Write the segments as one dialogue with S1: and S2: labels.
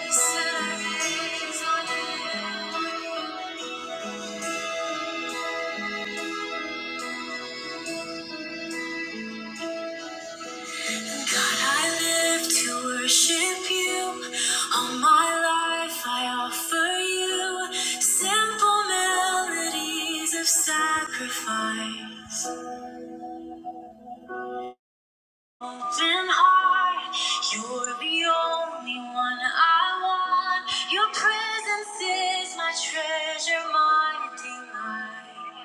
S1: God, I live to worship you. All my life I offer you simple melodies of sacrifice. Mountain high, you're the only one I want. Your presence is my treasure, my delight.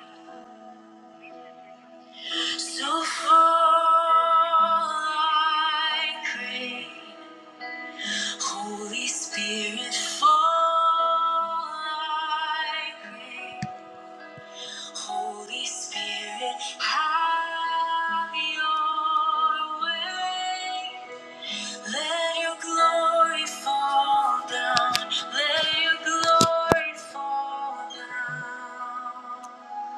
S1: So fall, I pray. Holy Spirit, fall, I pray. Holy Spirit, have your way. Let your glory fall down. Let your glory fall down.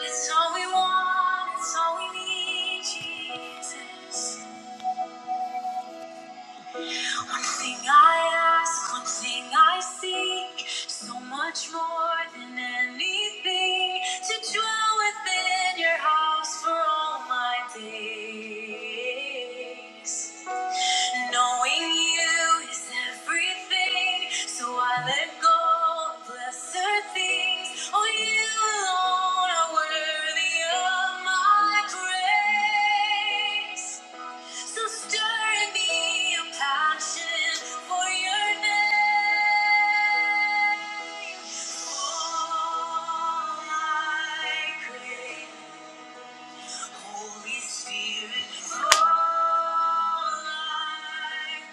S1: It's all we want, it's all we need, Jesus. One thing I ask, one thing I seek, so much more than anything, to dwell within your house for all my days. Knowing you is everything, so I let go of lesser things. Oh, you alone are worthy of my praise. So stir in me a passion for your name. All I crave, Holy Spirit, all I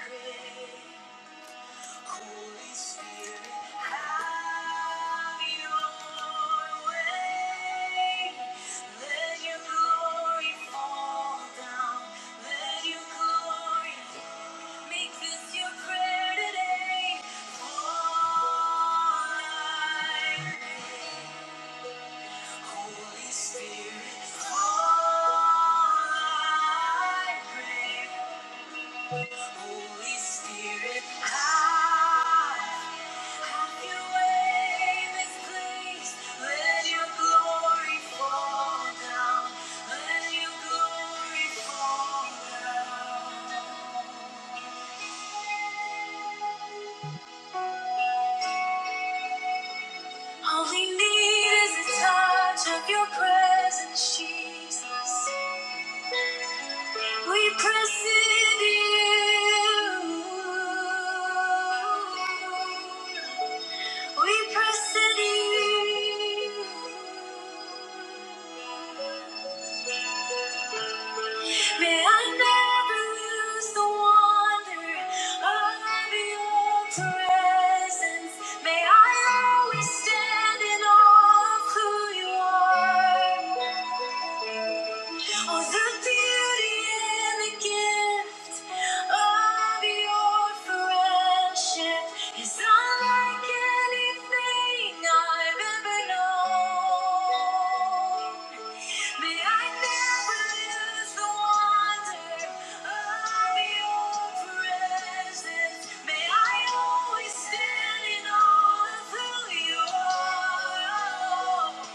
S1: crave. Holy Spirit, have your way. Let your glory fall down. Let your glory make this your prayer today. Fall like rain. Holy Spirit, fall like rain. Holy Spirit, come. Have your way in this Let your glory fall down. Let your glory fall down. All we need is a touch of your presence, Jesus. We press into you. We press it You. May I never lose the wonder of your presence. May I always stand in awe of who you are. Oh, the beauty and the gift of your friendship is unlike anything I've ever known. May I never lose the wonder of your presence. May I always stand in awe of who you are.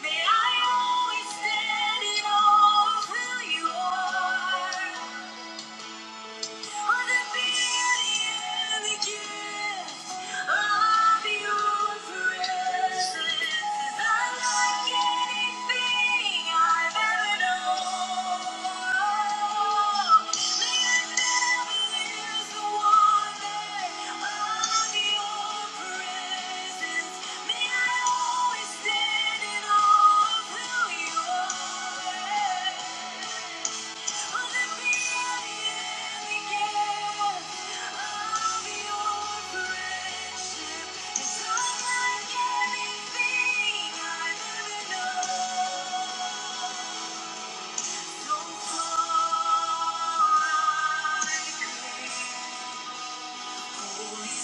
S1: May I always stand in awe of who you are. May I always stand in awe of who you are. Holy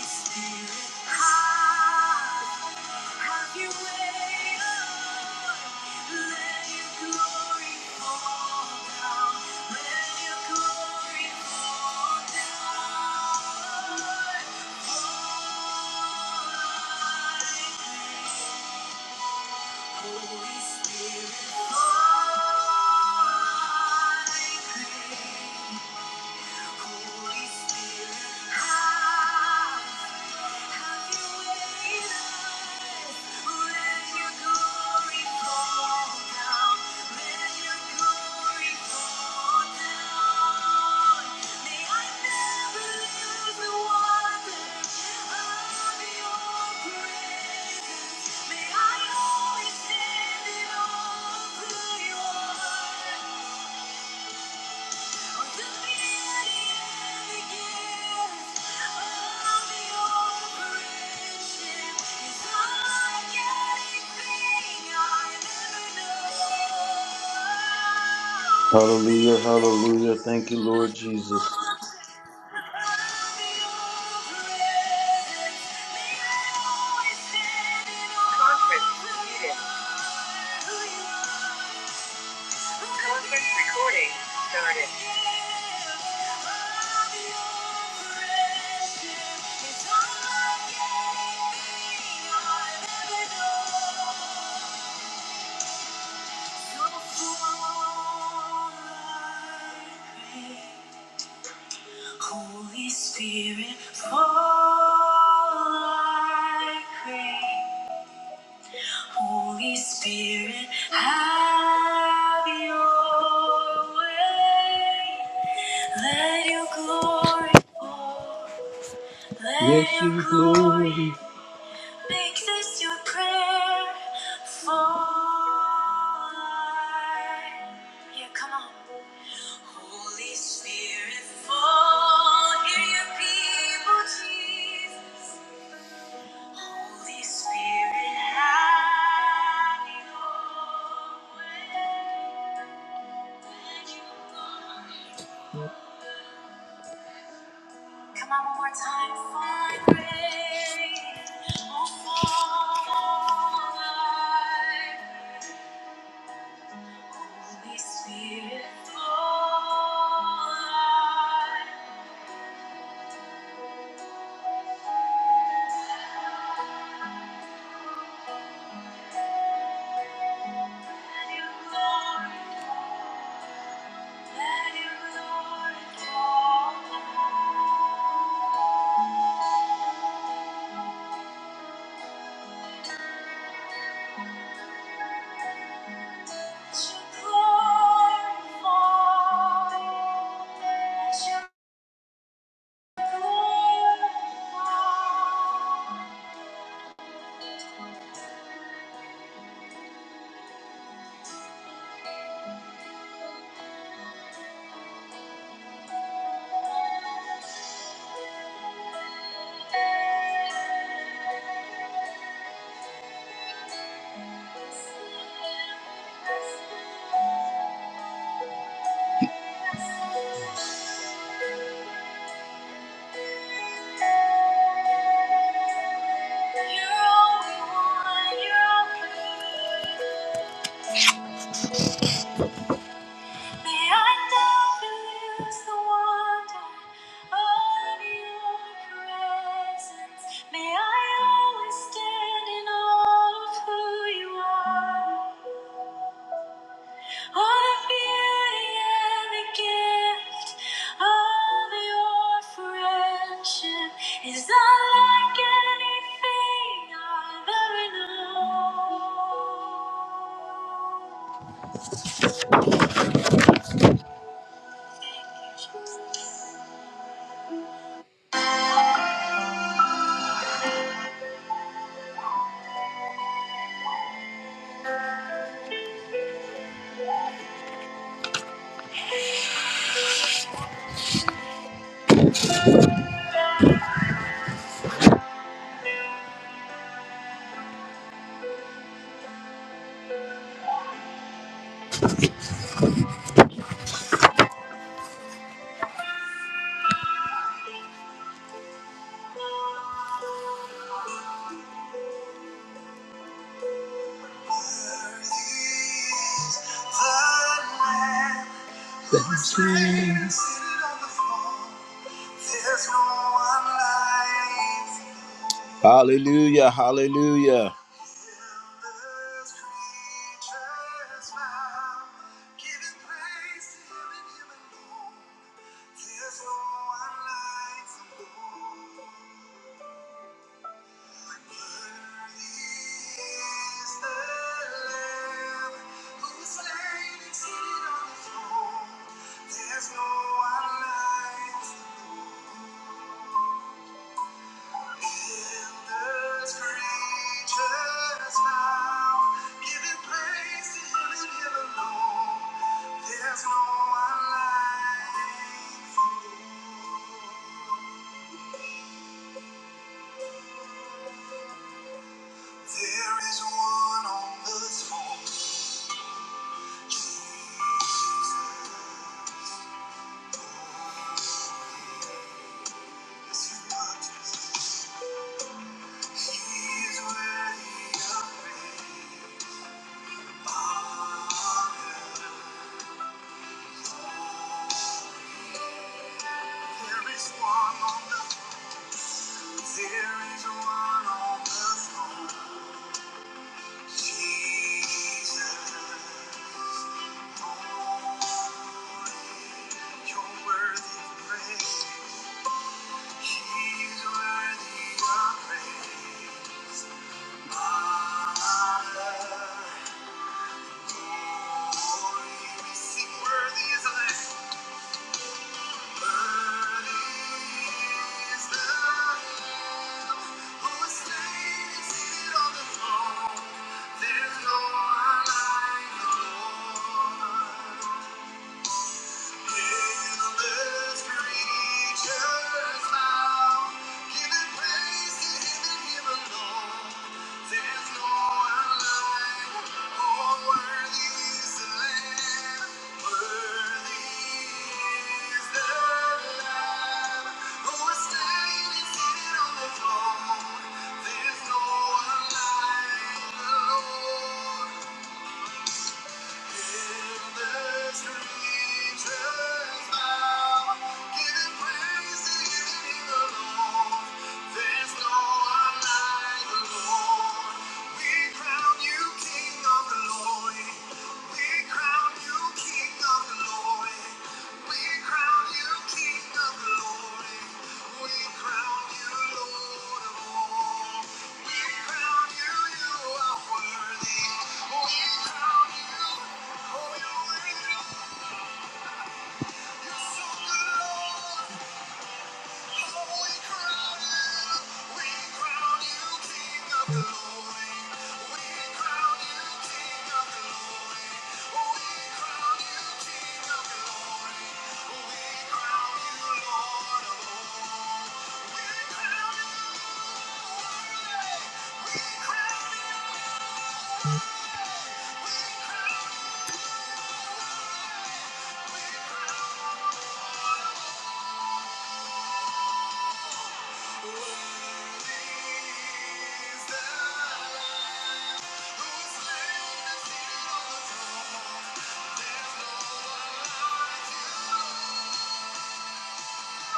S1: Spirit, have your way. Holy Spirit, I May I always stand in awe of who you are. Conference,
S2: Hallelujah, hallelujah. Thank you, Lord Jesus.
S1: muted. Conference recording started. Holy Spirit, fall I pray. Holy Spirit, have your way. Let your glory pour. Let Yes, your glory glory. make this your prayer for life. Yeah, come on. Holy Spirit, fall. Hear your people, Jesus. Holy Spirit, have your way. Come on, one more time. Find grace. Oh, fall I pray. Holy Spirit, fall. I pray. Let your glory fall. Let your glory fall. Thank you. You're all we want, you're all we need. Behind every is the wonder of your presence. May I always stand in awe of who you are. All the beauty and the gift of your friendship is unlike anything I've ever known. The Lamb was slain, seated on the throne. There's no one like Hallelujah, hallelujah. There is one on the throne, Jesus. There is one on the there is one on the throne. Jesus, holy, you're worthy of praise. He's worthy of praise. Honor, glory, we sing worthy is the Lamb. There's no one like the Lord. There's no one like the Lord. We crown you King of glory. We crown you. Thank you. One There's no one like you. There's no one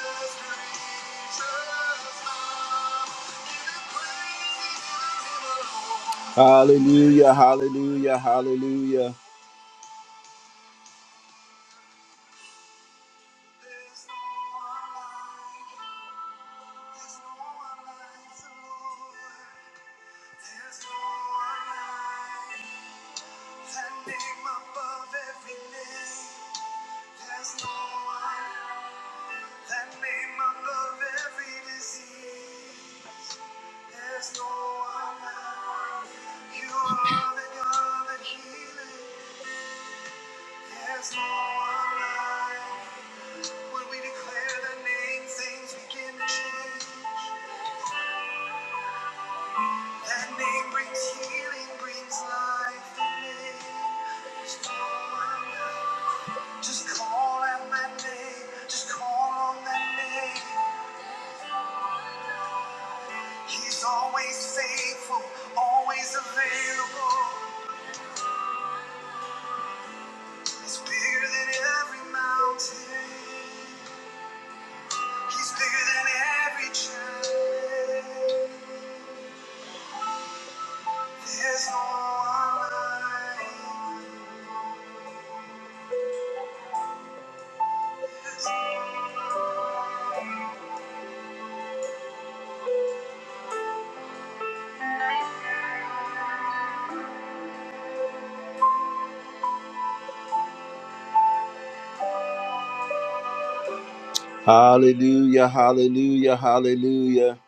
S1: like you, Lord. Hallelujah, hallelujah, hallelujah. There's no one like when we declare the name, things begin to change. That name brings healing, brings life to me. There's no one like. Just call out that name, just call on that name. He's always faithful, always available. He's bigger than every mountain. He's bigger than every challenge. Hallelujah, hallelujah, hallelujah.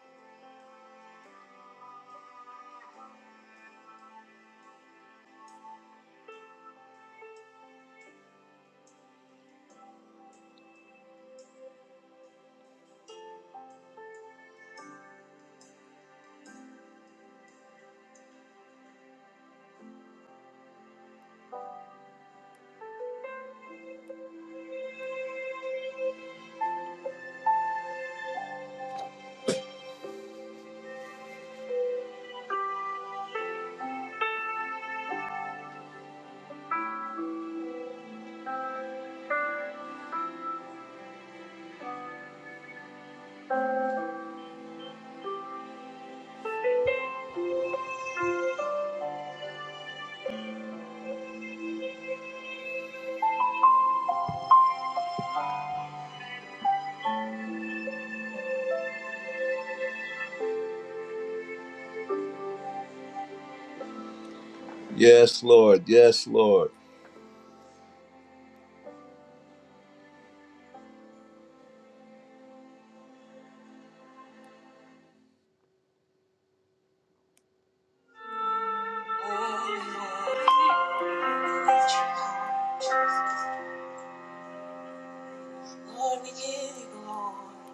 S1: Yes, Lord, yes, Lord. Lord, we give you glory.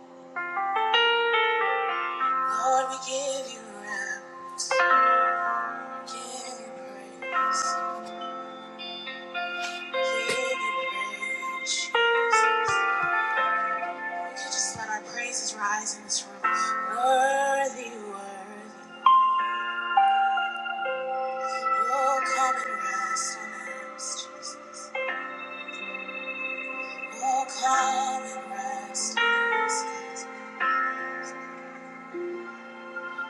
S1: Lord, we give you reverence. Give you praise. Give you praise. We could just let our praises rise in this room. Worthy, worthy. Oh, come and rest on us, Jesus. Oh, come and rest on us, Jesus.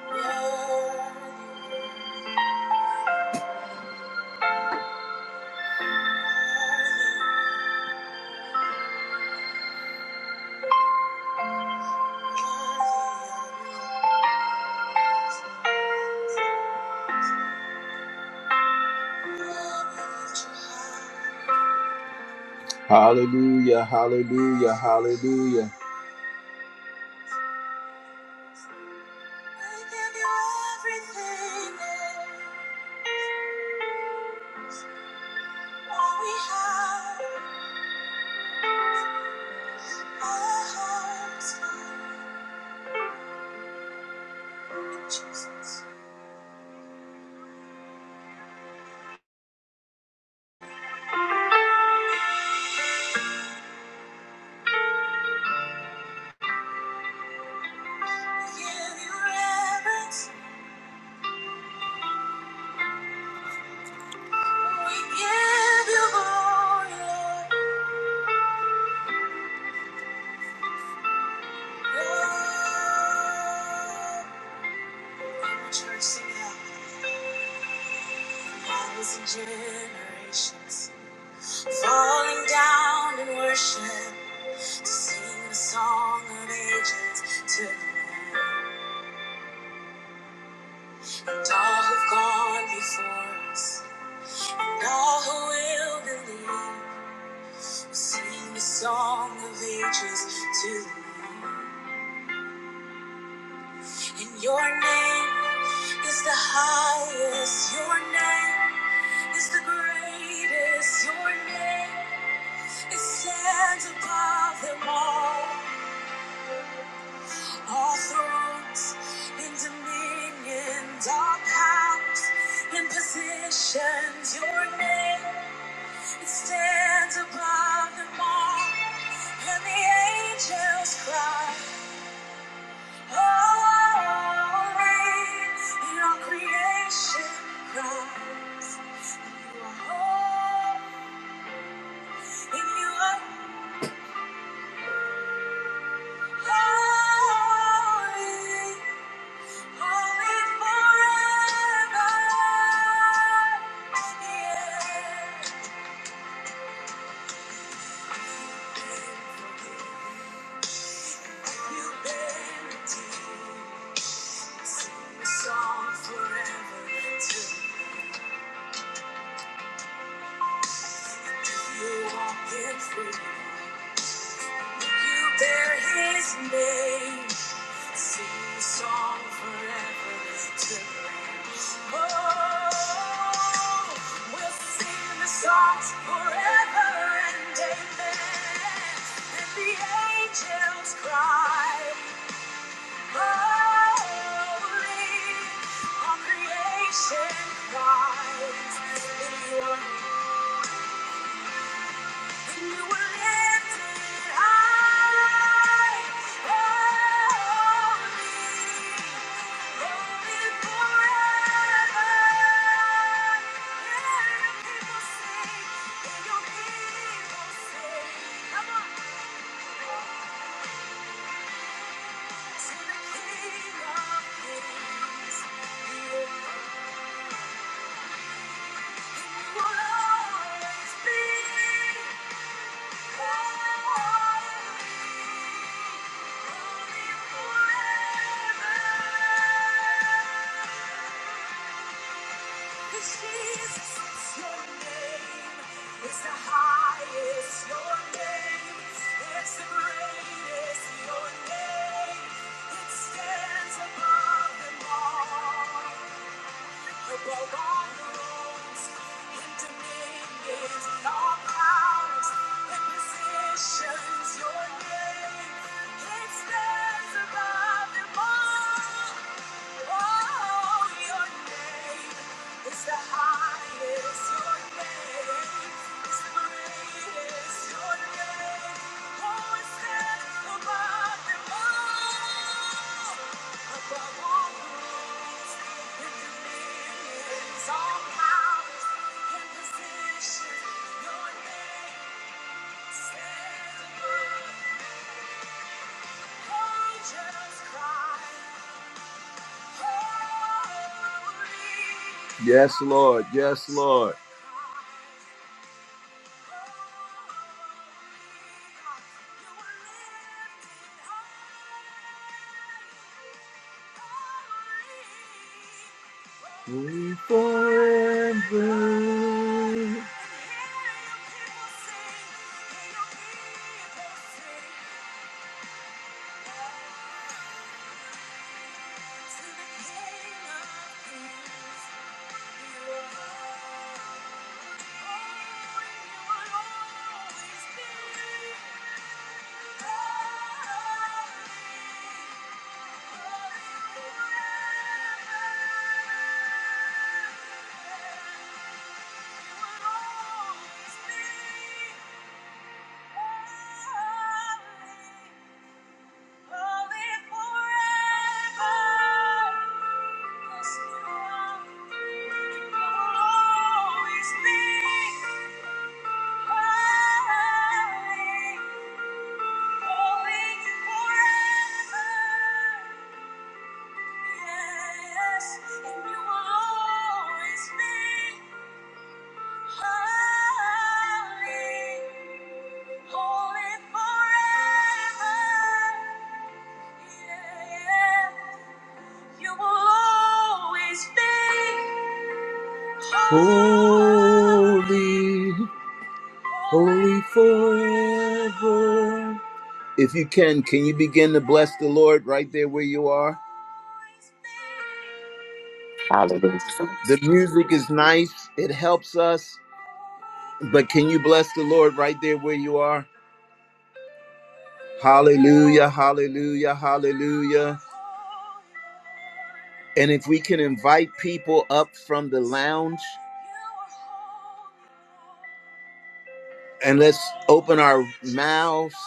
S1: Worthy, worthy, worthy, worthy are you, Lord. We lift you high. Hallelujah, hallelujah, hallelujah. We give you everything, Lord. all we have, all our hearts, Lord. Jesus. We give you reverence. We give you glory, Lord. Church, sing it out. Thousand generations falling down in worship to sing the song of ages to the Lamb. And all who've gone before us, and all who will believe, will sing the song of ages to the Lamb. And your name is the highest. Your name is the greatest. Your name, it stands above them all. All thrones and dominions, all powers and positions. Your name, it stands above them all. And the angels cry. Song forever until you walk in freedom. You bear his name. Sing the song forever to the Lamb. Oh, we'll sing the song forever and amen. And the angels cry, Holy. All creation cries in your name. Will always be. your name it Stands above them all above all rules and dominions and all powers and positions. Your name it stands above them all. Oh, your name is the highest. Your name is the greatest. Your name, oh, it stands above them all. Above all rules and dominions, all powers and positions. Your name stands above. Oh, just cry. Yes, Lord. Yes, Lord. We forever. always Forever. Holy, holy forever. If you can, can you begin to bless the Lord right there where you are?
S3: Hallelujah.
S1: The music is nice, it helps us, but can you bless the Lord right there where you are? Hallelujah, hallelujah, hallelujah. And if we can invite people up from the lounge and let's open our mouths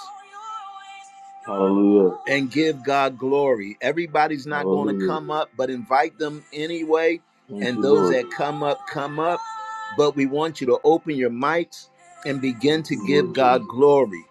S2: Hallelujah,
S1: and give God glory. Everybody's not going to
S2: hallelujah.
S1: come up, but invite them anyway.
S2: Thank
S1: And
S2: you,
S1: those
S2: Lord.
S1: that come up, come up. But we want you to open your mics and begin
S2: Thank
S1: to
S2: you,
S1: give
S2: Lord
S1: God
S2: Jesus.
S1: glory.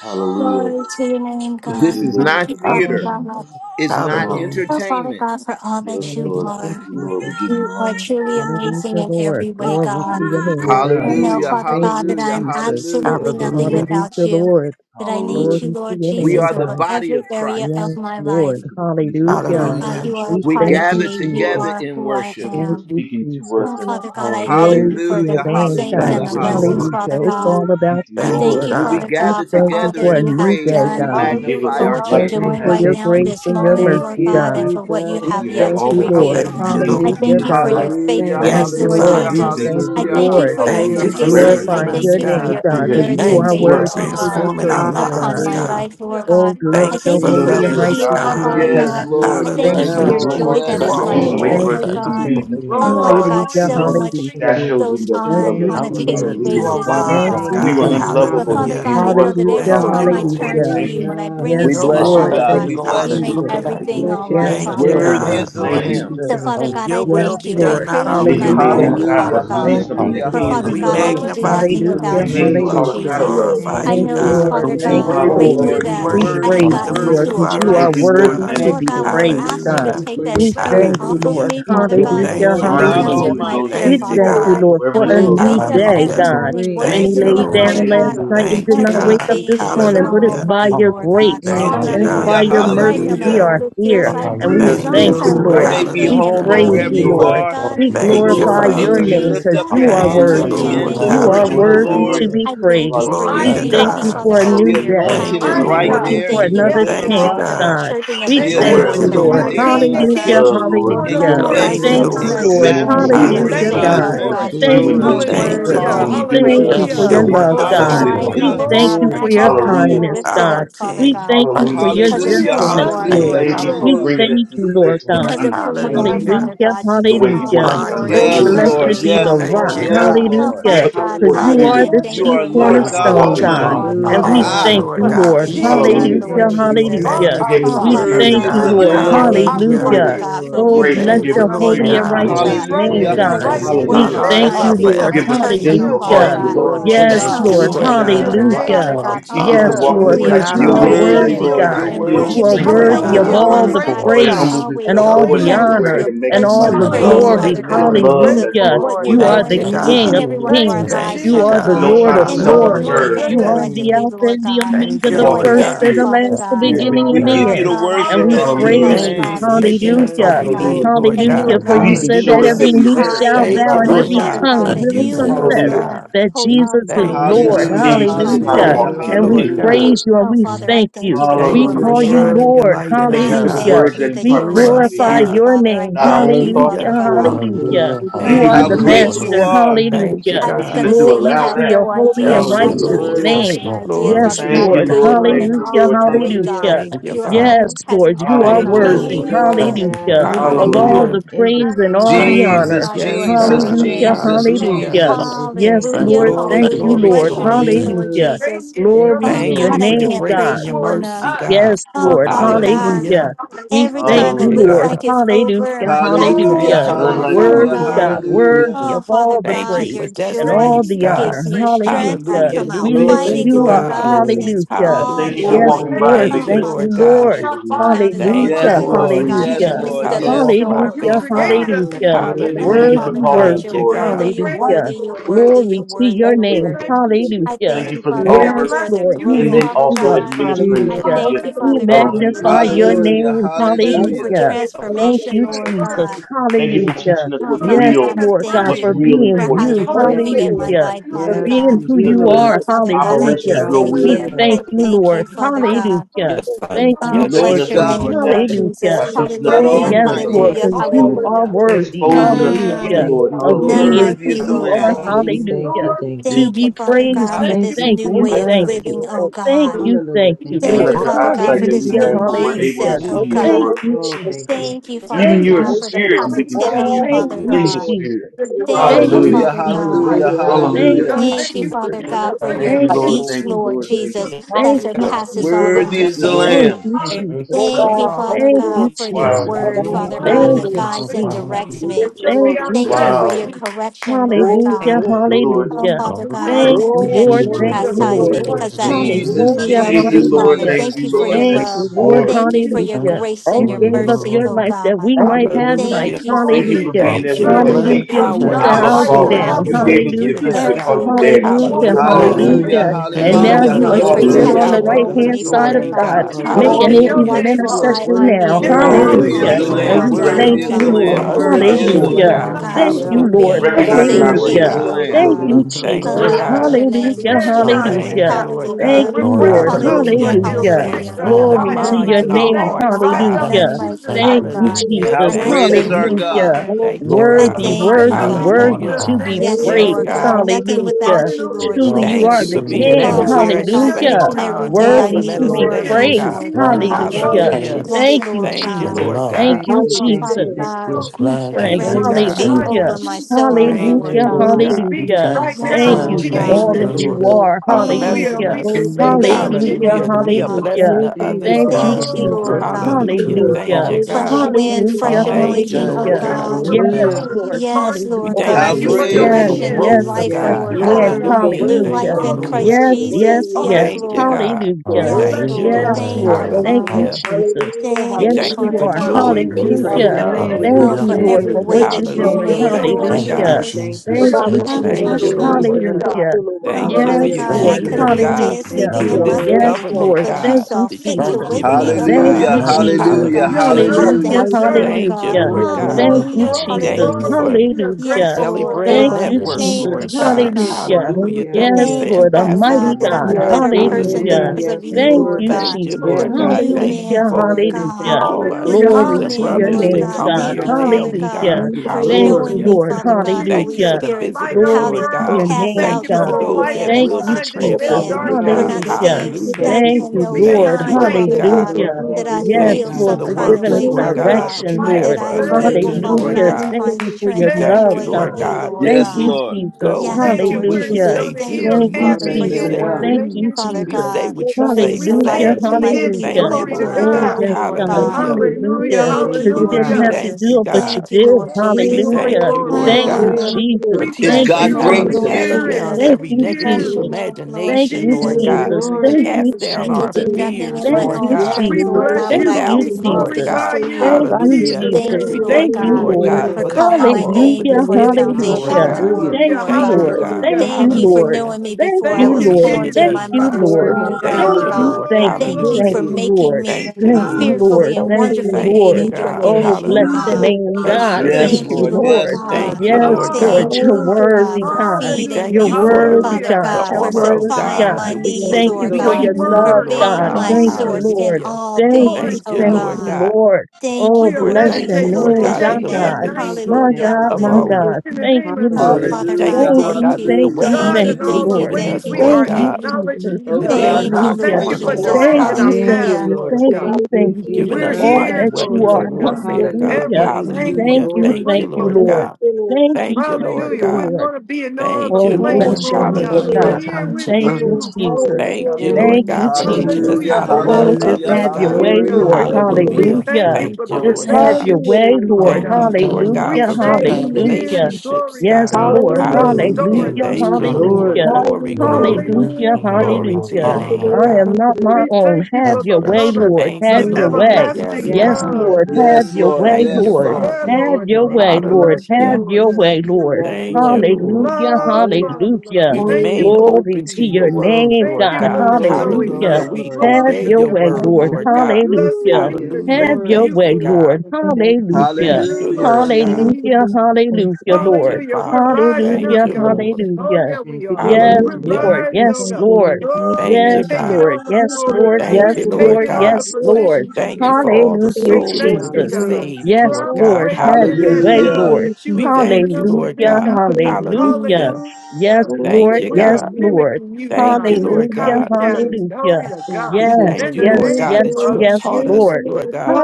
S2: Hallelujah.
S4: Glory to your name,
S2: Thank
S4: God.
S1: This
S2: you,
S1: is
S2: Lord,
S4: Thank
S1: not
S2: for
S4: you,
S2: this
S3: Um,
S4: Father
S1: theater,
S5: Hallelujah.
S2: food.
S4: God.
S1: it's
S2: Come
S1: not
S2: on.
S3: hallelujah.
S5: Hallelujah.
S4: Oh, Father
S1: entertainment.
S4: God, for all
S2: Yes,
S4: that you
S5: Hallelujah,
S2: Lord. Thank
S4: are.
S2: you, Lord. We
S5: Jesus.
S2: give
S4: You
S2: you
S4: are
S2: honor and
S4: truly
S2: praise and honor.
S4: amazing
S5: Hallelujah,
S4: in
S5: Lord.
S4: every way,
S5: Glory
S2: Thank you,
S4: God.
S5: to your
S2: Lord. We
S5: name,
S2: glorify
S4: I
S5: God.
S2: you,
S4: know,
S1: Hallelujah,
S2: Lord.
S4: Father
S5: Thank
S4: God,
S5: you,
S4: that I
S1: hallelujah,
S4: am
S5: Jesus.
S1: hallelujah.
S4: absolutely nothing
S3: Hallelujah.
S4: without
S5: Hallelujah,
S4: you,
S5: Lord.
S4: that I
S5: Glory
S4: need
S2: Hallelujah.
S4: you,
S5: to
S4: Lord
S5: your
S1: We
S5: name,
S4: Jesus,
S1: are the
S4: over
S5: God.
S1: body of
S4: every area of
S5: Yes,
S1: Christ.
S4: my
S2: Thank
S5: Lord.
S2: you
S4: life.
S2: for the peace and the freedom
S4: Lord
S5: Hallelujah.
S2: that
S4: God,
S3: Hallelujah.
S4: you
S2: comes from
S4: are a
S5: We
S2: this
S1: We
S4: part
S5: thank
S4: of
S5: you,
S1: gather
S2: relationship,
S4: me. You
S5: Jesus.
S2: Lord.
S1: together
S4: are
S1: in
S4: who I
S1: worship.
S2: Thank you for
S5: Thank
S4: am.
S5: you,
S2: speaking to
S5: Jesus.
S2: us
S4: Oh,
S2: in our
S4: Father God, I
S2: calm
S4: thank
S5: Glory
S2: spirit
S4: you
S5: to
S4: for the
S5: your
S1: Hallelujah,
S2: and
S5: name,
S4: blessings
S2: telling us
S5: God.
S4: and
S1: hallelujah,
S3: Thank
S4: the
S3: you,
S2: what you want
S4: lessons,
S2: us
S3: Lord.
S2: to
S1: hallelujah.
S4: Father
S5: Hallelujah.
S2: know,
S5: It's
S4: God.
S5: all
S2: Lord.
S5: about
S2: Thank you,
S4: I
S5: you,
S3: Thank you,
S4: thank
S2: Lord.
S5: Lord.
S4: you,
S1: We, we
S3: God.
S4: Father
S5: We
S1: gather
S4: God, for
S5: thank
S4: all
S5: you
S1: together
S5: for
S4: that
S1: in
S5: a
S4: you
S5: new
S4: have
S1: praise
S5: day,
S1: and we
S6: Lord.
S4: done
S2: Lord,
S5: God.
S2: you give us
S1: magnify
S2: a
S4: for
S6: Hallelujah.
S5: We
S1: our
S7: Thank
S4: what
S7: you,
S4: you're
S2: light
S5: thank
S1: King.
S5: you
S7: thank
S4: doing
S2: path
S5: for
S7: you,
S6: Hallelujah.
S4: right
S5: your
S7: thank
S4: now in
S7: you.
S5: grace
S4: this
S5: and your
S4: moment,
S7: Thank
S4: Lord
S6: Glory,
S5: mercy,
S7: you,
S4: God, and
S5: God.
S6: glory,
S4: for what you
S7: Jesus.
S5: We
S4: have
S2: We
S6: glory.
S4: yet
S2: have
S5: thank
S4: to
S2: all
S5: you,
S2: the help
S5: Lord.
S2: that
S4: reveal.
S2: we
S3: Thank
S7: Hallelujah.
S3: you,
S2: need to
S4: I
S7: Thank
S3: Lord.
S6: Dear
S2: be
S5: Hallelujah,
S4: thank
S2: in
S6: Lord.
S4: you
S7: you.
S2: this
S4: for your
S5: God.
S2: life.
S1: Hallelujah,
S7: Thank you,
S5: Yes,
S4: faithfulness,
S3: Thank you,
S4: Lord
S7: Lord.
S5: Lord.
S1: hallelujah,
S2: So
S5: We
S2: we
S3: Father.
S6: Yes,
S7: Thank
S4: Jesus.
S2: thank
S5: thank
S2: you
S7: you.
S2: for
S4: I
S5: you,
S6: Lord
S1: hallelujah,
S2: that,
S4: thank you
S2: Lord.
S5: Lord.
S4: for your
S6: Jesus.
S3: Thank
S2: Hallelujah.
S1: hallelujah,
S3: you
S7: Thank
S5: We
S2: We
S3: for
S7: you.
S4: forgiveness.
S2: reverence
S4: I
S7: In
S5: glorify
S3: saving
S1: hallelujah.
S7: the
S2: you
S3: us,
S4: thank
S5: your
S4: you
S7: name
S4: for
S5: name,
S7: of
S3: God.
S4: your
S5: God, for
S2: because
S7: Jesus,
S2: you
S5: you
S4: unmerited
S7: thank
S2: came
S3: Thank
S5: are
S3: you
S2: to
S3: for
S4: favor,
S7: you.
S2: us.
S6: Yes,
S5: worthy
S4: oh
S5: to be
S4: God,
S6: Lord.
S3: transforming
S6: We are
S3: our
S5: praised,
S6: blessing
S4: upon
S3: lives,
S5: God.
S4: my
S7: Hallelujah.
S6: you.
S3: God.
S4: life,
S6: We
S4: Lord
S6: are
S5: Oh,
S4: God.
S6: praying.
S5: bless
S4: I
S3: Thank you
S5: your
S4: thank
S2: You
S3: for
S4: you
S7: Hallelujah.
S2: know
S4: for
S5: holy
S2: that
S4: your
S5: and
S2: you
S3: loving
S2: are
S3: us,
S5: righteous
S2: God
S4: healing,
S2: and a
S3: God.
S5: name,
S4: Father
S2: King,
S1: Yes,
S5: God.
S4: God.
S6: Hallelujah.
S1: Lord,
S4: I thank
S1: yes,
S4: you
S5: Thank
S4: for
S8: Thank you,
S5: you,
S3: Hallelujah.
S4: your
S7: Hallelujah.
S1: Lord,
S4: joy
S8: Lord.
S1: yes,
S4: that
S3: You
S5: Jesus.
S4: is
S3: are
S2: but
S8: Thank you,
S4: my
S2: you
S7: Thank
S2: didn't
S1: Lord.
S2: wait
S7: you,
S4: strength,
S8: Lord.
S5: Thank
S2: for
S7: thank
S2: us
S3: holy.
S4: oh
S2: to
S5: you,
S8: Thank
S7: you,
S2: come
S8: you,
S2: to
S4: God.
S2: you.
S7: thank
S8: Lord.
S2: You
S5: Jesus.
S7: you.
S2: came
S4: Oh,
S2: to
S3: You
S4: Father
S2: us.
S3: are
S7: Thank
S3: the
S4: God,
S6: Glory,
S5: Hallelujah,
S7: you,
S4: so
S7: Lord.
S3: truth.
S4: much
S6: glory,
S7: Thank
S2: That
S5: hallelujah.
S7: you.
S2: shows
S6: glory.
S2: you
S4: goes
S2: that you
S5: Thank
S2: love
S4: on
S5: you,
S2: us,
S4: on
S7: Thank
S4: a
S7: you,
S2: Lord.
S7: thank
S4: daily
S5: Jesus.
S8: Hallelujah
S7: you.
S8: to
S3: You
S2: Hallelujah.
S8: the
S3: are
S4: basis,
S8: Lamb
S4: Lord
S8: of
S5: Thank
S8: God.
S3: wise,
S7: Thank
S5: you,
S2: When
S4: God.
S2: we
S7: you,
S2: were
S3: God.
S7: Lord.
S8: Thank you.
S5: Jesus.
S4: But
S2: unlovable,
S8: Thank
S2: you
S4: Father
S3: Hallelujah.
S8: you,
S7: Hallelujah.
S2: came
S4: God, I
S8: thank
S2: to
S8: you.
S4: know
S2: us,
S4: that
S2: Lord.
S4: every
S5: Hallelujah,
S6: Hallelujah.
S3: Thank you,
S4: time I
S2: Hallelujah.
S3: Lord.
S4: turn
S5: hallelujah.
S4: to
S2: Thank
S4: you,
S2: you.
S4: when I
S7: Hallelujah.
S4: bring
S3: You
S4: it
S1: We
S5: Yes,
S4: to
S3: know
S4: you,
S8: I
S1: bless you,
S5: Lord.
S4: Father
S3: all.
S8: thank
S1: God.
S5: Thank
S8: you,
S4: God,
S1: We
S7: Hallelujah.
S5: you,
S8: Lord, for
S4: you
S1: bless you.
S4: make
S5: Jesus.
S8: looking
S3: Hallelujah.
S6: Thank
S7: We
S8: after
S6: you,
S8: me
S4: everything
S6: Lord
S7: bless
S4: all
S7: your
S4: right,
S5: Yes,
S8: again
S3: Thank you,
S6: Jesus.
S4: Father.
S7: name.
S5: Lord.
S8: another night
S1: Worthy
S7: Thank
S3: God.
S5: Thank
S1: is
S8: in
S7: you,
S1: the
S5: you,
S8: the
S2: Thank
S7: thank
S2: you.
S1: Lamb.
S7: you,
S8: hospital.
S5: Jesus.
S4: So,
S6: Hallelujah.
S7: thank
S4: Father
S7: you.
S8: Thank
S4: God,
S3: Your
S4: I
S8: you.
S3: will
S5: Yes,
S4: thank
S3: be
S4: you. I
S7: Thank
S3: done,
S5: Lord.
S7: you,
S3: not
S4: praise
S3: our
S2: And
S4: you
S2: then
S4: and
S2: you
S4: I
S3: will,
S7: Jesus.
S2: made
S4: honor
S8: Oh,
S5: Hallelujah.
S4: you,
S3: Lord.
S2: inside of
S4: Father
S1: Hallelujah,
S2: us to be
S6: Thank
S5: Thank
S4: God.
S8: hallelujah,
S5: you,
S2: something
S6: you,
S7: Thank
S2: that
S1: hallelujah,
S7: you
S4: For,
S7: for
S2: can
S8: hallelujah.
S6: Lord.
S7: your
S4: Father
S5: Jesus.
S2: be
S3: We
S4: God, I
S2: loved.
S7: grace.
S1: hallelujah.
S4: can do
S3: magnify
S7: Thank you
S4: nothing
S3: you,
S7: for
S3: we
S6: Hallelujah.
S7: your
S5: Hallelujah,
S2: And
S4: without
S3: lift
S2: then
S4: you,
S3: you
S2: you
S4: Lord
S3: up,
S2: taught
S7: mercy.
S2: us
S3: we
S2: how
S5: hallelujah.
S2: to
S4: Jesus.
S2: love.
S3: glorify
S7: Thank
S4: I
S8: Thank
S3: you,
S7: you,
S5: Thank
S8: you for
S5: you,
S8: the
S4: noticed,
S3: God.
S7: Lord.
S5: Lord.
S4: Father
S7: Thank
S8: personal
S1: You're
S5: Thank
S7: you,
S4: God,
S5: you,
S1: worthy,
S7: thank
S8: growth
S7: you,
S8: that
S5: Lord.
S6: Glory,
S4: lately
S2: Hallelujah.
S3: We
S8: I'm
S1: Lord.
S7: thank
S1: You're
S4: that
S5: We
S8: doing.
S7: you.
S3: worship
S4: I
S6: glory.
S3: you
S1: worthy,
S4: had
S5: praise
S8: Come
S3: with
S1: you're
S3: the
S5: you,
S8: to
S4: gotten
S1: worthy,
S3: fruit
S5: Lord,
S4: into
S7: Thank
S3: of
S4: a
S1: you're
S5: because
S3: our
S7: you
S5: you
S7: for
S6: Hallelujah.
S5: are
S2: Thank
S4: funk.
S7: your
S1: worthy.
S3: lips,
S2: you, Lord.
S5: worthy
S3: God.
S4: And,
S8: teach,
S2: Thank
S5: to
S2: you,
S4: Lord
S5: be
S4: God,
S2: Lord.
S4: when
S7: protection.
S4: I
S2: Thank
S5: praised,
S2: you.
S4: asked you
S7: Thank
S4: to
S5: God.
S3: Hallelujah.
S7: you
S4: take
S7: for
S6: Yeah,
S4: that
S8: teach
S7: your
S5: We
S6: bless
S4: spirit
S6: and
S5: thank
S6: be
S5: you,
S7: peace.
S4: off
S6: with
S4: of
S5: Lord.
S3: Hallelujah.
S4: me,
S7: In
S4: Father
S6: you.
S7: the
S8: your
S6: Thank
S4: God,
S8: word,
S7: name
S5: Hallelujah,
S3: Thank
S7: of
S3: you,
S1: Lord
S6: you
S4: you
S8: the
S2: Honor
S1: God
S2: and
S3: Lord.
S5: hallelujah.
S7: Jesus.
S4: answered
S2: glory
S8: kingdom.
S4: my
S2: goes
S1: Almighty.
S2: to
S4: prayer,
S5: We
S7: Thank
S3: Thank
S2: you,
S3: you,
S7: you
S4: Father
S6: this
S5: thank
S7: for
S2: Lord.
S5: you,
S4: God.
S6: day.
S3: God.
S7: the
S5: Lord,
S4: And
S5: for
S4: when
S2: Reverence
S5: a
S4: I
S2: goes
S7: joy
S2: to
S4: wake
S8: I
S5: new
S8: have
S6: Hallelujah.
S2: you.
S4: up
S8: an
S7: that
S5: day,
S4: every
S7: you
S3: Hallelujah.
S5: God.
S8: opportunity
S4: morning
S6: The
S7: bring.
S6: day
S5: Many
S3: Thank
S8: to
S3: you,
S8: be
S6: you
S4: worshiping you,
S5: laid
S6: have
S3: Lord.
S4: Father
S5: down
S6: made,
S2: Thank you,
S4: God,
S5: last
S7: Hallelujah.
S6: God.
S2: Lord.
S5: night and
S8: nurtured.
S3: Thank
S5: did
S3: you,
S5: not
S7: Thank
S5: wake
S3: God.
S5: up
S7: you,
S5: this
S4: everything
S7: thank
S4: is
S5: morning,
S6: Yeah,
S7: you,
S5: but
S4: all
S5: it's
S7: thank
S6: Lord.
S3: Hallelujah.
S5: by
S4: right,
S6: Jesus.
S7: you.
S5: your
S4: Lord God.
S5: grace
S8: Hallelujah,
S7: In
S4: No
S3: Thank
S7: the
S3: you,
S5: and
S4: matter
S5: it's
S8: hallelujah.
S4: what
S6: Hallelujah.
S4: it
S7: name
S1: Hallelujah,
S5: by
S3: God.
S7: of
S5: your
S4: looks like,
S6: We
S4: no
S5: mercy
S7: Jesus.
S5: we
S4: matter
S1: hallelujah.
S6: are
S3: Hallelujah.
S4: what
S5: are
S4: it
S6: free
S4: feels
S5: here.
S4: like,
S6: to
S8: By
S7: Thank
S2: You
S5: And
S2: bring
S5: we
S4: as
S7: you,
S8: your
S2: us
S6: worship
S3: Thank
S4: long
S3: you,
S5: thank
S4: as
S6: you.
S8: grace.
S2: into
S5: you,
S2: the
S4: I'm
S3: Lord.
S7: Lord.
S1: You
S5: Lord.
S1: may
S6: Thank
S1: be
S2: righteousness,
S8: Lord,
S4: worshiping
S6: you.
S5: We
S2: the
S4: and
S1: home
S3: Hallelujah.
S2: peace,
S1: or
S2: and
S5: praise
S2: the
S8: Lord,
S4: praising
S1: wherever
S5: you,
S4: you,
S1: you
S2: joy
S7: Hallelujah.
S4: Father
S5: Lord.
S8: Lord,
S1: are.
S4: God,
S8: Lord,
S5: We
S6: Thank
S8: Lord.
S6: you,
S2: because of
S3: Thank
S2: the
S3: you,
S7: You
S4: you
S6: Lord
S7: are
S5: glorify
S4: make
S1: If
S5: your
S1: you
S3: Father.
S6: Jesus.
S1: can
S2: relationship.
S5: name
S4: things
S7: good
S1: lift
S5: because
S1: up your
S5: you
S4: better.
S5: are
S6: Praise
S4: And
S6: your
S3: Thank
S7: all
S1: hands
S2: And
S3: you,
S1: and
S4: I
S2: all
S8: Hallelujah
S7: the
S2: you
S8: to
S5: worthy.
S6: name,
S4: can't
S2: did
S8: the
S1: begin
S3: Lord.
S2: was
S7: time,
S2: you
S4: thank
S1: to
S8: Lamb
S2: had
S4: you
S5: You
S6: Lord
S2: to
S8: of
S7: Lord.
S5: are
S4: enough,
S2: show
S1: worship
S2: us
S1: the
S8: God.
S7: Thank
S2: that
S6: Jesus.
S2: you
S4: Father.
S3: Hallelujah.
S5: worthy
S1: Lord,
S5: to
S2: loved
S7: you.
S2: us
S5: be
S4: I
S2: and that you
S4: thank
S5: praised.
S2: brought
S4: you
S2: us
S7: Thank
S4: for
S7: you.
S4: your
S2: in.
S3: Glory
S5: We
S3: to
S6: Mighty
S8: Thank
S7: Thank
S5: thank
S7: you.
S8: you,
S6: God.
S4: deity,
S5: you
S3: God.
S7: Thank
S4: Father
S5: for a
S7: you.
S8: Jesus.
S4: God, for
S1: the
S5: new
S4: your
S2: Hallelujah.
S5: day.
S8: Thank
S1: anointing
S3: Thank
S8: you.
S3: you,
S1: is
S5: We
S4: power.
S6: Mighty
S1: right
S5: thank
S3: Lord.
S4: I
S7: Hallelujah.
S5: you
S6: God.
S1: there
S5: for
S4: thank
S7: Thank
S1: in
S4: you,
S1: your
S7: you.
S6: Yes,
S5: another
S4: Father
S6: you
S1: living
S3: Thank you,
S5: chance,
S4: God,
S6: are.
S1: room.
S4: for the
S3: God.
S5: God.
S4: chirping of
S5: We
S4: the
S1: The
S6: Thank
S7: Thank
S6: you,
S7: you,
S5: thank
S2: Nowhere
S4: birds,
S3: Thank
S2: else
S3: you,
S4: for
S5: you,
S6: Lord.
S4: the
S1: anointing
S7: Lord.
S2: can we
S6: You're
S1: is
S7: Thank
S5: Lord.
S6: the
S3: Lord.
S2: get
S1: there
S4: rising
S2: this
S4: of
S1: in
S7: you.
S6: King
S4: the
S6: of
S1: your
S2: type of
S5: Hallelujah,
S4: sun.
S2: love,
S6: Kings,
S1: kitchen,
S6: the
S2: Lord.
S4: For
S6: Lord
S1: in
S6: of
S1: your
S4: from
S5: hallelujah.
S4: the
S8: Hallelujah.
S3: Thank you,
S6: Lords.
S4: rising of
S1: bedroom,
S5: Thank
S4: the
S1: in
S5: you,
S7: Hallelujah.
S3: Lord.
S4: sun
S1: your
S2: And
S4: to the
S2: then
S5: Lord.
S2: when we
S4: going
S7: In
S6: And
S1: bathroom.
S2: see
S7: the
S2: it
S6: we
S4: down
S8: Yes,
S4: of
S2: on
S1: Glory
S4: the
S1: to
S2: other
S5: Hallelujah,
S7: name
S6: thank
S7: of
S8: Lord.
S4: same,
S2: people,
S6: you
S3: Hallelujah.
S1: God,
S2: it's
S5: God.
S4: Father
S7: Jesus,
S2: because
S1: wherever
S6: for
S4: God,
S2: it's
S6: it.
S1: you
S5: Thank
S2: you
S1: might
S4: you
S2: and
S5: you,
S7: Lord,
S4: are
S1: be,
S2: them.
S1: in
S7: thank
S1: your
S3: Thank you,
S5: Jesus.
S4: worthy
S7: you.
S2: And
S4: to
S6: Hallelujah.
S1: car.
S2: when we
S4: be
S3: Lord.
S2: do it to
S5: Thank
S7: Thank
S2: other
S5: you
S7: you,
S4: praised,
S5: for
S8: Yes,
S2: people,
S3: You're
S5: your
S6: Hallelujah.
S2: it's
S8: Lord.
S7: Lord.
S5: love,
S2: us,
S8: Yes,
S5: God.
S2: you
S3: wonderful,
S2: and
S4: glorified,
S2: us.
S8: Lord.
S5: We
S1: Hallelujah,
S7: Thank
S4: Father
S5: thank
S8: Yes,
S4: God,
S5: you
S8: yes,
S7: you.
S5: for
S6: Glory,
S5: your
S8: Lord.
S6: glory,
S4: magnified
S2: Hallelujah.
S4: and
S5: kindness,
S4: lifted
S6: glory.
S5: God.
S3: our
S4: up, Father
S5: We
S3: King,
S4: God,
S5: thank you
S8: Thank
S5: for
S2: Hallelujah.
S8: you,
S5: your
S4: because of
S6: We
S1: hallelujah,
S6: are
S4: who
S8: Jesus.
S3: our
S4: you
S5: gentleness,
S4: are,
S8: Thank you.
S6: blessing
S1: hallelujah,
S5: Lord.
S4: Lord
S6: you,
S2: Thank
S3: Creator.
S2: you
S4: God.
S2: for
S5: We
S6: Lord.
S2: bringing
S1: hallelujah.
S5: thank
S2: us to
S5: you,
S2: the
S5: Lord
S2: place where we
S8: Thank
S5: God.
S8: you,
S4: Because
S6: Great
S4: of who
S6: is your
S4: you are,
S2: understand you
S3: Hallelujah.
S4: Father
S5: Hallelujah,
S4: God,
S6: faithfulness
S4: you
S2: the
S4: get
S2: way
S6: towards
S2: you
S4: all
S6: us.
S4: the
S2: want
S5: hallelujah.
S2: to
S8: Thank
S2: be
S3: Mind
S8: you,
S4: glory and
S6: We
S5: Oh,
S1: Yes,
S4: all
S2: understood.
S4: the
S6: thank
S1: Lord,
S3: regulator.
S5: blessed
S6: you
S8: Jesus.
S4: praise,
S5: be
S8: Thank
S1: yes,
S5: the
S6: for
S4: Father
S7: Yes,
S6: it,
S3: Thank
S1: Lord,
S5: rock.
S4: God.
S3: you,
S8: you,
S6: Lord
S8: Jesus.
S1: yes,
S3: God.
S6: God.
S7: Lord.
S4: Oh,
S1: Lord.
S5: Hallelujah
S2: Give
S4: Father
S2: us a
S4: God,
S5: because
S2: poor
S4: I
S5: you
S7: Hallelujah.
S5: are
S2: spirit
S4: can't
S5: the
S6: Bless
S4: thank
S1: You
S5: chief
S3: Hallelujah.
S4: you
S1: are
S6: you,
S2: so
S4: enough
S2: that
S1: Lord
S2: we
S4: for
S6: God.
S2: can
S4: all
S1: God
S8: Glory
S5: cornerstone,
S2: walk
S8: to
S4: that
S2: in the
S4: you
S5: God.
S2: truth.
S8: God
S1: Almighty.
S4: are,
S8: in the
S5: And
S4: Father
S5: we
S6: Hallelujah.
S3: Thank
S4: God,
S8: highest
S3: you,
S1: Ah,
S7: Hallelujah.
S5: thank
S8: on
S3: Lord
S5: you,
S4: for
S8: earth.
S4: all
S3: God.
S4: that
S5: Lord.
S8: Peace.
S4: you've
S8: to
S4: done,
S2: Hallelujah.
S4: Lord
S5: Hallelujah,
S6: Jesus,
S7: In the
S6: you
S4: Jesus.
S7: name
S6: are
S3: Thank
S5: hallelujah.
S3: you
S2: You
S7: of
S3: for
S6: our
S2: gave us
S4: Oh,
S2: the
S5: We
S6: rock.
S7: Jesus.
S3: keeping
S4: Father
S2: spirit
S3: us,
S2: of
S1: worthy
S5: thank
S1: is
S5: you,
S1: the
S2: mercy.
S4: God,
S8: men.
S3: God.
S6: You
S5: Lord.
S2: You
S4: I
S1: Lamb.
S2: gave
S6: are
S2: us the
S7: Lord,
S6: our
S4: thank you,
S3: Hallelujah.
S2: spirit
S4: Father
S7: Lord,
S5: Hallelujah.
S2: of
S6: fortress.
S4: God, for
S6: In
S7: Lord.
S5: Oh,
S6: you
S2: grace.
S6: we
S2: You
S4: worship.
S5: bless
S6: are
S3: Thank
S2: gave
S3: you,
S4: I
S2: us
S5: your
S2: the
S3: Lord
S7: Thank
S4: thank
S2: spirit
S5: holy
S6: trusted.
S4: you,
S2: of
S8: Thank
S5: and
S8: you,
S7: you,
S3: God.
S4: Father
S2: peace.
S5: righteous
S6: We
S7: Lord.
S8: Lord,
S4: God,
S8: for
S6: run
S5: name,
S1: Hallelujah,
S8: putting
S7: Thank
S8: your
S6: in
S7: you,
S4: because
S5: God.
S8: hand
S7: thank
S4: these
S8: of
S7: you.
S6: righteous
S1: hallelujah,
S5: We
S3: Our
S2: Hallelujah.
S6: and
S4: worship
S6: they
S5: thank
S3: lives
S4: times
S3: are
S5: you,
S6: are
S8: protection.
S1: hallelujah.
S2: You
S5: Lord.
S3: forever
S4: becomes
S2: give
S6: safe.
S2: us
S6: We
S4: personal,
S6: are
S2: gentle
S3: changed.
S4: Father
S7: Thank
S8: Thank
S2: hearts,
S5: Hallelujah.
S8: you,
S7: you,
S1: Mm.
S4: God.
S6: thankful,
S2: Lord.
S8: Lord
S7: Lord.
S4: It
S6: Lord
S7: Thank
S5: Yes,
S7: you,
S8: Jesus,
S3: Thank
S8: for
S4: becomes
S6: God.
S3: you,
S5: Lord.
S7: Jesus.
S3: Lord
S4: between
S8: standing at
S4: you
S6: in
S3: God.
S8: the
S4: and
S6: the
S4: I,
S8: right
S6: name
S4: Father
S5: Hallelujah.
S8: hand
S4: God.
S6: of
S2: You
S8: of
S2: teach us to
S5: Yes,
S4: Although
S8: God
S2: walk in
S6: Jesus.
S2: the
S5: Lord,
S3: We're
S4: we
S7: Hallelujah.
S2: type
S4: are
S5: because
S2: of
S3: not
S5: you
S1: You're
S3: our
S5: are
S6: We
S2: humility
S3: own,
S4: praying
S2: that
S1: worthy,
S6: bless
S4: and
S5: worthy,
S3: Lord
S6: your
S1: Lord.
S2: is
S3: God.
S1: You're
S5: God.
S3: We
S4: and
S6: name.
S2: still
S8: and
S3: belong
S5: You
S1: worthy,
S3: to
S5: are
S1: you're
S4: worshiping
S2: strength,
S7: Yes,
S3: you,
S1: worthy,
S5: worthy
S7: you
S8: testifying
S5: of
S1: you're
S3: God.
S6: Hallelujah.
S4: collectively,
S6: We're
S5: all
S4: Father
S7: are.
S5: the
S1: worthy.
S4: God,
S8: for
S6: grateful,
S2: but
S4: it
S2: it
S5: praise
S8: us.
S6: God.
S2: humbles
S5: and
S2: itself
S4: always
S3: Your
S5: all
S2: low
S5: the
S2: enough
S4: turns
S2: to
S3: will,
S4: into
S2: where
S5: honor
S6: Hallelujah.
S4: a
S2: it'll make
S5: and
S8: Thanks to
S5: all
S2: somebody
S7: And
S4: personal
S5: the
S8: them.
S3: your
S4: praise,
S2: realize
S6: Hallelujah.
S7: all
S3: way,
S5: glory.
S7: the
S4: Father
S2: that it's
S4: God,
S3: Lord.
S6: We're
S7: glory.
S4: because
S2: love
S4: of
S2: that's
S6: grateful,
S5: Hallelujah.
S2: more
S4: what
S6: Lord
S4: you're
S5: You
S7: In
S2: important.
S5: are
S3: Thank
S6: God.
S7: the
S5: the
S4: doing
S3: you,
S4: in
S8: Thank
S7: name
S4: each
S7: of
S5: King
S4: and
S8: you,
S3: God.
S5: of
S4: every
S8: thank
S4: one
S8: you,
S7: Jesus.
S4: of
S6: Thank
S4: our
S5: kings.
S8: thank
S6: you,
S8: you.
S4: lives,
S3: Thank
S5: You
S3: you,
S4: Father
S5: are the
S2: We
S3: God.
S4: God,
S6: Jesus.
S2: don't
S5: Lord
S2: try to
S5: of
S7: Amen
S6: Oh,
S5: Lords.
S6: my
S4: individually
S3: Hallelujah.
S7: and
S2: self-preserve.
S4: and
S5: You are
S6: goodness.
S5: the
S7: amen.
S4: collectively,
S5: Alpha
S4: Lord
S5: and the
S4: God.
S3: Thank
S5: Omega,
S2: We
S3: you,
S5: the
S4: So
S8: And
S4: I
S2: walk
S3: Lord
S2: in the
S8: Lord,
S5: first
S4: thank you,
S3: God.
S5: and the
S2: spirit.
S4: Father
S8: thank
S5: last, the
S8: you,
S4: God.
S2: Spirit
S8: Lord,
S5: beginning
S2: man
S1: We
S5: and
S2: first.
S5: the
S1: give
S4: Oh
S1: you the
S5: end.
S6: Hallelujah.
S4: God, I
S5: And
S1: worship
S5: we
S7: Yes,
S1: that's
S4: thank
S1: due
S4: you,
S2: Hallelujah.
S1: your
S5: praise
S6: Hallelujah.
S4: Father
S7: Lord.
S3: Thank
S5: you.
S3: you
S4: God,
S3: for
S1: name.
S4: that
S3: making
S4: you,
S3: us
S7: Yes,
S5: Hallelujah.
S4: Father God,
S3: obedient,
S2: Hallelujah.
S7: Lord. In
S3: Lord
S7: the
S4: and you
S7: name
S5: Hallelujah.
S3: God.
S8: Amen.
S7: of
S5: For
S2: You
S5: you
S7: Jesus.
S4: alone
S2: even
S5: said
S2: showed
S5: that
S8: Hallelujah.
S7: Thank
S2: us
S3: Hallelujah.
S5: every
S2: that
S4: sit
S7: you.
S2: we
S5: knee
S2: had a
S4: high
S5: shall
S4: and
S2: spirit
S4: look
S3: Thank
S2: by
S5: bow
S3: you,
S5: and
S4: low,
S2: your
S3: Lord
S5: every
S8: Thank
S7: Thank
S8: you,
S4: Father
S2: spirit.
S7: you,
S3: God,
S4: God,
S3: for
S5: tongue
S7: thank
S4: that
S8: thank
S7: you,
S5: will
S8: you,
S4: you
S7: thank
S4: and
S3: using
S8: thank
S4: you
S3: us,
S7: you.
S5: confess
S2: Hallelujah.
S4: alone
S3: God.
S5: that
S4: hold
S9: Yes,
S4: all
S5: Jesus is
S3: Thank
S7: Thank
S4: power
S3: you,
S8: you.
S7: you,
S4: in
S5: Lord.
S4: your
S3: God.
S2: And then
S1: Hallelujah,
S8: Jesus
S7: Lord.
S2: you
S4: hands,
S2: teach
S7: Thank
S2: us
S8: is
S7: you,
S4: Father
S2: how to
S5: Hallelujah.
S1: hallelujah,
S8: Lord.
S4: God.
S2: walk
S7: Jesus.
S3: Thank
S2: in
S3: you,
S5: And
S2: it.
S5: we
S2: Thank
S3: Lord
S8: Hallelujah.
S2: you,
S1: hallelujah.
S3: God.
S2: Lord.
S5: praise you and
S4: Oh,
S5: we
S4: Father,
S8: hallelujah.
S4: I
S5: thank
S4: thank
S5: you.
S4: you that you
S7: Thank
S5: We
S3: Thank
S4: are
S3: you
S7: you,
S2: Hallelujah.
S3: for
S4: my
S5: call you
S4: daddy.
S7: Lord.
S3: shining your
S5: Lord.
S7: Thank you,
S3: light in
S7: thank
S2: Thank
S3: us,
S2: you
S4: I
S2: for the
S7: you.
S8: Yes,
S5: Hallelujah.
S3: God,
S8: Lord.
S4: thank
S2: words that
S4: you
S5: We
S4: that
S2: impart
S4: you are
S3: through
S2: grace to
S4: my
S3: us,
S2: the
S5: glorify
S4: daddy,
S3: God.
S2: hearer.
S5: your
S4: Father. I
S5: name.
S2: Not our
S4: thank
S2: own
S4: you,
S5: Hallelujah.
S2: thoughts,
S3: Hallelujah.
S4: Father
S2: but
S4: God.
S2: yours.
S9: we
S7: Hallelujah.
S5: Hallelujah.
S8: Hallelujah,
S9: give you
S2: Thank
S5: You
S3: Thank
S4: Oh,
S5: are
S3: you,
S1: How
S9: glory.
S2: you
S5: the
S2: for
S4: Lord
S8: hallelujah,
S2: being
S1: great
S3: Lord.
S2: able to
S1: you
S5: master.
S8: hallelujah.
S2: speak
S4: Jesus.
S1: are.
S2: through,
S3: Thank you,
S5: Hallelujah.
S4: I was
S2: teaching
S4: going
S3: God.
S4: to
S2: us to
S4: say
S5: Glory
S4: you
S5: to
S2: allow
S4: have
S5: your
S4: no
S2: that.
S5: holy
S4: idea,
S5: and
S8: Yes,
S4: but
S3: Thank
S4: I
S3: you,
S8: Lord.
S2: Hallelujah.
S4: know
S5: righteous
S3: Lord.
S4: you
S7: Glory.
S4: have
S8: Yes,
S4: an
S5: name.
S8: Lord.
S4: idea,
S3: Glory,
S5: Yes,
S8: Yes,
S4: Father
S2: Thank
S4: God,
S2: you,
S5: Lord.
S3: glory,
S4: because
S2: Lord.
S4: you are an
S2: Thank
S3: glory.
S2: you,
S5: Hallelujah.
S4: all
S2: Lord. Thank
S4: knowing
S2: you.
S7: Hallelujah.
S4: God.
S5: Hallelujah.
S3: Thank
S8: thank
S3: you,
S8: you,
S4: You are
S8: Father.
S5: Yes,
S3: Father.
S5: Lord.
S4: omnipresent,
S5: You
S4: Father
S5: are
S6: We're
S3: Thank you,
S4: God.
S2: Hallelujah.
S7: Yes,
S5: worthy.
S6: blessing
S3: Lord.
S4: You
S6: you,
S7: Lord.
S4: are,
S8: Thank
S6: Lord.
S8: you,
S7: Yes,
S5: Hallelujah.
S8: Lord.
S9: Thank you,
S4: Father
S5: Of
S9: Lord.
S5: all
S2: Hallelujah.
S4: God.
S7: Lord.
S3: Hallelujah.
S5: the
S7: In the
S5: praise and
S7: name of
S5: all
S6: Magnify
S4: Oh,
S5: the
S8: Thank
S6: your
S7: Jesus.
S4: Father
S8: you.
S1: Jesus,
S5: honor.
S4: God, you
S3: Yes,
S4: are
S6: name.
S8: Jesus.
S1: Jesus,
S3: God.
S5: Hallelujah.
S7: Hallelujah.
S4: everything.
S6: You
S1: Jesus,
S6: get
S7: Thank
S6: all the
S7: you,
S3: Hallelujah.
S5: Hallelujah.
S8: Thank
S6: glory.
S1: Jesus.
S7: Jesus.
S8: you.
S7: Thank
S5: Yes,
S7: you,
S8: Thank
S6: You
S8: you.
S4: Hallelujah.
S5: Lord.
S6: get
S7: Lord.
S6: all
S3: Glory,
S5: Thank
S6: the
S8: Thank you.
S5: you,
S4: Hallelujah.
S6: praise,
S3: glory,
S6: oh
S5: Lord.
S4: Bless
S7: Thank
S4: your
S6: God.
S3: glory.
S4: name,
S8: Thank you.
S4: Lord
S7: you.
S5: Hallelujah.
S6: Great
S4: Jesus.
S6: is
S7: Thank
S6: your
S5: Glory
S7: you,
S4: Oh,
S5: to
S3: Thank
S5: your
S4: God,
S7: Lord.
S3: you
S4: I
S3: for
S6: faithfulness,
S3: your
S5: name,
S4: can't
S3: grace
S5: God.
S6: Lord,
S3: and
S4: praise
S3: your
S4: you
S6: toward
S3: mercy,
S4: enough.
S6: us.
S3: God.
S5: Yes,
S8: For
S4: Oh,
S8: the
S5: Lord.
S4: Father
S8: wisdom.
S4: God.
S6: Hallelujah.
S5: Hallelujah.
S3: Hallelujah.
S5: We
S4: Every
S6: Hallelujah.
S5: thank
S4: time
S3: Thank
S5: you,
S4: it
S3: you,
S6: Thank you,
S4: looks
S2: Hallelujah.
S5: Lord.
S4: like
S3: God.
S4: it's
S6: Jesus.
S4: over and
S5: Hallelujah.
S4: my back's
S1: Hallelujah,
S4: against
S3: Thank
S5: Hallelujah.
S4: the
S3: you,
S2: None
S4: wall,
S3: Lord
S6: Glory,
S2: like
S4: Father
S2: you,
S3: God.
S1: hallelujah,
S6: glory,
S5: Worthy
S2: Lord.
S4: God,
S5: God,
S6: glory.
S7: Thank you,
S1: hallelujah.
S5: worthy
S7: Jesus.
S4: oh,
S5: of all
S4: Father
S5: the
S3: Thank you
S4: God,
S6: glory.
S3: for
S4: your
S5: praise and
S4: joy
S5: all
S6: Great
S3: destinies,
S5: the
S6: is
S3: God.
S6: your
S5: honor.
S4: gives me
S6: faithfulness.
S4: strength. I
S5: Hallelujah.
S3: Hallelujah.
S4: come
S9: Thank
S3: New
S5: We
S4: out
S5: lift
S7: Glory,
S6: Thank
S9: Thank
S4: fighting,
S3: visions,
S9: you,
S5: you
S6: you,
S4: Lord
S5: up.
S9: Jesus,
S7: glory,
S6: Lord.
S3: God.
S9: for the
S4: God, and
S7: glory.
S4: it's
S9: goodness.
S5: Hallelujah.
S6: Jesus.
S4: all
S2: Thank you
S9: Oh,
S2: for
S3: Hallelujah.
S9: God,
S5: Yes,
S9: we
S4: joy.
S2: walking
S7: Hallelujah.
S6: Thank
S2: by
S9: thank
S6: you.
S5: Lord.
S2: and
S9: you,
S3: Thank
S6: Lord.
S4: Oh,
S3: you,
S2: making
S9: Lord.
S5: Thank
S2: us
S4: Father
S3: Lord
S5: you,
S2: become
S3: God.
S4: God,
S6: We're
S5: Lord.
S4: that
S2: creatures
S4: we
S2: of
S6: not
S4: can
S2: me.
S4: count
S6: bodies
S9: Thank
S4: it
S9: you,
S6: in
S4: all
S3: Thank
S9: Lord.
S3: you,
S5: Hallelujah.
S1: Yes,
S4: joy,
S6: alignment with
S3: Lord,
S4: Father
S1: Lord,
S3: for
S6: who you
S4: God,
S2: Hallelujah.
S4: in
S1: yes,
S4: the
S3: teaching
S6: made
S5: Hallelujah.
S6: us
S3: us
S6: to
S4: midst
S1: Lord,
S3: how
S4: of
S9: Hallelujah.
S3: to
S4: the
S6: be.
S1: yes,
S3: walk by
S4: storm,
S1: Lord.
S6: You
S5: Hallelujah.
S4: oh
S3: faith, God.
S4: God.
S6: created us in
S5: Hallelujah.
S6: your
S9: Oh, God,
S6: image
S9: we
S4: Oh,
S2: Thank
S6: and
S9: give
S7: Hallelujah.
S2: you
S5: Worthy,
S6: your
S2: for
S3: Hallelujah.
S4: Father
S2: calling
S6: likeness.
S4: God,
S9: you
S2: us,
S9: the
S3: Thank
S4: you're
S3: you,
S5: worthy.
S2: Lord.
S4: worthy,
S6: We're
S3: God.
S4: you're
S6: grateful,
S4: worthy,
S5: Hallelujah.
S4: you're
S6: Lord.
S4: worthy,
S9: thank
S4: you're
S9: you.
S5: Glory
S9: God, we
S5: to
S4: worthy,
S5: your
S4: you're
S9: thank you. for the Thank you,
S6: We
S9: Lord.
S5: name.
S4: worthy.
S6: thank you,
S9: Thank
S4: I
S5: Hallelujah.
S2: Thank
S6: Jesus.
S4: thank
S2: you
S4: you,
S2: for the
S9: you,
S4: Father
S7: Hallelujah.
S6: We're
S4: God,
S5: Yes,
S3: Thank
S2: offer
S4: for the
S6: blessing
S5: Lord.
S9: Thank you,
S6: you,
S5: We
S4: growth,
S2: and
S6: Lord.
S2: then
S5: lift
S4: Father
S9: Lord.
S5: you
S2: also
S5: up.
S7: Thank
S4: God.
S7: you,
S3: you,
S2: administering the
S4: I
S7: Jesus.
S3: Lord.
S2: free
S5: Hallelujah.
S9: Thank
S4: thank
S2: gift,
S9: you, Lord. Thank you, Thank you, Lord. Thank you, Lord. Thank you, Thank you, Lord. Thank you, Lord. Thank you,
S4: you,
S6: Hallelujah.
S5: We
S2: Lord.
S4: Father
S7: Thank
S4: God, for
S2: Hallelujah.
S4: the
S7: you,
S5: magnify
S6: Hallelujah.
S9: Thank you, Lord. Thank you, Lord. Thank you, Lord. Thank you, Lord. Thank you, Thank you, Lord. Thank
S5: your
S4: change.
S7: Lord.
S1: Hallelujah,
S5: name.
S6: Glory,
S4: I
S6: to
S4: thank
S6: the
S4: you for
S1: hallelujah.
S6: glory.
S5: Hallelujah.
S6: Your
S5: Thank
S4: transformation,
S5: you,
S6: name is
S4: Lord
S5: Jesus.
S4: God.
S6: worthy.
S2: Thank you for
S5: Hallelujah.
S2: teaching us
S4: Oh,
S2: what's
S6: Your
S5: Yes,
S4: Father God,
S2: real
S6: name
S4: I
S6: is
S5: Lord
S2: and
S4: thank
S5: God,
S6: worthy
S2: what's
S4: you
S5: for
S6: to be
S2: real
S7: Yes,
S5: being
S4: for how
S2: important,
S6: praised.
S7: yes,
S5: you.
S4: you're
S7: yes,
S4: moving in
S6: Hallelujah.
S4: my
S7: yes,
S5: Hallelujah.
S4: life,
S5: For
S4: Father
S6: Hallelujah.
S7: yes
S4: God.
S5: being
S7: to
S5: who
S2: teaching
S7: you,
S2: us
S6: You
S5: you
S6: are
S2: the
S7: Lord.
S4: Oh,
S5: are.
S6: blessed
S4: Father
S6: and
S4: God, I
S6: accept
S2: operation
S6: the
S2: of
S5: Hallelujah.
S4: just
S2: your
S6: holy
S4: thank
S5: We
S6: name,
S2: will,
S4: you.
S7: Hallelujah.
S5: thank
S4: I
S6: Lord.
S5: you,
S4: thank you,
S5: Lord.
S6: This is
S4: Father
S6: our
S4: God.
S5: Hallelujah.
S3: Your
S6: story.
S3: son,
S5: Thank you,
S6: Come
S3: your
S4: Oh,
S9: you, Lord.
S2: protecting
S9: Thank
S4: bless
S9: you,
S1: Lord
S2: us
S4: your
S2: from
S5: Jesus.
S2: the
S1: God.
S9: Lord.
S3: Lord
S4: name,
S3: God.
S4: Lord
S2: deception
S6: come,
S9: Hallelujah.
S4: Jesus.
S5: Hallelujah.
S2: by
S6: come,
S2: teaching us
S1: God
S2: the
S5: Oh,
S6: praise
S4: Hallelujah,
S7: In
S2: truth,
S5: yes,
S7: the
S3: This
S6: the
S1: Almighty.
S3: king,
S5: Lord,
S7: name
S6: Lord
S9: We
S4: hallelujah,
S5: because
S7: of
S6: all
S5: you
S7: Jesus.
S6: the
S5: are
S6: day.
S4: hallelujah.
S7: Thank
S3: this
S5: worthy.
S7: you,
S2: exposing
S6: We
S2: us to
S7: Jesus.
S6: bless
S2: you,
S5: Hallelujah.
S4: Mm,
S6: you,
S7: Thank
S3: queen,
S2: Lord.
S7: you,
S5: Of
S2: Hallelujah.
S4: none
S5: being
S7: Lord.
S4: like
S1: Worthy
S5: who
S1: is
S4: you,
S1: the
S5: you
S4: O
S5: are.
S1: Lamb.
S6: God.
S4: God.
S7: Thank you,
S3: hallelujah,
S7: thank you,
S5: Hallelujah.
S6: Lord,
S7: thank
S5: To
S7: you.
S4: Thank
S5: be
S4: you, Father
S3: you
S5: praised,
S4: God,
S3: got
S4: for
S5: we
S6: thank you
S7: Thank
S4: this
S7: you,
S6: for
S5: thank
S4: new
S5: you.
S4: way
S3: like
S4: of
S6: coming.
S5: Thank
S7: Jesus.
S5: you.
S4: living,
S6: Thank
S4: O
S6: you
S5: Thank
S4: God.
S6: for
S3: you.
S5: you,
S7: Hallelujah.
S5: thank you,
S7: Thank
S6: being
S2: Giving
S4: Thank
S7: you.
S4: you,
S2: us
S5: Lord.
S6: here.
S2: the
S4: Father God,
S2: eyesight
S4: for
S2: that
S5: Hallelujah,
S7: Thank
S2: we
S4: this
S7: you,
S6: Thank
S4: new
S2: have
S7: thank
S6: you,
S2: when
S7: you,
S2: we're
S6: Lord.
S7: thank
S2: able to
S4: mindset,
S5: hallelujah.
S7: you.
S2: see
S4: O
S2: you,
S3: Hallelujah.
S4: God.
S5: Thank
S2: Lord.
S5: you,
S7: Oh, thank
S5: Jesus.
S7: you.
S4: Thank you,
S6: Hallelujah.
S4: Father
S2: Even
S5: Thank
S2: your
S5: you,
S4: God, for the
S2: spirit, we
S5: Jesus.
S2: can see
S6: Hallelujah.
S4: positivity,
S2: you
S6: Thank
S5: Thank
S6: you,
S4: Father
S3: Hallelujah,
S5: you,
S6: God.
S2: in the
S4: God.
S2: spirit.
S6: The
S5: Jesus.
S6: doors are
S4: Thank
S5: Thank
S4: you,
S5: you,
S2: Hallelujah.
S1: Hallelujah,
S6: opening
S4: Father
S6: in our
S5: Jesus.
S4: God.
S6: life.
S1: hallelujah,
S7: Hallelujah.
S5: Thank
S2: Hallelujah.
S1: hallelujah.
S6: God,
S5: you,
S4: Thank
S6: thank
S4: you,
S5: Jesus.
S6: you for
S4: Father
S6: giving
S4: God,
S6: her,
S4: for
S6: bringing
S4: your
S2: Thank
S3: God.
S2: you,
S6: her
S5: Thank you,
S2: Lord.
S6: into
S4: peace,
S2: Thank you,
S9: just
S4: Lord
S2: Lord.
S5: Jesus.
S9: lift
S2: Thank
S9: your
S2: you.
S6: the
S4: Jesus,
S9: hand
S4: that
S6: place,
S5: Thank you,
S9: upward.
S6: God,
S3: God.
S6: the
S4: surpasses
S9: We
S5: Jesus.
S4: all
S9: lift
S1: Worthy
S7: Thank
S9: your
S6: pride.
S1: is
S7: you,
S1: the
S4: understanding.
S5: Thank
S7: Lord.
S1: Lamb.
S9: hand.
S5: you,
S6: confidence,
S5: Jesus.
S2: Mm-hmm.
S9: Oh
S4: Thank
S6: God,
S3: We
S4: you,
S9: God,
S3: are
S6: for
S9: thank
S4: Father
S9: you,
S5: Thank
S6: you.
S5: you,
S9: Lord.
S4: God,
S3: holy,
S4: for your
S8: Oh,
S6: We
S5: Jesus.
S2: Wow.
S8: I
S9: Father,
S6: can
S4: word,
S6: be
S9: I
S7: Thank
S8: lift
S4: Father
S3: holy
S7: you,
S8: your
S6: for
S3: God.
S9: praise
S4: God,
S9: you,
S5: Thank
S6: and
S7: Lord.
S4: that
S5: you,
S9: Lord.
S8: name
S4: guides
S8: on
S6: confident.
S4: and
S8: high.
S5: Jesus.
S4: directs
S3: Hallelujah.
S9: We
S6: Hallelujah.
S9: lift
S4: me.
S9: you,
S6: Shall
S9: Lord.
S6: be
S5: Thank
S9: We
S6: our
S5: you,
S4: Thank
S9: lift
S4: you
S9: you,
S6: strength.
S4: for
S9: Lord.
S4: your
S2: Wow.
S5: Jesus.
S4: correction, Lord
S9: Glory,
S5: Hallelujah,
S4: God.
S9: glory,
S2: Thank you,
S9: glory,
S2: Lord
S9: glory.
S4: Oh,
S5: hallelujah.
S8: I
S2: Jesus.
S4: Father
S6: Your
S8: will
S4: God, I
S6: word,
S5: Thank
S4: thank
S5: you,
S4: you
S9: Glory,
S6: your
S4: that
S5: Lord.
S8: appreciate
S4: you
S9: glory,
S8: your
S6: word
S5: Thank
S7: Thank
S5: you,
S9: glory
S7: you,
S6: doesn't
S9: to
S6: go
S4: chastise
S9: your
S4: me
S5: Lord.
S7: Jesus.
S9: name, O
S4: because
S6: void.
S8: praises.
S4: that
S9: God.
S4: means
S6: We
S1: Jesus,
S9: Glory,
S4: you
S6: thank
S5: Hallelujah,
S9: glory,
S4: love
S2: Thank
S4: me,
S2: you,
S1: Jesus,
S9: glory
S2: Lord.
S9: to
S4: Father.
S5: hallelujah.
S6: you.
S9: your
S2: Thank
S1: Jesus,
S4: Thank
S9: name.
S4: you
S2: you,
S4: for
S2: Lord.
S4: your
S5: Thank
S2: Thank
S4: love.
S5: you,
S1: Jesus.
S2: you,
S6: We
S9: Thank
S5: Lord.
S9: you,
S2: Lord.
S4: Thank
S6: thank
S4: you for
S9: Jesus.
S4: your
S8: Thank
S6: you.
S5: Hallelujah.
S8: you
S4: grace and
S9: Thank
S5: You
S8: for
S4: your
S9: you,
S8: your
S5: gave up
S9: Jesus.
S4: mercy,
S5: your
S4: oh
S8: love.
S5: life that
S4: God.
S5: we
S9: Thank
S5: might
S9: you, Lord.
S5: have life.
S6: Thank
S4: Thank
S3: Hallelujah.
S6: you
S4: you
S6: for
S4: for
S6: all
S2: Thank you
S4: your,
S2: for
S6: things
S5: Hallelujah.
S2: being
S8: I'm
S3: Thank
S2: able
S3: you,
S9: Thank
S8: so
S2: to
S9: you,
S7: Thank
S6: concerning
S3: Lord.
S7: you,
S9: Lord.
S3: The
S5: Hallelujah.
S7: thank
S8: glad
S6: unto
S2: say,
S8: you
S7: you,
S6: us,
S5: You
S3: power
S7: thank
S8: came
S5: said,
S6: God,
S3: and
S4: oh,
S6: is
S8: and
S3: the
S2: Abba
S7: you.
S5: I'll
S6: life
S4: Father
S5: go
S6: and
S8: saved
S2: Father.
S8: me.
S3: authority
S9: Thank
S5: down.
S4: God,
S9: you,
S3: that
S2: You
S3: you
S6: godliness.
S4: for
S9: Lord.
S2: gave
S3: have
S2: us the
S3: given
S6: We
S2: ability
S3: us,
S5: Hallelujah.
S2: to
S6: thank you
S4: every
S3: God.
S2: call
S6: for
S2: you
S4: way
S2: Daddy.
S4: that you
S9: Thank
S5: Hallelujah.
S9: you,
S8: You
S9: Lord.
S4: provide
S6: multiplying,
S3: Hallelujah.
S4: for
S9: Thank
S2: Hallelujah.
S8: came
S9: you,
S6: bring
S1: Hallelujah,
S4: me.
S6: to
S5: Hallelujah.
S6: the
S8: from
S9: Lord.
S3: And
S6: peace
S5: And
S3: we
S4: Thank
S5: now
S4: you
S3: don't
S1: hallelujah,
S6: unto
S4: for
S5: you
S8: heaven
S5: are
S6: us.
S4: your
S7: Hallelujah
S8: to
S3: abuse
S9: Glory,
S7: for you,
S5: seated
S3: that
S8: earth
S9: glory,
S5: on
S6: God.
S2: Hallelujah.
S1: hallelujah.
S5: the
S7: Lord.
S4: protection
S9: glory,
S3: power
S5: right
S7: Thank
S3: and
S4: over
S7: you,
S9: glory,
S5: hand
S4: me,
S9: glory.
S5: side
S6: In
S4: Father
S5: of
S6: the
S3: authority,
S7: Jesus.
S4: God,
S6: name
S5: God,
S6: of
S7: You
S3: God.
S7: are
S4: for
S6: Jesus,
S5: making
S4: keeping
S6: in
S5: it
S4: your
S7: worthy.
S6: your
S5: even
S9: Hallelujah,
S3: Hallelujah.
S6: name,
S4: watchful
S7: You are
S9: Jesus.
S4: eye
S5: intercession
S6: hallelujah.
S4: on
S7: worthy,
S4: me
S5: now.
S4: and
S6: In
S3: We
S4: your
S6: the
S7: worthy,
S3: use
S4: loving
S3: it
S8: through
S2: Hallelujah.
S1: Worthy
S6: knowledge
S7: worthy.
S8: the
S3: for
S6: of
S1: is
S9: Hallelujah,
S5: Hallelujah.
S1: the
S3: the
S4: arms
S2: Teaching
S6: you,
S7: Thank
S9: Jesus.
S2: us
S7: you,
S3: way
S5: And
S8: flood.
S2: who
S1: Lamb,
S2: to
S5: we
S6: Lord
S4: around
S3: that
S4: me,
S6: God.
S3: you
S7: Jesus.
S9: Thank
S1: worthy
S4: oh
S5: thank
S9: you,
S1: is
S2: recognize,
S1: the
S5: you,
S4: God.
S3: intended
S9: Lord.
S3: for
S2: Lord,
S9: Thank
S5: Lord.
S1: Lamb,
S7: Thank
S9: you,
S3: us to
S7: you,
S9: Lord.
S2: our
S8: All
S1: worthy
S9: Thank
S1: is
S3: use
S9: you,
S1: the
S4: Thank
S7: Lord.
S4: you,
S2: source.
S3: it,
S9: Lord.
S5: Hallelujah.
S1: Lamb,
S4: Lord
S3: God.
S6: Not
S9: Jesus.
S6: to
S4: God,
S5: Thank
S8: things are
S6: you.
S4: for
S7: Hallelujah.
S5: you, Lord.
S3: Hallelujah.
S4: being
S8: great
S4: my
S9: About
S3: Thank
S9: the
S3: you,
S2: Recognizing
S4: safe
S2: our
S9: word
S3: Lord
S1: worthy
S9: of
S1: is
S2: source,
S5: Hallelujah.
S9: the
S1: the
S4: haven,
S9: word
S3: God.
S2: Lord.
S4: oh
S9: of
S1: Lamb.
S9: the
S5: Thank
S4: God.
S9: word.
S5: you,
S2: Hallelujah.
S8: under
S9: Thank
S5: Jesus.
S9: you,
S3: Thank
S4: Oh,
S3: you,
S4: I
S9: Lord.
S8: earth
S3: God.
S4: bless your
S5: Hallelujah.
S6: We
S4: name,
S8: and
S9: Jesus.
S8: the
S4: Lord
S6: stand, God, in
S4: Jesus.
S6: the
S8: sky.
S3: Thank
S5: Hallelujah.
S3: you,
S6: gap,
S3: Lord
S6: Lord.
S5: Thank
S3: God.
S4: Hallelujah.
S9: Thank
S6: We're
S9: you,
S5: you,
S8: Lord,
S9: Lord.
S8: I
S6: praying
S5: Lord.
S6: for those
S8: lift
S6: who
S8: your
S3: Hallelujah.
S4: Hallelujah.
S6: are
S3: You
S6: ill
S8: name
S6: and
S5: Hallelujah.
S6: sick
S8: on
S4: Hallelujah.
S6: in their
S3: transformed
S8: high.
S3: our
S5: Glory
S6: bodies.
S5: to
S4: None
S9: Thank
S3: minds
S5: your
S4: like
S9: you,
S3: and
S6: We
S3: our
S9: Lord.
S4: you,
S5: name.
S6: thank
S4: oh
S6: you.
S3: hearts,
S4: God.
S6: Rise
S3: God.
S6: up in
S4: None
S8: Thank
S5: Hallelujah.
S8: you,
S4: like
S6: Jesus'
S4: you,
S8: thank
S4: oh
S5: Thank
S6: name.
S8: you,
S9: Thank
S5: you,
S9: you,
S8: thank
S4: God.
S8: you.
S9: Lord.
S3: Hallelujah.
S1: How
S5: Jesus.
S4: And I
S3: Thank
S1: great
S3: you,
S9: Jesus.
S1: is
S4: thank
S1: our
S3: Lord.
S4: you,
S1: God!
S5: Hallelujah.
S4: Father.
S9: Thank
S3: Thank
S9: you,
S3: you,
S8: Lord,
S4: I
S9: Lord.
S8: we
S5: Worthy,
S3: God.
S8: lift
S9: Jesus.
S4: thank
S8: your
S6: Rise
S4: you,
S5: worthy,
S6: up
S8: name
S6: in
S4: Father.
S8: on
S5: worthy
S6: Jesus'
S3: Hallelujah.
S5: to
S8: high.
S5: be
S9: Thank
S6: name.
S4: Yes,
S9: you,
S3: Yes,
S6: Glory
S9: Lord.
S4: Lord
S6: to
S5: praised.
S4: God.
S3: God.
S6: God.
S9: Thank
S4: Nothing
S9: you, Lord.
S5: Hallelujah.
S4: without you,
S8: We
S4: Lord
S6: Hallelujah.
S5: Truly,
S9: Thank
S8: love
S5: you
S8: to
S3: Thank
S7: Thank
S5: are
S3: you
S4: Jesus.
S7: you,
S5: the
S3: for
S8: sing
S6: Glory to
S3: being
S9: you,
S7: Jesus.
S9: Lord. Thank
S5: King.
S9: you,
S4: Oh,
S6: God.
S9: Lord.
S3: everywhere
S4: Father
S3: at
S9: Thank
S3: the
S8: praises.
S9: you,
S4: God,
S6: Yes,
S9: Lord.
S3: same
S4: each
S5: Hallelujah.
S4: and
S6: glory to
S4: every
S3: time.
S6: God.
S3: You
S4: day
S7: Thank
S4: I
S3: never
S5: Worthy
S7: you,
S3: let
S4: need
S5: to
S3: us
S5: be
S9: Hallelujah,
S4: more
S7: Lord.
S4: of
S9: Lord.
S6: Sickness
S3: down,
S8: We're
S4: you,
S6: and
S8: so
S3: God.
S5: praised.
S4: Lord
S6: disease, you
S8: glad
S4: God.
S6: must
S8: that you
S6: go
S5: Hallelujah.
S6: in
S3: Hallelujah.
S8: came
S9: Hallelujah,
S6: Jesus'
S4: Yes,
S5: Thank
S9: Lord.
S5: you,
S6: name.
S4: Lord
S3: Thank you,
S4: God.
S8: in
S5: Jesus.
S3: Lord
S6: In
S8: love.
S5: Thank
S3: God.
S7: Thank
S5: you,
S7: you,
S4: Oh,
S6: Jesus'
S7: thank
S5: Jesus.
S4: Father
S7: you,
S6: name,
S9: Hallelujah,
S7: thank
S6: You
S8: So
S4: God,
S7: you.
S6: go.
S5: True
S8: glad you
S6: You
S5: friend.
S3: Thank you,
S9: Lord.
S4: direct
S8: came
S6: need
S9: Thank
S8: to
S4: and
S6: that
S9: you,
S3: God.
S4: take
S9: Jesus.
S6: life
S8: save
S5: Hallelujah.
S6: in
S4: over my
S8: us.
S6: Jesus'
S4: soul,
S6: name.
S3: Thank you,
S4: Lord
S5: Hallelujah.
S3: Lord
S9: Thank
S4: God.
S7: Hallelujah.
S6: We
S9: you,
S3: God.
S8: You
S6: speak it
S5: Hallelujah.
S9: Jesus.
S8: came
S6: right
S8: from
S4: Yes,
S6: now
S5: Thank
S7: In
S6: in
S5: you
S7: the
S4: Lord
S5: for
S8: heaven
S9: Thank
S6: Jesus'
S7: name
S3: Thank
S8: to
S5: all
S7: of
S4: God.
S3: you,
S9: you,
S5: that
S6: name.
S5: you
S3: Lord,
S7: Jesus.
S8: earth.
S9: Jesus.
S5: are.
S3: for
S6: Hallelujah.
S3: blessing
S5: Hallelujah.
S4: Mm,
S6: We
S9: Thank
S6: can
S8: To
S3: us.
S9: you,
S8: you
S6: thank you
S9: Lord.
S8: shall
S6: in
S4: thank you,
S5: Hallelujah.
S6: Jesus'
S3: Hallelujah.
S8: we
S3: To
S4: Lord
S3: be a
S6: name,
S4: God.
S8: live.
S6: Lord.
S5: Hallelujah.
S3: blessing
S9: Thank
S3: to
S9: you,
S7: Thank
S9: Lord.
S7: you,
S3: others,
S5: Thank
S7: thank
S5: you,
S7: you,
S3: God.
S4: Thank
S8: From
S4: you,
S8: the
S7: thank
S6: Oh,
S7: you.
S4: Lord
S5: Jesus.
S8: earth
S9: Thank
S4: God.
S9: you,
S8: to
S3: Hallelujah.
S8: the
S9: Lord.
S3: Thank
S5: Hallelujah.
S3: you,
S8: cross.
S4: Fresh
S9: Hallelujah,
S3: God.
S4: wind,
S9: hallelujah,
S5: Hallelujah.
S4: fresh
S8: Our
S3: Thank you,
S9: hallelujah.
S4: anointing, oh
S3: Lord
S9: What
S5: Hallelujah.
S9: is
S6: Thank
S3: God.
S9: the
S6: you
S8: debt
S4: God.
S6: for
S8: to
S9: name of
S6: the
S5: Yes,
S9: God?
S8: pay.
S7: Hallelujah.
S6: power, the
S5: Lord.
S4: Yes,
S6: authority.
S3: We
S4: Lord
S9: Oh, God,
S8: To
S5: Hallelujah.
S3: thank
S1: How
S3: you
S4: God.
S6: Thank
S9: because
S3: for
S6: you
S8: the
S9: you're
S4: New
S6: for
S1: great!
S9: worthy,
S5: Yes,
S3: spiritual
S9: Lord
S4: direction, new
S6: dominion.
S5: yes, a
S3: growth,
S9: Jesus.
S4: life,
S5: fresh
S7: Yes,
S6: Thank
S3: God.
S6: you,
S4: Lord
S8: community.
S6: Lord
S5: wind.
S4: God.
S9: Because
S7: Lord.
S9: you're
S6: God.
S3: Hallelujah.
S4: New
S9: worthy,
S3: Thank
S5: Hallelujah.
S4: life
S9: Lord.
S3: you,
S4: in
S9: You're
S6: Hallelujah.
S8: Hallelujah.
S3: Lord.
S9: worthy,
S4: Christ
S5: Yes,
S9: you're
S5: yes,
S9: worthy,
S6: We
S4: Jesus.
S9: you're
S6: are
S4: Yes,
S5: yes.
S6: in
S3: Thank
S9: worthy.
S3: you,
S4: Lord.
S6: you.
S3: God.
S9: You're
S6: We
S5: Hallelujah.
S4: Yes,
S9: worthy,
S3: Thank
S6: bless
S3: you,
S6: you,
S9: Lord.
S4: Lord.
S5: Yes,
S6: God,
S3: Lord.
S4: Thank
S6: for
S5: Lord.
S4: you,
S6: it.
S8: Hallelujah.
S9: Thank
S5: Thank
S9: you,
S5: you,
S4: Father.
S9: Lord.
S3: Hallelujah.
S5: Jesus.
S9: Hallelujah,
S3: We
S4: Thank you,
S5: Yes,
S3: thank
S9: hallelujah,
S5: you
S3: you
S6: In the
S4: Father
S3: for
S5: are.
S6: name of
S4: God.
S3: joy,
S6: Jesus.
S9: Oh
S3: peace,
S9: God,
S8: Hallelujah.
S7: Praise
S3: and
S9: we
S7: your
S5: Hallelujah.
S6: In the
S9: thank
S7: name. We
S3: love.
S9: you,
S6: name
S5: Thank
S4: Oh,
S7: praise
S9: We
S6: of
S8: Hallelujah.
S5: you,
S4: for
S7: your
S9: thank you,
S5: Lord,
S7: name. We
S9: we
S4: every
S6: Jesus.
S5: for what
S4: way
S7: praise
S9: praise
S7: your
S5: you're
S4: that
S9: you, we
S4: you've
S7: name,
S6: Lord,
S5: doing.
S9: lift
S3: Hallelujah.
S7: Lord.
S6: we
S4: made,
S9: you,
S6: are
S7: Thank
S3: Thank
S9: God.
S4: Lord
S3: you,
S7: you,
S8: Thank you,
S7: thank
S5: Hallelujah.
S7: you,
S3: God.
S6: worshipers.
S4: Jesus.
S7: thank
S6: We
S9: Oh
S7: you.
S5: Thank
S8: Jesus.
S6: are
S9: God,
S5: you,
S9: we
S6: the
S8: Thank
S4: Mm,
S9: honor
S8: you,
S6: true
S9: you,
S7: Thank
S3: Thank
S4: mm,
S3: you,
S5: Jesus.
S8: Jesus.
S7: you,
S9: Lord.
S6: worshipers
S4: mm.
S3: Lord.
S9: We
S6: here,
S7: Jesus.
S9: Thank
S6: God.
S5: Hallelujah.
S9: you,
S6: We
S9: Lord.
S4: Oh,
S3: Thank you for
S4: Father
S6: worship
S7: Hallelujah.
S5: Yes,
S3: your
S6: you
S4: God,
S6: in
S7: Thank
S4: I
S8: Thank
S9: Thank
S5: Lord.
S8: you,
S9: you,
S4: could
S7: you.
S4: have
S3: kingdom,
S9: Lord.
S6: spirit
S4: been
S6: and
S8: Lord, for
S6: in
S3: God,
S4: dead
S6: truth.
S5: Hallelujah.
S7: Thank
S4: sleeping
S7: you,
S3: for
S9: You
S8: another
S4: in
S9: are
S4: my
S3: this
S8: day.
S7: Lord.
S9: great.
S5: Yes,
S4: grave,
S9: You are
S3: government,
S5: Lord.
S4: but
S9: awesome.
S4: you
S5: Thank
S3: God,
S5: you,
S4: saw
S3: that
S4: fit
S6: Hallelujah.
S3: you
S4: to
S3: have
S8: Thank
S5: Jesus.
S8: you,
S4: wake
S3: given
S4: me
S9: I
S3: us,
S8: Lord,
S9: we
S4: up
S5: Thank
S8: for
S9: thank
S3: God.
S1: Hallelujah,
S5: you,
S4: another
S8: another
S4: day,
S9: you.
S6: Hallelujah.
S4: Lord
S5: Jesus.
S1: hallelujah,
S8: kingdom
S4: God.
S6: Yes,
S3: Hallelujah.
S9: You are
S4: I
S6: sir.
S8: teaching.
S5: Hallelujah.
S6: Yes,
S1: hallelujah.
S4: thank you,
S9: mighty.
S6: sir.
S4: Lord
S3: Thank you,
S4: God.
S5: Hallelujah.
S9: You
S3: Lord
S9: are
S3: God.
S8: Hallelujah.
S5: Thank
S6: Glory,
S9: magnificent,
S5: you,
S4: Hallelujah.
S6: glory,
S9: Lord.
S3: Thank
S5: Jesus.
S3: you
S8: Hallelujah.
S4: Hallelujah.
S6: glory.
S3: for
S8: Hallelujah.
S6: We are
S3: the
S4: Yes,
S5: Hallelujah.
S6: grateful
S3: Deli
S4: Lord
S6: for it,
S9: Oh
S3: Bread
S5: Thank
S6: God.
S9: God,
S4: God.
S5: you,
S9: we
S3: Network,
S9: thank
S6: We
S8: Yes,
S4: Thank
S9: you.
S6: are
S5: Jesus.
S4: you,
S3: Lord
S8: yes,
S4: Father
S3: God.
S6: blessing you
S8: yes.
S4: God.
S6: for
S5: Hallelujah.
S6: it,
S7: Yes,
S3: Hallelujah.
S9: Thank
S6: Lord
S7: yes,
S9: you,
S3: Thank
S6: God.
S3: you
S5: Yes,
S9: Lord.
S7: yes.
S3: for
S4: Thank you,
S5: Lord,
S6: Thank
S4: Father
S6: you,
S3: Ambassador,
S5: Almighty
S4: God, that
S6: Jesus.
S4: I'm
S3: Lord
S5: God.
S4: a
S9: You are
S7: Yes
S9: a
S3: God.
S4: better
S7: to
S9: good,
S7: your
S9: good
S4: person
S6: Thank
S5: Hallelujah.
S7: name.
S9: God,
S3: Hallelujah.
S6: you,
S4: because
S9: Lord.
S7: Yes,
S4: of you,
S9: Thank you,
S6: Jesus.
S5: Thank
S4: Lord
S7: Lord.
S9: Lord.
S5: you,
S7: Yes.
S6: Thank
S4: God.
S3: Thank you,
S6: you, Lord
S5: Jesus.
S4: The
S3: Lord
S7: yes.
S9: Thank
S3: God.
S9: you,
S4: new
S9: Lord.
S3: Thank
S6: Jesus.
S3: you
S4: man,
S5: Hallelujah.
S3: for
S4: Lord
S7: Hallelujah.
S4: God.
S9: Thank
S7: Thank
S5: Hallelujah.
S9: you,
S7: you.
S3: all
S9: Lord.
S3: our
S4: The
S6: Hallelujah,
S3: sisters
S4: new
S5: Glory
S3: and
S5: to
S4: man,
S5: your
S9: Thank
S7: Thank
S6: hallelujah.
S9: you,
S3: brothers
S4: Lord
S7: you,
S3: that
S5: name,
S4: God.
S9: Lord.
S3: come
S5: God.
S4: Thank
S3: here
S4: you,
S7: Jesus.
S4: Father
S3: daily,
S4: God,
S7: Thank
S3: God.
S5: Hallelujah.
S9: Thank
S7: you,
S9: you,
S4: for
S5: Thank
S9: Lord.
S7: Lord.
S5: you,
S4: showing
S3: Hallelujah.
S9: Thank
S4: me,
S5: Lord.
S9: you,
S4: Father
S9: Lord.
S4: God,
S3: Thank
S4: Holy
S3: you
S6: Jesus,
S3: for
S5: Hallelujah.
S3: the
S6: the
S4: Spirit,
S6: light of
S3: visitors,
S6: the
S4: how
S5: Glory
S4: to
S3: Lord
S5: to
S3: God.
S5: your
S6: world.
S9: Thank you,
S4: cast
S9: Lord.
S6: Thank
S5: name,
S3: Thank
S4: out
S6: you
S3: you
S4: the
S6: for
S9: Thank
S3: for
S5: God.
S9: you,
S6: the
S4: old
S9: Lord.
S3: those
S6: light
S4: man
S3: that
S6: that
S4: that
S5: Thank
S3: will
S4: wants
S5: you,
S4: to
S3: be
S6: shined this
S9: Oh
S4: creep
S6: veil
S5: Jesus.
S9: God,
S6: of
S9: we
S7: Through
S4: in,
S3: transformed,
S7: it
S9: just
S4: for
S7: all,
S6: darkness.
S3: God.
S9: come
S4: not
S9: to
S7: Lord.
S5: Hallelujah.
S7: Thank
S4: staying
S9: you,
S7: you, thank
S6: Thank
S3: Hallelujah.
S4: stuck
S9: Lord.
S7: you,
S5: Thank
S6: you
S4: in
S6: for
S5: you,
S7: thank
S4: those
S7: you.
S6: being
S5: Lord.
S3: Thank
S6: that
S3: you,
S9: You
S4: times,
S9: are
S3: Lord
S7: Thank
S4: Father
S6: light.
S9: so
S7: you,
S9: good,
S3: God.
S4: God,
S9: Lord.
S7: Lord.
S5: Hallelujah.
S9: Thank
S4: that
S7: Thank
S9: you,
S6: Glory,
S4: I
S7: you for
S9: Lord.
S7: your
S5: Yes,
S6: glory.
S3: Thank
S4: feel
S6: glory.
S3: you for
S5: Lord,
S4: some
S7: guidance.
S3: the
S5: for
S4: kind
S7: Thank
S4: of
S5: giving
S7: you,
S3: works,
S9: Thank
S5: us
S4: way,
S9: you,
S3: Lord
S6: Thank
S7: Lord.
S4: Father
S6: you
S9: Lord,
S6: for
S3: God,
S9: for
S4: God,
S6: the
S3: that
S5: direction,
S3: you
S9: being
S6: light.
S3: have
S4: that
S9: so
S5: Lord.
S3: for
S4: I
S3: us
S4: am
S3: to
S9: good.
S6: Yay,
S4: able,
S3: do,
S7: Hallelujah.
S4: Father
S9: Thank
S3: Lord
S7: Thank
S5: Hallelujah.
S4: God,
S6: glory.
S7: you.
S4: to
S9: you,
S3: God.
S5: Thank
S4: find
S5: you
S9: Lord,
S5: for
S3: We
S5: your
S4: strength and
S6: Hey,
S3: thank
S5: love,
S3: you,
S4: joy in
S3: Lord
S5: God.
S4: you,
S6: glory,
S3: God,
S4: Lord
S6: glory.
S3: that
S5: Thank
S1: Yes,
S5: you,
S4: God.
S3: we
S1: Lord.
S5: Jesus.
S3: go and
S4: Yes,
S3: we
S6: Thank
S3: do
S6: you.
S4: Lord
S3: what
S6: We're
S3: you
S9: for
S6: here
S9: this
S5: Hallelujah.
S3: say
S4: Jesus.
S6: on the
S3: do.
S4: Thank
S6: hill.
S3: We
S4: you,
S5: Thank you,
S6: Can't
S3: move
S4: Father,
S3: when
S4: for
S6: be
S3: you
S4: your
S5: Jesus.
S9: incredible.
S3: say
S6: hidden.
S7: Hallelujah.
S4: word,
S5: Thank
S6: Thank
S3: move.
S5: you,
S6: you,
S4: Father
S3: We
S6: Jesus.
S5: Jesus.
S3: say
S4: God.
S9: Oh,
S3: what you
S9: God,
S4: That
S9: we
S3: say
S4: is a
S6: We
S9: thank
S4: light
S5: Hallelujah.
S9: you,
S3: say.
S6: can't
S4: unto
S9: Lord.
S6: be
S4: my
S9: Thank
S4: feet
S9: you,
S6: hidden.
S4: and a
S5: Hallelujah.
S3: Thank
S9: Lord.
S3: you,
S4: lamp
S6: Glory
S4: to
S6: to
S9: Thank
S3: Lord
S9: you,
S4: my
S5: Oh,
S6: God.
S3: God.
S4: path,
S9: Lord.
S5: yes,
S4: Lord
S5: God.
S9: Thank
S4: God.
S9: you,
S3: Hallelujah.
S9: Lord. Thank
S6: Hallelujah.
S5: Hallelujah.
S4: Thank
S7: Thank
S4: you,
S5: Because
S7: you,
S5: you
S4: Lord
S3: We
S5: didn't
S7: God.
S5: have
S9: you, Lord.
S6: Hallelujah.
S5: to
S3: thank you,
S4: Jesus.
S5: do it, but you
S3: God.
S4: Thank you,
S5: did.
S4: Lord
S6: Glory,
S3: We
S9: Thank
S4: Jesus.
S9: you,
S6: glory,
S3: thank
S5: Hallelujah.
S9: Lord.
S3: you,
S6: glory,
S3: Lord
S5: Thank
S3: God.
S5: you,
S6: glory.
S4: Mm.
S7: Hallelujah.
S9: Thank you,
S3: for
S5: Jesus.
S9: Lord.
S6: We
S1: Is
S6: thank
S3: teaching
S5: Thank
S4: Bless your
S5: you,
S3: us
S1: God
S7: Thank
S6: you,
S9: Thank you, Lord. Thank
S3: how
S4: name,
S9: you,
S7: you.
S1: great
S9: Lord. Thank you,
S3: to
S6: Holy
S1: to
S5: Jesus.
S4: Lord
S9: Lord.
S3: cast
S1: you?
S9: Thank
S3: down
S6: Spirit.
S4: Jesus.
S5: Thank
S3: every
S6: Thank
S5: you,
S9: you,
S4: Bless
S3: negative
S4: your
S9: Lord.
S6: you.
S5: Jesus.
S4: name, Lord
S5: Thank
S3: imagination,
S5: you,
S3: Lord
S6: Jesus'
S7: Thank
S4: Jesus.
S9: Thank
S7: you,
S3: God,
S9: you,
S5: Jesus.
S6: name. In
S3: to
S7: Lord.
S5: Thank
S9: Jesus.
S5: you,
S3: cast
S6: Jesus'
S3: down
S4: I can
S6: name.
S9: Thank
S3: our
S4: do
S5: Jesus.
S9: you, Lord.
S4: nothing in
S3: fears,
S4: my
S5: Thank
S7: Yes,
S3: Lord
S5: you,
S4: own
S7: yes.
S3: God,
S6: We
S4: strength,
S9: Your
S5: Jesus.
S4: Lord
S9: word
S6: bless
S4: God, but
S9: is
S3: and
S9: the
S5: Thank
S4: I
S6: you.
S4: can
S9: word
S5: you,
S9: of
S6: We
S4: do
S3: doubts,
S9: the
S4: all
S9: Lord.
S3: Lord
S5: Jesus.
S4: things
S6: glorify
S3: God.
S4: through you.
S6: you.
S5: Thank
S9: God,
S5: you,
S9: your
S3: Hallelujah.
S9: word
S6: Jesus'
S9: is
S5: Jesus.
S4: Thank
S9: the
S4: you,
S3: We
S6: name.
S9: word
S4: Lord
S5: Thank
S3: thank
S9: and
S3: you,
S9: the
S5: you,
S7: Thank you,
S4: God,
S3: Lord
S9: word and
S5: Lord.
S9: the
S3: God,
S7: Jesus.
S4: for
S3: for the
S9: word.
S4: calling my
S3: power over
S4: name
S9: Your
S3: the
S5: Hallelujah.
S4: before the
S9: word is
S3: enemy,
S9: all
S3: Lord
S4: foundation of
S5: Hallelujah.
S4: the
S3: God.
S9: faithful.
S7: Hallelujah.
S4: world,
S5: Thank
S6: Hallelujah.
S4: Lord
S5: you,
S3: Thank
S9: Your
S3: you,
S5: Lord.
S4: God.
S9: word is
S3: God.
S9: the
S5: Thank
S9: one
S6: Hallelujah.
S9: of
S5: you,
S4: Thank
S9: the
S4: you for
S9: Lord.
S5: Lord.
S3: Hallelujah.
S4: knowing me
S5: Thank
S9: Your
S4: before I
S6: Thank
S5: you,
S4: was
S6: you,
S3: Glory to
S5: Lord.
S3: your
S4: formed in
S5: Thank
S4: my
S3: name,
S6: Jesus.
S5: you,
S3: God.
S4: mother's
S7: Glory
S5: Lord.
S7: be to
S9: word
S4: womb,
S9: is the
S7: God.
S3: Thank
S9: one.
S5: Thank
S4: Lord
S3: you,
S5: you,
S7: Thank
S4: God.
S7: you,
S3: Lord.
S5: thank
S7: thank
S6: Glory,
S7: you,
S5: you,
S9: I
S4: Thank you
S7: thank
S6: glory,
S5: thank
S4: for
S3: Hallelujah.
S5: you,
S7: you.
S6: glory.
S4: making
S5: Lord.
S4: me
S3: Thank
S7: Thank
S3: you,
S7: you,
S5: Thank you,
S3: Lord.
S7: Jesus.
S9: Thank
S4: fearfully
S5: Lord.
S4: and
S5: Thank
S9: you,
S5: you,
S9: Lord.
S4: wonderfully
S3: Thank
S4: made
S3: you,
S5: Lord.
S4: in
S9: Thank
S4: your
S9: you,
S3: God.
S9: Lord.
S5: Oh,
S4: image, oh
S5: bless the
S3: Hallelujah.
S4: God.
S5: name of
S9: Thank you,
S3: Bless
S5: God.
S3: your
S9: Lord.
S5: Thank
S1: Yes,
S9: Thank
S4: Thank
S9: you,
S3: name.
S5: you,
S4: you,
S1: Lord.
S9: Lord.
S4: Lord
S5: Lord.
S1: Yes,
S9: Thank you,
S1: Lord.
S9: Lord.
S4: God.
S3: Thank you,
S5: Yes,
S3: Lord God.
S5: Lord,
S4: Thank
S6: Hallelujah.
S4: you,
S5: you're
S4: Lord
S9: Thank you,
S4: God,
S5: worthy,
S9: Lord.
S4: for
S5: God.
S3: We
S4: feeding
S3: thank
S5: You're
S6: Hallelujah.
S3: you
S4: me,
S9: Thank you,
S3: for
S5: worthy,
S9: Lord.
S4: Father
S6: Hallelujah.
S5: God.
S3: the
S4: God,
S5: You're
S4: for
S3: armor of
S5: worthy,
S4: supplying
S9: Thank you, Lord.
S3: God
S5: God.
S4: my
S3: that
S9: Thank you,
S3: we
S9: Lord.
S4: needs,
S3: put
S7: Thank
S5: Thank
S7: you,
S5: you
S4: Lord
S3: we
S5: for
S7: Lord.
S6: Your
S4: God,
S5: your
S3: keep
S9: Thank
S4: for
S3: on,
S5: love,
S6: word.
S9: you, Lord.
S3: Lord
S5: God.
S4: being
S3: God.
S4: my
S5: Thank you,
S6: Hallelujah.
S4: source in
S5: Lord.
S3: Hallelujah.
S4: all
S5: Thank
S9: Thank you, thank you, thank
S5: you,
S6: Glory
S4: things,
S6: to
S3: Thank you,
S4: oh
S9: you, thank
S5: thank
S9: you,
S3: Lord
S6: God.
S5: you,
S4: God.
S3: God.
S5: Lord.
S4: Thank
S5: Oh,
S4: you,
S6: We are
S3: We're
S4: Lord
S5: bless your
S3: thankful,
S6: meditate
S4: Jesus.
S6: on
S3: Lord
S6: it
S5: name,
S3: God,
S4: Bless your
S3: that
S5: God,
S6: day
S3: the
S6: and
S5: God.
S4: name.
S6: night,
S7: Thank
S3: weapons
S7: you,
S5: My
S6: Lord
S7: thank
S4: Hallelujah.
S7: you,
S6: God.
S5: God,
S3: of
S9: Lord.
S5: my
S7: thank
S9: thank
S3: our
S7: you.
S4: Hallelujah.
S5: God.
S6: In the
S5: Thank
S6: name
S5: you,
S6: of
S4: Oh,
S5: Lord.
S7: Hallelujah.
S4: Father
S3: thank
S6: Jesus.
S4: God,
S1: Hallelujah.
S3: you,
S5: Thank
S3: Lord
S5: you,
S4: thank
S3: God, that
S4: you.
S3: the
S5: thank
S1: Hallelujah.
S5: you,
S9: you,
S3: weapons
S4: Thank
S6: God,
S4: you.
S5: thank
S6: in
S3: that
S5: you,
S9: thank you, thank
S6: all
S3: you've
S4: Thank
S1: Hallelujah.
S6: our
S4: you.
S9: you,
S5: Lord.
S3: given
S4: Thank
S6: ways,
S3: us,
S4: you.
S6: we
S3: Lord
S5: Thank
S6: are
S4: Thank you.
S5: you,
S3: God,
S5: Jesus.
S9: Lord. Thank you, Thank you, Lord.
S6: acknowledging you,
S1: Oh
S3: that
S9: Thank
S3: they
S6: God.
S3: are
S1: God,
S4: Thank you,
S1: how
S3: not
S5: Hallelujah.
S6: Thank
S4: Lord
S1: great
S6: you
S9: you,
S6: for
S3: carnal,
S1: you
S4: Jesus.
S3: Lord
S9: Lord.
S1: are.
S5: Thank
S6: directing
S5: you,
S3: God.
S6: our
S7: Thank
S5: thank
S7: you,
S6: path,
S4: Hallelujah.
S5: you,
S7: Lord.
S6: Lord
S9: Oh,
S5: thank
S9: God,
S7: Thank
S5: you,
S6: God.
S9: thank
S7: you,
S5: thank
S3: You've
S5: you.
S9: you,
S3: given
S6: We're
S9: thank
S3: us
S9: you,
S7: Jesus.
S5: All
S3: mighty
S6: here,
S9: thank
S5: that you
S9: you,
S3: weapons
S6: glory
S5: are.
S3: of
S6: to
S9: thank you, thank you,
S6: God.
S9: thank
S3: warfare,
S9: you.
S3: God.
S7: Hallelujah.
S6: And
S5: Hallelujah.
S6: we're
S7: Thank
S9: Thank you,
S7: you,
S6: thankful.
S5: Thank
S3: Hallelujah.
S6: We're
S5: you,
S7: Lord.
S3: Thank you,
S5: thank
S6: grateful,
S5: you,
S3: Lord
S9: Lord.
S5: Lord.
S6: Lord.
S9: Thank
S3: God.
S9: you,
S5: Thank you,
S3: Thank you,
S5: thank
S3: Lord
S5: you,
S6: Hallelujah.
S9: Lord.
S3: God.
S6: Wouldn't
S5: Lord.
S6: want to be in no other
S3: Thank you,
S5: Oh,
S8: You
S9: Oh,
S6: place,
S3: Lord.
S5: bless
S8: can
S5: your
S8: find
S6: Lord
S5: name,
S6: God. But
S3: Hallelujah.
S8: the
S9: Lord.
S5: God.
S6: here
S8: time
S9: Thank
S6: with
S8: to
S9: you,
S5: Thank you,
S8: earn.
S9: Lord.
S6: you, glory to
S5: Jesus.
S3: Thank
S9: Hallelujah,
S3: you,
S6: God.
S7: In
S9: Lord
S7: the
S3: Lord
S5: Thank
S7: name
S8: You
S5: you,
S3: God, for
S8: can
S7: of
S9: Jesus.
S8: find
S3: teaching
S5: Jesus.
S7: Jesus.
S3: us
S6: Hallelujah.
S1: Hallelujah.
S3: how
S8: the
S3: to
S9: Oh God,
S3: love
S9: we
S5: Oh,
S8: time
S9: come
S5: just
S9: to
S6: Worshiping,
S1: Hallelujah.
S9: you
S3: others,
S5: have
S9: and
S5: your
S6: praising
S3: God.
S9: praise
S6: you,
S5: way,
S7: Glory,
S9: you,
S1: Hallelujah.
S8: from
S6: God.
S5: Lord.
S8: the
S7: glory,
S6: We
S7: glory.
S3: Hallelujah.
S8: earth
S9: Lord.
S8: to
S6: thank
S5: Hallelujah.
S6: you
S8: the
S6: for
S3: Thank
S6: the
S3: you,
S5: Just
S8: world.
S3: Lord
S5: have
S3: God.
S5: your
S9: Hallelujah,
S6: relationship,
S5: way,
S9: Lord
S3: We
S6: Lord
S5: Lord.
S9: Jesus.
S8: All
S3: thank
S7: Hallelujah.
S8: the
S3: you,
S6: God.
S7: Thank
S3: Lord
S7: you.
S3: God,
S6: We
S5: Hallelujah.
S3: for
S8: dust of
S3: renewed
S6: thank
S9: Hallelujah,
S8: heaven,
S9: Lord
S5: Hallelujah.
S6: you,
S9: Jesus.
S3: relationships,
S6: glory to
S5: Yes,
S3: God.
S8: from
S7: Thank
S8: the
S6: God, for
S7: you,
S5: Lord.
S9: Hallelujah,
S7: Jesus.
S9: Lord
S8: birds
S3: Hallelujah.
S8: to
S7: Thank
S6: restoring
S9: Jesus.
S8: the
S5: Hallelujah.
S6: us,
S7: you,
S3: Thank you,
S8: sky,
S6: Lord
S3: Lord.
S7: Lord.
S5: Hallelujah.
S6: God.
S9: Hallelujah,
S3: Glory,
S9: Lord Jesus. Hallelujah,
S8: Lord, we
S9: Lord
S3: glory,
S9: Jesus.
S5: Hallelujah.
S8: whisper
S6: Hallelujah,
S8: in
S3: glory
S8: my
S3: to your
S6: glory
S5: Hallelujah.
S9: Thank
S6: to
S9: you,
S3: name,
S8: heart.
S5: I
S6: God.
S9: Lord.
S3: God.
S5: am
S9: Thank you,
S5: not my
S9: Lord.
S6: We
S5: own.
S6: thank you
S5: Have
S6: for
S8: That's
S6: the
S5: your way,
S6: love, of-
S8: precious.
S5: Lord.
S3: Thank
S5: Have
S3: you,
S6: the
S9: Thank
S5: your
S9: you,
S3: Lord.
S9: Lord.
S5: way.
S9: Thank
S3: Yes,
S6: everlasting
S9: you,
S7: Yes,
S9: Lord. Thank
S5: Yes,
S3: God.
S7: Lord.
S6: love,
S9: you,
S5: Lord.
S9: Lord.
S5: Have
S6: glory
S1: Yes,
S6: to
S5: your
S1: Lord.
S5: way,
S9: Thank
S6: God.
S3: Thank you,
S1: Yes,
S9: you,
S5: Lord.
S1: Lord.
S6: Yeah,
S3: Father.
S9: Jesus.
S7: In
S5: Have
S6: Lord,
S7: the
S5: your
S7: name
S6: Lord, we
S5: way,
S7: of
S5: Lord.
S7: Jesus.
S6: bless you
S5: Have
S7: Yes,
S3: Hallelujah.
S9: Thank
S6: for
S9: you,
S6: it,
S5: your way,
S6: Lord
S9: Lord.
S5: Lord.
S7: yes,
S6: Jesus.
S3: Thank you,
S7: Lord.
S3: Lord.
S9: Hallelujah.
S5: Hallelujah,
S6: Love,
S7: Hallelujah.
S6: love, love.
S5: hallelujah.
S3: We
S6: Thank you
S3: remain
S9: Hallelujah.
S6: for it,
S5: Glory
S3: open to
S5: to
S6: Jesus.
S3: your
S5: your
S3: word,
S5: name,
S6: Thank
S3: Lord
S6: you
S5: God.
S6: for
S3: God.
S6: this
S9: Hallelujah.
S7: Glory,
S6: Zoe
S3: Hallelujah.
S7: glory,
S5: Hallelujah.
S6: love.
S3: We
S7: glory.
S5: Have
S6: Glory
S3: obey
S6: to
S5: your
S3: your
S5: way,
S6: God.
S3: word,
S5: Lord.
S3: Lord
S9: Hallelujah.
S6: We are
S3: God.
S6: blessing
S7: Woo,
S5: Hallelujah.
S6: you
S7: yes,
S6: and
S5: Have
S3: Hallelujah.
S7: Lord.
S6: thanking
S5: your
S3: Thank
S6: you
S5: way,
S3: you,
S6: for it,
S3: God.
S5: Lord.
S6: Lord
S9: Thank
S6: God.
S9: you.
S7: Thank
S9: Thank
S7: you.
S9: you.
S6: In
S9: Thank
S6: the
S5: Hallelujah.
S3: Thank you,
S6: name of
S3: Lord
S1: Hallelujah.
S9: you.
S3: God.
S9: Thank you.
S5: Hallelujah,
S9: Thank
S6: Jesus.
S9: you.
S5: hallelujah,
S3: Thank
S5: Lord.
S3: you,
S6: Hallelujah. We're
S3: Father.
S6: rising
S9: Thank
S3: Thank
S9: you. Thank
S5: Hallelujah,
S6: up,
S9: you.
S3: you,
S6: God.
S9: Thank
S3: Lord.
S9: you. Thank
S6: Oh,
S5: hallelujah.
S6: yeah, we
S7: Thank you,
S6: are.
S7: Jesus.
S5: Yes,
S6: We're
S9: you. Thank you.
S3: Hallelujah.
S5: Lord.
S6: rising
S9: Thank
S5: Yes,
S6: on
S9: you. Thank
S6: up.
S9: you,
S5: Lord.
S9: Lord. Thank
S6: Lord,
S9: you,
S3: Thank
S6: we're
S3: you,
S5: Yes,
S9: Lord.
S6: taking
S3: God.
S5: Lord.
S6: on the
S9: Three,
S5: Yes,
S6: authority.
S5: Lord.
S3: Thank
S5: Yes,
S6: We're
S3: you, Lord
S5: Lord.
S6: taking on
S9: two,
S3: God.
S6: the
S5: Yes, Lord.
S6: positions you've
S3: Thank you for
S6: given us.
S3: all the
S5: Hallelujah,
S6: We
S3: souls that will
S6: thank you,
S3: be
S5: Jesus.
S6: God.
S7: Hallelujah.
S3: saved,
S5: Yes,
S3: Lord
S6: We're
S3: God.
S5: Lord.
S6: operating
S5: Have
S6: in
S5: your
S6: that
S5: way,
S3: Hallelujah.
S6: love
S1: Hallelujah.
S5: Lord.
S6: that you
S3: We
S6: have
S3: thank
S6: given
S3: you,
S6: us to
S3: Lord
S5: Hallelujah,
S6: be,
S3: God.
S6: God.
S5: hallelujah.
S3: Hallelujah.
S5: Yes,
S6: Hallelujah.
S3: Thank
S5: Lord,
S3: you,
S6: We
S5: yes,
S6: are
S3: God.
S5: Lord.
S6: mimicking you,
S3: Thank you,
S6: God. We're
S3: Lord
S5: Hallelujah,
S3: God.
S6: copycatters.
S5: hallelujah.
S6: Glory to
S7: Thank
S6: God.
S7: you,
S3: We
S5: Yes,
S3: thank
S6: In
S7: Jesus.
S3: you,
S6: the
S3: Lord
S5: yes,
S3: God,
S5: yes,
S6: name
S3: that you
S6: of
S3: have
S5: yes,
S3: taught us,
S6: Jesus.
S5: Lord.
S3: Lord God,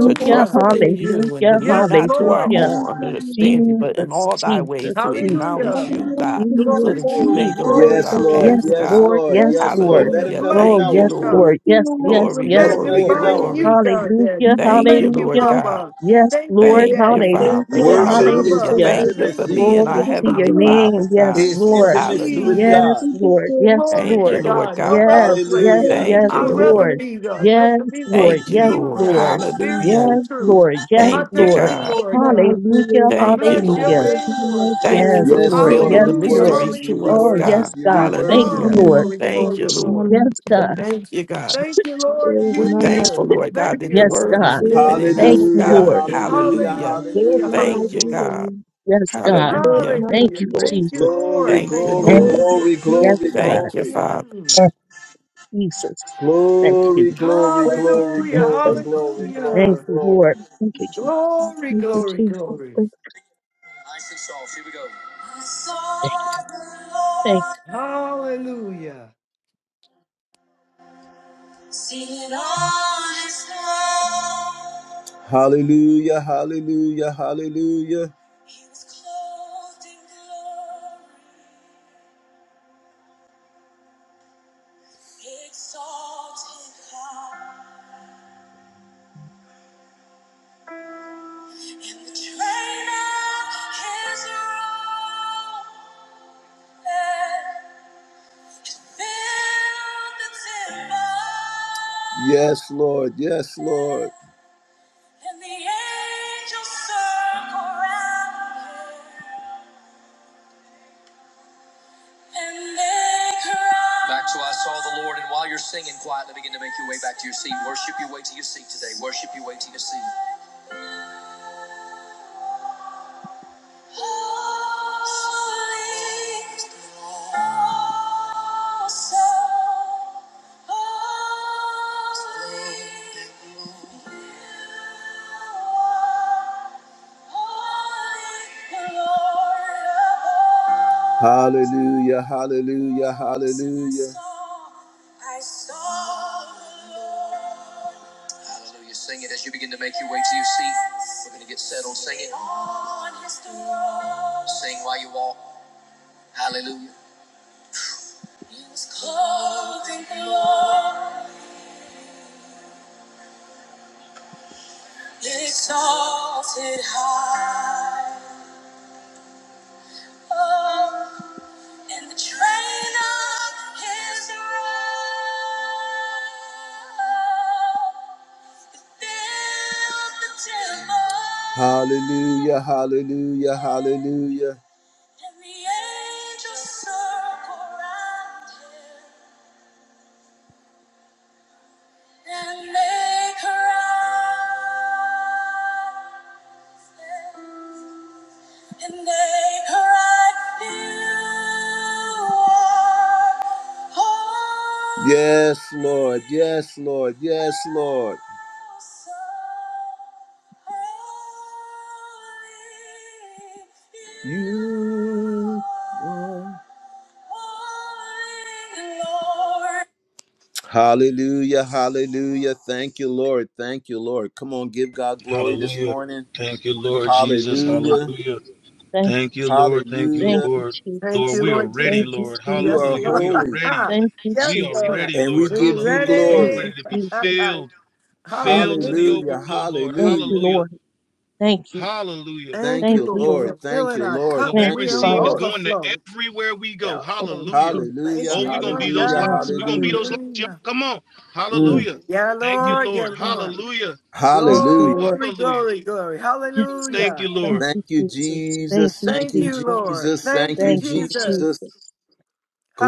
S3: to trust in you and to
S5: hallelujah,
S3: lean
S6: Yes,
S3: not to our
S6: Lord
S5: hallelujah.
S3: own
S6: Jesus.
S3: understanding, but in
S5: Jesus,
S3: all thy ways
S5: Jesus,
S3: to
S5: Jesus,
S6: Hallelujah.
S3: acknowledge you, God, so
S6: Glory,
S5: Jesus,
S3: that you
S6: glory,
S3: may
S5: Jesus.
S6: glory,
S3: direct
S1: Yes,
S3: our
S6: glory,
S1: Lord.
S3: paths,
S5: Yes,
S1: Yes,
S6: glory.
S3: God.
S5: Lord.
S1: Lord.
S5: Yes,
S1: Yes, Lord.
S5: Lord.
S6: We're
S1: Let him
S3: Hallelujah.
S1: know you
S5: Oh,
S6: blessing
S3: Thank you,
S1: know
S5: yes,
S6: you,
S1: him.
S3: Lord.
S6: God.
S5: Lord. Yes, yes,
S6: We're
S3: Glory,
S1: Let
S5: yes,
S1: him know
S3: glory,
S1: you
S5: Lord.
S1: know
S6: magnifying
S1: him.
S3: glory.
S6: you, God, Daddy.
S5: Hallelujah.
S3: Thank you,
S6: Thank you,
S3: Lord
S5: Hallelujah.
S3: God.
S6: Papa.
S5: Yes,
S6: Thank you,
S5: Lord.
S3: Thank you,
S6: Daddy.
S5: Hallelujah.
S3: Father.
S6: You are
S1: Worship is
S3: Hallelujah.
S6: Abba.
S5: Hallelujah.
S3: Thank you
S6: Thank
S3: for
S6: you,
S1: intimacy.
S3: being our
S5: Glory to your
S3: Heavenly
S6: Abba.
S5: name.
S3: Father,
S6: In
S3: God.
S5: Yes,
S6: the
S1: Is
S6: name of
S5: Lord.
S1: intimacy with
S6: Jesus.
S3: Hallelujah.
S5: Yes,
S1: God.
S5: Lord. Yes,
S6: Glory
S3: Thank
S6: to
S3: you,
S5: Lord.
S3: Lord
S6: God. No
S3: God.
S6: other
S5: Yes, yes,
S6: place.
S1: Hallelujah.
S3: Thank
S5: yes,
S3: you,
S6: I'd
S3: Lord.
S6: rather
S5: Lord.
S6: be God. Let
S5: Yes,
S6: to be worship
S5: Lord.
S3: Thank you,
S6: to
S5: Yes,
S6: you
S3: Lord.
S6: now
S5: Lord.
S6: in spirit and
S9: one.
S3: Hallelujah.
S6: in
S5: Yes,
S6: truth.
S5: Lord. Yes,
S6: I
S3: Thank you,
S6: thank
S5: Lord.
S6: you,
S3: God.
S6: Lord
S9: None like
S6: God.
S5: Hallelujah.
S9: you, Lord.
S6: I
S3: Thank you,
S6: bless your
S5: Hallelujah.
S3: Lord.
S9: There's
S6: name,
S9: none
S6: Lord
S9: like
S6: God.
S3: Thank you
S5: Yes,
S9: you, Lord.
S3: for
S9: There's
S1: Yes,
S5: Lord.
S9: none
S1: Lord,
S3: revealing
S5: Yes,
S9: like
S3: the
S1: we
S9: you,
S6: Hallelujah.
S5: Lord.
S1: worship
S3: mysteries
S1: you.
S3: to
S1: We
S3: us,
S5: Oh,
S6: Hallelujah.
S1: worship
S3: God.
S5: yes,
S1: you. We
S5: God.
S9: Lord.
S5: Thank
S9: There's
S1: worship
S5: you,
S6: Oh,
S3: Hallelujah.
S1: you.
S9: none
S5: Lord.
S9: like
S6: glory,
S3: Thank
S6: glory,
S3: you, Lord.
S6: glory.
S5: Yes,
S9: you,
S5: God.
S9: Lord.
S3: Thank you, God.
S6: Thank you, Lord
S9: There's
S3: We're
S9: none like
S6: Jesus.
S3: thankful,
S9: you,
S3: Lord
S9: Lord.
S3: God,
S6: Thank
S3: that the
S6: you,
S5: Yes,
S3: word
S6: Lord.
S3: is
S5: God.
S9: There
S3: living
S9: is
S3: in
S9: none
S5: Thank
S3: us,
S9: like
S5: you,
S9: you,
S1: Hallelujah,
S3: God.
S5: Lord.
S9: Lord.
S1: hallelujah,
S3: Hallelujah.
S9: There is
S6: Hallelujah,
S9: none
S1: hallelujah.
S9: like
S3: Thank you,
S9: you,
S6: hallelujah.
S3: God.
S9: Lord.
S5: Yes, God.
S9: There is
S3: Hallelujah.
S9: none like you, Lord. There is none like
S5: Thank
S6: Hallelujah.
S5: you,
S9: you, Lord.
S6: Thank you,
S5: Jesus.
S1: Glory,
S6: Lord.
S3: Thank
S6: Thank
S3: you,
S6: you,
S1: glory,
S9: There
S5: And
S9: is
S3: Lord.
S6: Lord.
S1: glory,
S5: Yes,
S1: glory,
S5: God.
S3: Thank you,
S1: glory.
S3: Father.
S6: Mm.
S5: and Jesus. Thank
S1: Glory,
S5: you.
S1: glory,
S9: none like
S1: glory,
S9: you,
S6: Hallelujah,
S5: Thank
S9: Lord.
S1: glory,
S5: you.
S9: Thank you,
S1: glory,
S9: Jesus.
S1: glory,
S5: Thank
S6: hallelujah.
S5: you,
S1: glory.
S5: Lord.
S9: Thank you, Jesus.
S6: Glory,
S9: Thank you,
S6: glory,
S9: Jesus.
S6: glory.
S9: Thank you,
S5: Thank
S6: Hallelujah.
S1: Sing it all is gone. Hallelujah, hallelujah, hallelujah. He was clothed in glory, exalted And the train of his robe filled the temple. Yes, Lord. Yes, Lord. And the angels circle round him, and they cry. Back to I saw the Lord. Your way back to your seat. Worship your way. Holy, oh, so holy. Hallelujah, hallelujah, hallelujah. Hallelujah. Sing it as you begin to make your way to your seat. We're going to get sing. Sing while you walk. Hallelujah. He was clothed in glory, exalted high. Oh, and the train of his robe Hallelujah, hallelujah, hallelujah. Yes, Lord. Yes, Lord. Yes, Lord. You are- Hallelujah, hallelujah. Thank you, Lord. Thank you, Lord. Come on, give God glory this
S2: Hallelujah.
S1: morning.
S5: you.
S1: Hallelujah,
S2: Hallelujah.
S5: Thank you.
S2: Thank you, Lord. Thank you,
S5: Thank
S1: hallelujah.
S5: you,
S2: Lord.
S6: Thank
S2: Lord,
S5: Jesus.
S6: you,
S2: we are
S6: Lord
S2: ready,
S6: Jesus.
S5: Thank you,
S2: Lord.
S1: You
S5: Jesus.
S6: Yes,
S1: are
S2: Hallelujah.
S6: Lord.
S2: We are
S1: holy,
S2: ready.
S5: Thank you,
S2: We
S6: yes,
S2: are
S5: Jesus.
S6: Lord. Are
S2: ready,
S1: and we
S2: Lord.
S6: You
S2: Hallelujah.
S1: give you
S2: We are
S5: Thank
S1: glory.
S2: ready
S6: ready.
S5: you,
S2: to be
S5: Jesus.
S2: filled,
S5: Thank,
S2: filled to the overflow,
S1: Hallelujah,
S6: hallelujah.
S2: Lord.
S5: thank you,
S1: hallelujah.
S2: Hallelujah.
S5: Lord. Thank you.
S2: Hallelujah.
S6: Thank
S1: Thank
S6: you,
S5: Thank
S1: you,
S5: you,
S6: Lord,
S1: Lord.
S5: Lord.
S6: for
S1: Thank
S6: filling
S1: you,
S6: our
S1: Lord.
S2: What
S6: cups.
S2: we
S5: Thank
S1: Thank
S6: We
S5: you,
S1: you,
S6: are on the
S5: Father.
S2: receive is
S1: Lord.
S2: going to
S6: overflow.
S2: everywhere we go.
S6: Yeah,
S5: Thank you,
S2: Hallelujah.
S6: overflow. Thank
S5: Jesus.
S1: Hallelujah,
S2: Oh, we're
S6: you,
S2: going to be
S6: Lord
S2: those
S1: hallelujah,
S5: Thank
S2: lights.
S6: God.
S5: you,
S2: We're going to be
S1: hallelujah.
S2: those
S5: Jesus.
S2: lights, y'all.
S6: Hallelujah.
S2: Come on.
S5: Yes,
S1: Mm.
S2: Hallelujah.
S6: Yeah,
S2: Thank
S5: thank
S2: you,
S6: Lord.
S5: you,
S6: Yeah,
S2: Lord.
S6: Lord.
S5: Jesus.
S2: Hallelujah.
S5: Thank you,
S1: Hallelujah.
S5: Lord.
S6: Glory,
S2: Hallelujah.
S6: glory, glory.
S5: Yes, God.
S2: Thank you,
S6: Hallelujah.
S5: Thank
S2: Lord.
S1: Thank
S5: you,
S1: you,
S5: Jesus. Thank
S1: Jesus.
S5: you,
S1: Thank
S6: Thank
S1: you,
S6: you,
S5: Jesus.
S6: Lord.
S1: Jesus.
S6: Thank
S1: Thank
S6: you,
S1: you,
S5: Thank you,
S1: Jesus.
S5: Jesus.
S6: Jesus.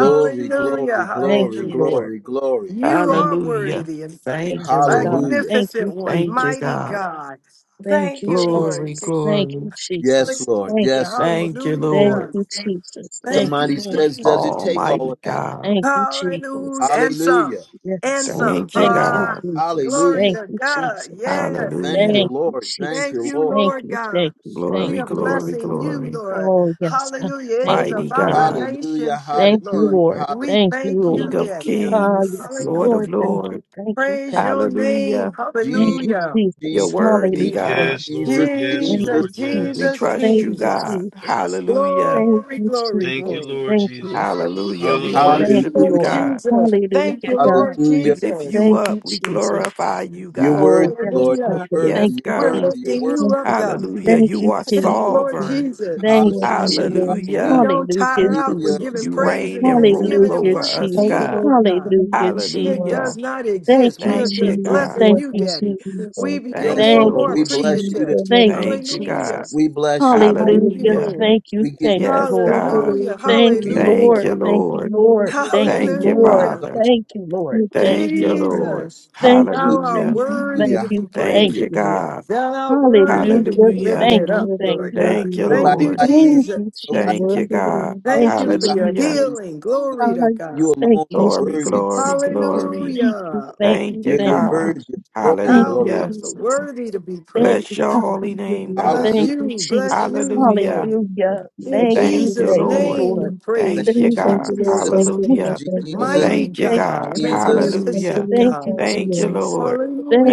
S5: Thank you.
S1: glory,
S5: Thank
S1: glory,
S5: you,
S6: Hallelujah.
S5: Lord.
S1: glory, glory.
S6: You
S5: Thank
S6: are
S3: Hallelujah.
S6: worthy and
S5: you.
S3: Thank you,
S5: Yes,
S3: Lord.
S5: God.
S1: Hallelujah.
S5: Thank
S6: magnificent
S5: you,
S6: one,
S3: Thank you,
S5: Jesus.
S6: mighty
S3: God.
S6: God.
S5: Thank
S6: Thank
S5: you,
S6: you, Lord.
S3: Glory,
S5: Jesus.
S6: Jesus.
S5: Thank you,
S3: glory.
S1: Yes,
S5: Jesus.
S1: Lord.
S5: Thank you.
S6: Hallelujah.
S1: Yes, Lord.
S3: Thank you,
S5: Thank
S3: Lord.
S6: Hallelujah.
S5: you, Jesus.
S6: Thank
S5: Thank you,
S1: Somebody
S6: you,
S5: Lord.
S1: says,
S6: Jesus.
S1: Does it take all
S3: Almighty
S1: of that?
S3: God.
S5: Thank you,
S6: Hallelujah.
S5: Jesus.
S6: And some.
S1: Hallelujah.
S5: Yes,
S6: And
S5: Lord.
S6: some.
S3: Thank you,
S5: Thank
S1: And
S5: you,
S6: Ah,
S3: God.
S5: Jesus.
S6: glory
S1: hallelujah.
S5: Thank
S6: to
S5: you,
S6: God.
S5: Jesus.
S6: Yes.
S1: Thank
S5: Thank
S1: you,
S3: Hallelujah.
S5: you,
S1: Lord. Thank
S6: Thank
S1: you,
S5: Jesus.
S6: you,
S1: Lord.
S5: Thank
S6: Lord
S5: you,
S6: God.
S5: thank you,
S1: Mm.
S5: thank
S6: We
S3: Glory,
S6: are
S5: you, Lord.
S3: glory,
S6: blessing you,
S3: glory.
S6: Lord.
S5: Oh, yes, God.
S6: Hallelujah. It
S5: Thank
S6: is
S5: you.
S3: Mighty
S6: about
S5: Thank you.
S3: God,
S1: Hallelujah.
S6: relationship,
S5: Thank you,
S1: Hallelujah.
S6: Lord.
S5: Lord.
S6: We
S5: Thank you,
S1: Hallelujah.
S6: thank
S5: Lord.
S3: King
S6: you,
S3: of
S6: Daddy.
S1: Hallelujah.
S5: Ah,
S3: kings,
S5: yes,
S3: Lord of
S5: Lord.
S6: Hallelujah.
S5: Thank you.
S3: lords.
S5: Thank you.
S6: Praise
S5: Thank
S6: your
S5: you.
S6: name.
S3: Hallelujah.
S5: Thank
S1: Jesus,
S5: you,
S6: Hallelujah.
S3: You're
S5: Jesus.
S1: Jesus,
S3: worthy,
S1: Jesus,
S5: Hallelujah.
S3: God.
S2: Yes,
S1: Jesus.
S2: Lord. Yes,
S5: Thank
S1: Jesus.
S2: Lord.
S6: Jesus,
S5: you,
S3: We
S5: Jesus.
S2: Yes.
S6: Jesus,
S3: trust
S5: Thank
S3: you,
S5: you,
S6: Jesus.
S3: God.
S5: Jesus.
S3: Hallelujah.
S5: Thank
S6: Glory,
S5: you,
S6: glory,
S2: Thank you,
S5: Jesus.
S6: glory.
S2: Lord
S5: Thank you.
S2: Jesus.
S3: Hallelujah. We
S6: Thank
S2: Hallelujah.
S5: Thank
S6: you,
S3: worship
S1: Hallelujah.
S5: you,
S3: you,
S6: Lord
S5: Lord.
S3: God.
S6: Jesus. Thank you,
S5: Hallelujah, God.
S6: Lord
S3: We
S1: Hallelujah.
S3: lift you
S6: Jesus.
S5: Thank you,
S3: up. We glorify
S5: Jesus.
S3: you,
S1: You're
S3: God.
S9: Jesus.
S1: worthy,
S9: Thank you,
S5: Oh,
S9: Thank you,
S5: yes,
S1: Lord.
S9: Lord.
S6: Hallelujah.
S1: You're
S5: God.
S9: Thank you, Lord.
S1: worthy.
S3: Yes,
S5: Thank
S1: You're
S5: you,
S6: We're
S3: God.
S1: worthy. You're
S6: lifting
S1: worthy.
S5: Jesus.
S6: you
S9: Thank
S6: up,
S9: you,
S6: God.
S3: Hallelujah.
S9: Jesus.
S5: Thank
S3: You
S5: you,
S3: are
S9: Thank
S5: Jesus.
S9: you,
S6: Lord
S9: Jesus.
S3: sovereign.
S9: Thank you,
S6: Jesus,
S5: Thank
S9: Lord.
S5: you,
S9: Thank
S1: Hallelujah.
S9: you, Lord.
S5: Jesus.
S6: we
S1: Hallelujah.
S3: Hallelujah.
S6: don't
S5: Hallelujah,
S6: tire
S9: Thank you,
S6: out. We're
S1: Hallelujah.
S9: Jesus.
S5: Jesus.
S6: giving
S3: You
S9: Thank you,
S6: praise and
S3: reign
S9: Jesus.
S3: and rule
S6: thanksgiving and
S5: Hallelujah,
S3: over
S6: worship
S3: us,
S6: to
S9: Thank
S5: Jesus.
S9: you,
S6: you,
S3: God.
S9: Lord.
S6: Lord
S9: Thank you,
S6: God.
S9: Lord.
S5: Hallelujah,
S9: Thank you,
S6: It
S9: Lord.
S6: does
S5: Jesus.
S3: Hallelujah.
S6: not
S5: Thank
S6: exist. We
S5: you,
S6: are
S3: Thank you,
S6: just
S5: Jesus.
S9: Hallelujah,
S3: God.
S6: blessing
S9: Lord,
S5: Thank
S6: you,
S5: you,
S9: thank you,
S6: Daddy.
S9: Jesus.
S5: Jesus.
S6: We become
S3: Thank
S1: Yes,
S6: more
S3: you,
S6: and
S5: Thank
S1: Lord.
S6: more
S5: you,
S1: We
S3: Lord.
S1: bless
S9: Thank
S5: Jesus.
S1: you
S6: appreciative.
S1: this
S9: you,
S1: morning.
S5: Thank
S9: Lord.
S5: you,
S3: Thank you,
S6: Hallelujah.
S3: God.
S5: Jesus.
S1: We bless you.
S6: Thank you,
S5: Hallelujah.
S3: Hallelujah.
S9: Hallelujah.
S6: Lord.
S5: Thank you.
S1: We give
S5: Thank you,
S3: Yes,
S5: Lord.
S9: Thank you,
S3: God.
S9: Lord,
S6: Hallelujah.
S9: thank you,
S5: Thank you,
S1: you the
S9: Lord.
S3: Thank
S6: Hallelujah.
S5: Lord.
S1: glory.
S3: you,
S5: Thank you,
S3: Lord.
S5: Lord.
S9: Hallelujah,
S5: Thank you,
S3: Thank you,
S1: We
S5: Lord.
S9: hallelujah.
S6: Hallelujah.
S3: Father.
S1: exalt
S5: Thank you, Lord.
S9: Thank you,
S5: Thank
S3: Thank
S5: you,
S3: you,
S5: Lord.
S9: Jesus.
S3: Lord.
S6: Jesus,
S5: Thank
S6: thou
S1: you.
S5: you.
S6: art
S5: Thank
S3: Hallelujah.
S5: you.
S6: worthy
S5: Thank
S6: to
S1: Hallelujah.
S5: you.
S6: be
S9: Hallelujah, hallelujah.
S3: Thank
S5: Thank
S1: Hallelujah.
S6: praised.
S3: you,
S5: you, Lord.
S3: God.
S6: Thou art worthy
S5: Hallelujah.
S6: to be
S9: You
S3: Hallelujah.
S9: are
S5: Thank
S6: lifted
S5: you.
S6: up,
S9: worthy,
S5: Thank
S6: Lord
S5: you, Lord.
S6: God.
S3: Thank
S9: worthy,
S3: you,
S6: Thank
S1: Nobody
S6: you,
S3: Lord.
S9: Lord.
S1: like you.
S5: Thank
S6: Jesus.
S5: you,
S1: Nobody.
S5: Jesus.
S3: Thank you,
S9: Worthy,
S3: God.
S9: Lord.
S1: Hallelujah.
S5: Thank
S6: Thank
S5: you,
S6: you for
S1: Hallelujah.
S6: your
S3: Hallelujah.
S1: Hallelujah.
S5: Jesus.
S6: healing.
S5: Ah,
S6: Glory to God.
S1: You
S5: yes,
S1: alone
S5: Thank
S1: are
S5: you,
S9: Thank you,
S3: Glory,
S1: worthy to
S9: Jesus.
S1: be
S3: glory,
S5: Jesus.
S9: Thank you,
S1: praised.
S9: Jesus.
S3: glory.
S5: Thank you,
S6: Hallelujah.
S5: thank
S3: Thank
S5: you,
S3: you,
S1: You're, you're
S5: thank
S9: Thank you,
S5: you.
S3: God.
S1: worthy of
S9: Jesus.
S1: glory.
S5: Thank
S9: Thank
S6: Thou
S5: you,
S1: Glory to
S6: you're
S3: Hallelujah.
S6: so
S9: you,
S5: Jesus.
S9: Jesus.
S6: worthy to be
S5: Thank
S6: praised.
S3: Bless
S5: you,
S3: your
S5: God.
S3: holy
S9: Thank you,
S3: name,
S1: God.
S9: Lord.
S3: God.
S6: Bless
S5: Thank you,
S1: Hallelujah.
S6: you. Bless you,
S5: Jesus.
S3: Hallelujah.
S6: Lord.
S5: Hallelujah.
S6: In
S9: Thank
S5: Thank you,
S3: Thank
S9: you,
S3: you,
S6: Jesus'
S9: Lord.
S5: thank
S9: Thank
S5: you,
S9: you,
S3: Lord.
S6: name
S5: Lord.
S6: we
S9: Lord.
S1: Thank
S6: praise
S3: Thank
S6: you,
S3: you,
S5: Thank you,
S9: Thank
S3: God.
S9: you,
S6: Jesus.
S1: you.
S9: Lord. Thank
S5: Jesus.
S9: you,
S5: Thank
S9: Lord.
S5: you,
S1: Thank
S3: Hallelujah.
S1: you,
S9: Thank you,
S5: Lord.
S1: Jesus.
S9: Lord.
S6: Mighty
S3: Thank you,
S5: Thank
S1: Thank
S5: you,
S1: you,
S3: God.
S6: God,
S9: Thank you,
S5: Jesus.
S1: Jesus.
S9: Lord. Thank you, Lord. Thank you,
S3: Hallelujah.
S6: magnificent
S9: Lord.
S5: Thank you,
S6: God.
S9: Thank you,
S3: Thank you,
S9: Lord.
S5: Jesus.
S3: Lord.